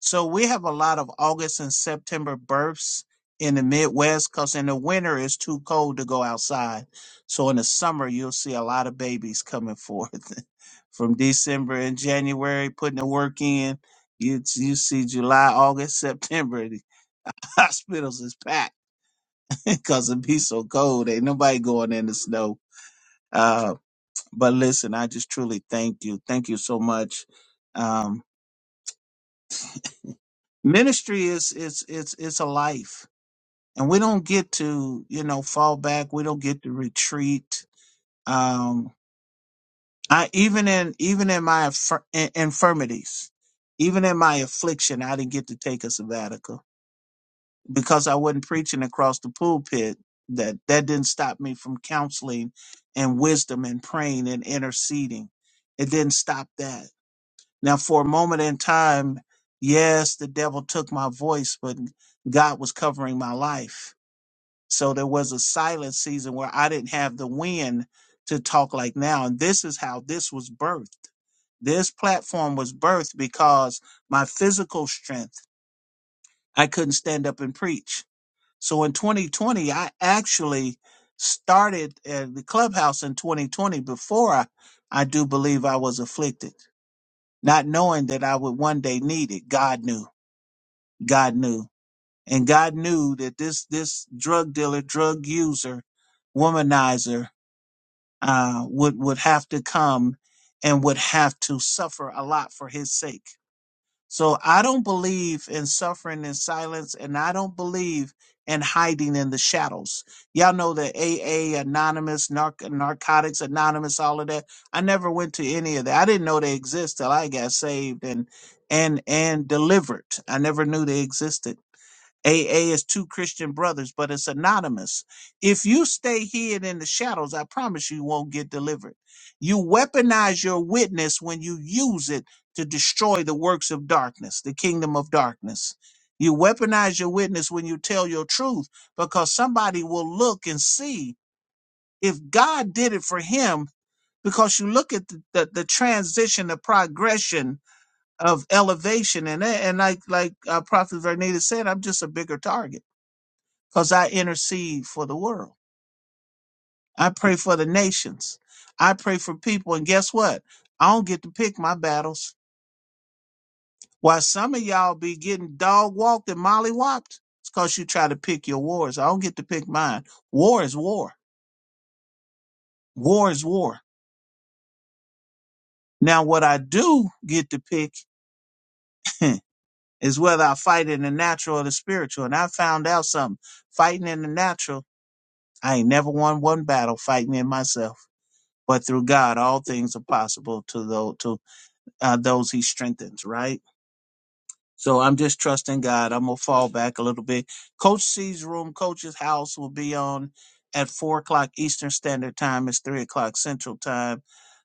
A: so we have a lot of August and September births in the Midwest because in the winter it's too cold to go outside. So in the summer you'll see a lot of babies coming forth from December and January, putting the work in. You you see July, August, September, the hospitals is packed because it be so cold. Ain't nobody going in the snow. Uh, but listen, I just truly thank you. Thank you so much. Um, ministry is it's it's it's a life and we don't get to you know fall back we don't get to retreat um i even in even in my affir- in- infirmities even in my affliction i didn't get to take a sabbatical because i wasn't preaching across the pulpit that that didn't stop me from counseling and wisdom and praying and interceding it didn't stop that now for a moment in time yes the devil took my voice but god was covering my life So there was a silent season where I didn't have the wind to talk like now. And this is how this was birthed. This platform was birthed because my physical strength, I couldn't stand up and preach. So in 2020, I actually started at the clubhouse in 2020 before I, I do believe I was afflicted, not knowing that I would one day need it. God knew. God knew. And God knew that this this drug dealer, drug user, womanizer uh, would would have to come and would have to suffer a lot for his sake. So I don't believe in suffering in silence, and I don't believe in hiding in the shadows. Y'all know that AA, Anonymous, Narc- Narcotics Anonymous, all of that. I never went to any of that. I didn't know they exist till I got saved and and and delivered. I never knew they existed AA is two Christian brothers, but it's anonymous. If you stay hid in the shadows, I promise you, you won't get delivered. You weaponize your witness when you use it to destroy the works of darkness, the kingdom of darkness. You weaponize your witness when you tell your truth because somebody will look and see if God did it for him because you look at the, the, the transition, the progression of elevation. And, and like, like uh, Prophet Vernita said, I'm just a bigger target because I intercede for the world. I pray for the nations. I pray for people. And guess what? I don't get to pick my battles. Why some of y'all be getting dog walked and molly whopped? It's because you try to pick your wars. I don't get to pick mine. War is war. War is war. Now, what I do get to pick is whether I fight in the natural or the spiritual. And I found out something. Fighting in the natural, I ain't never won one battle fighting in myself. But through God, all things are possible to those. to. uh, those he strengthens, right? So I'm just trusting God. I'm gonna fall back a little bit. Coach C's room, Coach's house will be on at four o'clock Eastern Standard Time. It's three o'clock Central Time.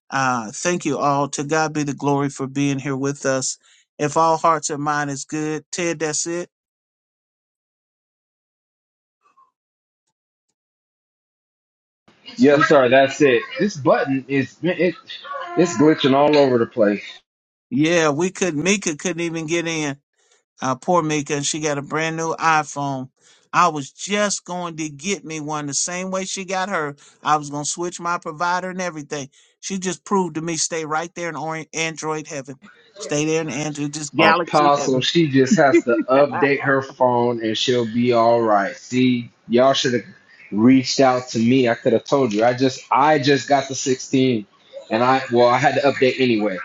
A: Uh, thank you all. To God be the glory for being here with us. If all hearts and mind is good, Ted, that's it. We
D: Yes, sir. That's it. This button is it, it's glitching all over the place.
A: yeah, we couldn't. Mika couldn't even get in. Uh, poor Mika, and she got a brand new iPhone. I was just going to get me one the same way she got her. I was going to switch my provider and everything. She just proved to me stay right there in or- Android heaven. Stay there in Android, just galaxy
D: Apostle,
A: heaven.
D: she just has to update her phone and she'll be all right. See, y'all should have reached out to me. I could have told you. I just I just got the 16 and I well, I had to update anyway.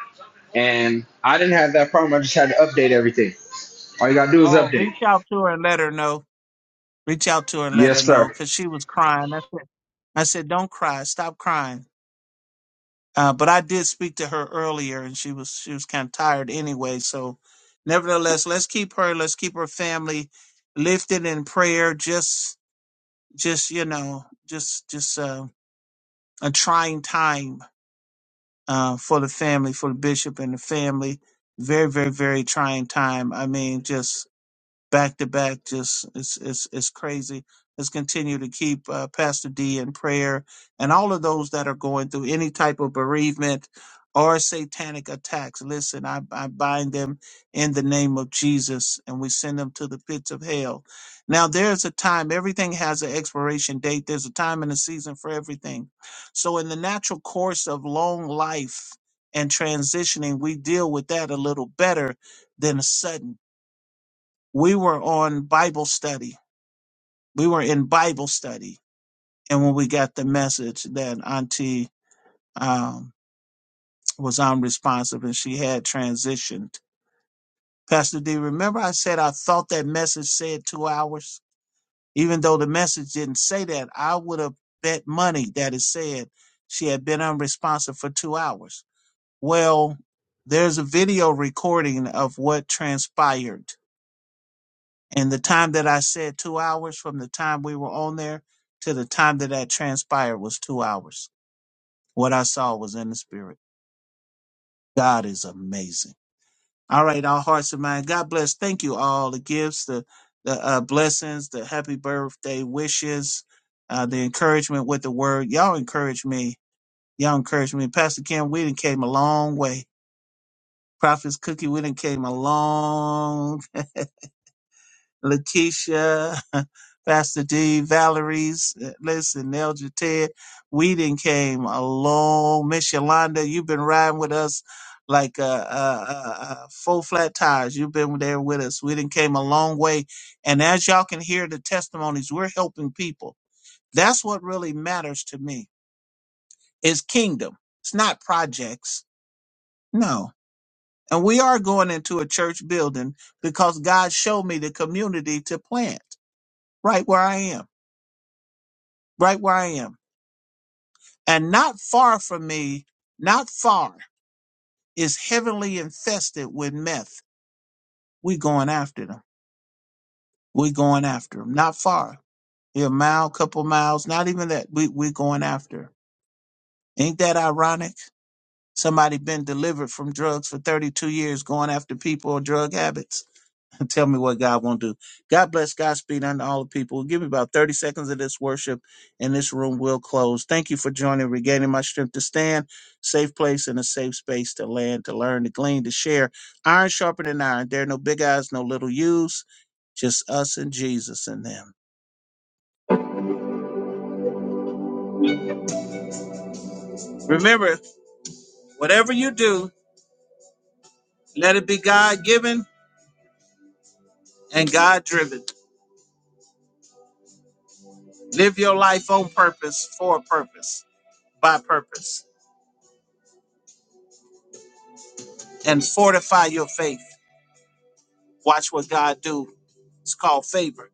D: And I didn't have that problem. I just had to update everything. All you got to do is
A: oh,
D: update.
A: reach out to her and let her know. Reach out to her and let
D: Yes,
A: her know
D: sir.
A: because she was crying. I said, I said, don't cry. Stop crying. Uh, but I did speak to her earlier, and she was she was kind of tired anyway. So, nevertheless, let's keep her, let's keep her family lifted in prayer. Just just you know, just just uh, a trying time uh, for the family, for the bishop and the family. Very very very trying time. I mean, just back to back. Just it's it's it's crazy. Let's continue to keep uh, Pastor D in prayer and all of those that are going through any type of bereavement or satanic attacks. Listen, I, I bind them in the name of Jesus and we send them to the pits of hell. Now there's a time, everything has an expiration date. There's a time and a season for everything. So in the natural course of long life and transitioning, we deal with that a little better than a sudden we were on Bible study. We were in Bible study. And when we got the message that Auntie um, was unresponsive and she had transitioned, Pastor D, remember I said I thought that message said two hours? Even though the message didn't say that, I would have bet money that it said she had been unresponsive for two hours. Well, there's a video recording of what transpired And the time that I said two hours from the time we were on there to the time that that transpired was two hours. What I saw was in the spirit. God is amazing. All right, our hearts and minds. God bless. Thank you all. The gifts, the the uh, blessings, the happy birthday wishes, uh, the encouragement with the word. Y'all encourage me. Y'all encourage me. Pastor Kim, we done came a long way. Prophet's Cookie, we done came a long Lakeisha, Pastor D, Valerie's. uh, Listen, Elder Ted, Whedon came along. Miss Yolanda, you've been riding with us like uh, uh, uh, uh, full flat tires. You've been there with us. Whedon came a long way. And as y'all can hear the testimonies, we're helping people. That's what really matters to me is kingdom. It's not projects. No. And we are going into a church building because God showed me the community to plant right where I am. right where I am. And not far from me, not far, is heavily infested with meth. We going after them. We going after them. Not far. Yeah, A mile, couple miles, not even that. We we going after. 'em. Ain't that ironic? Somebody been delivered from drugs for 32 years going after people or drug habits. tell me what God won't do. God bless Godspeed unto all the people. Give me about 30 seconds of this worship, and this room will close. Thank you for joining, regaining my strength to stand, safe place and a safe space to land, to learn, to glean, to share. Iron sharpening iron. There are no big eyes, no little U's, just us and Jesus in them. Remember, whatever you do, let it be God given and God driven. Live your life on purpose, for a purpose, by purpose, and fortify your faith. Watch what God do It's called favor.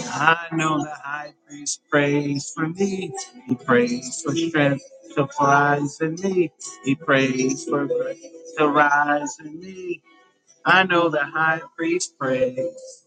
A: I know the high priest prays for me. He prays for strength to rise in me. He prays for grace to rise in me. I know the high priest prays.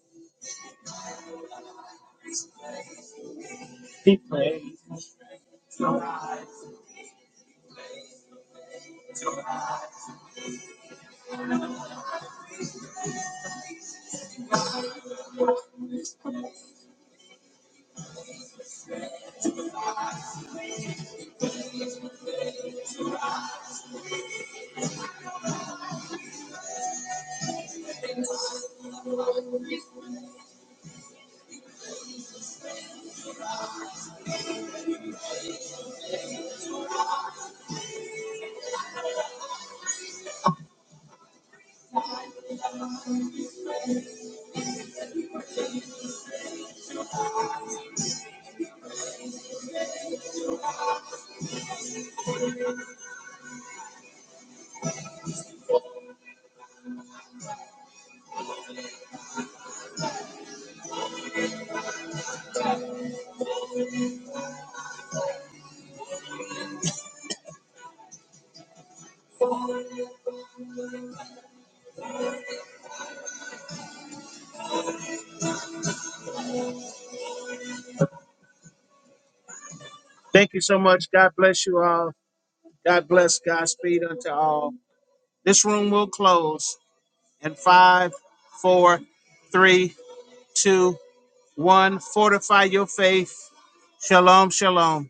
A: Thank you so much. God bless you all. God bless. Godspeed unto all. This room will close in five, four, three, two, one. Fortify your faith. Shalom, shalom.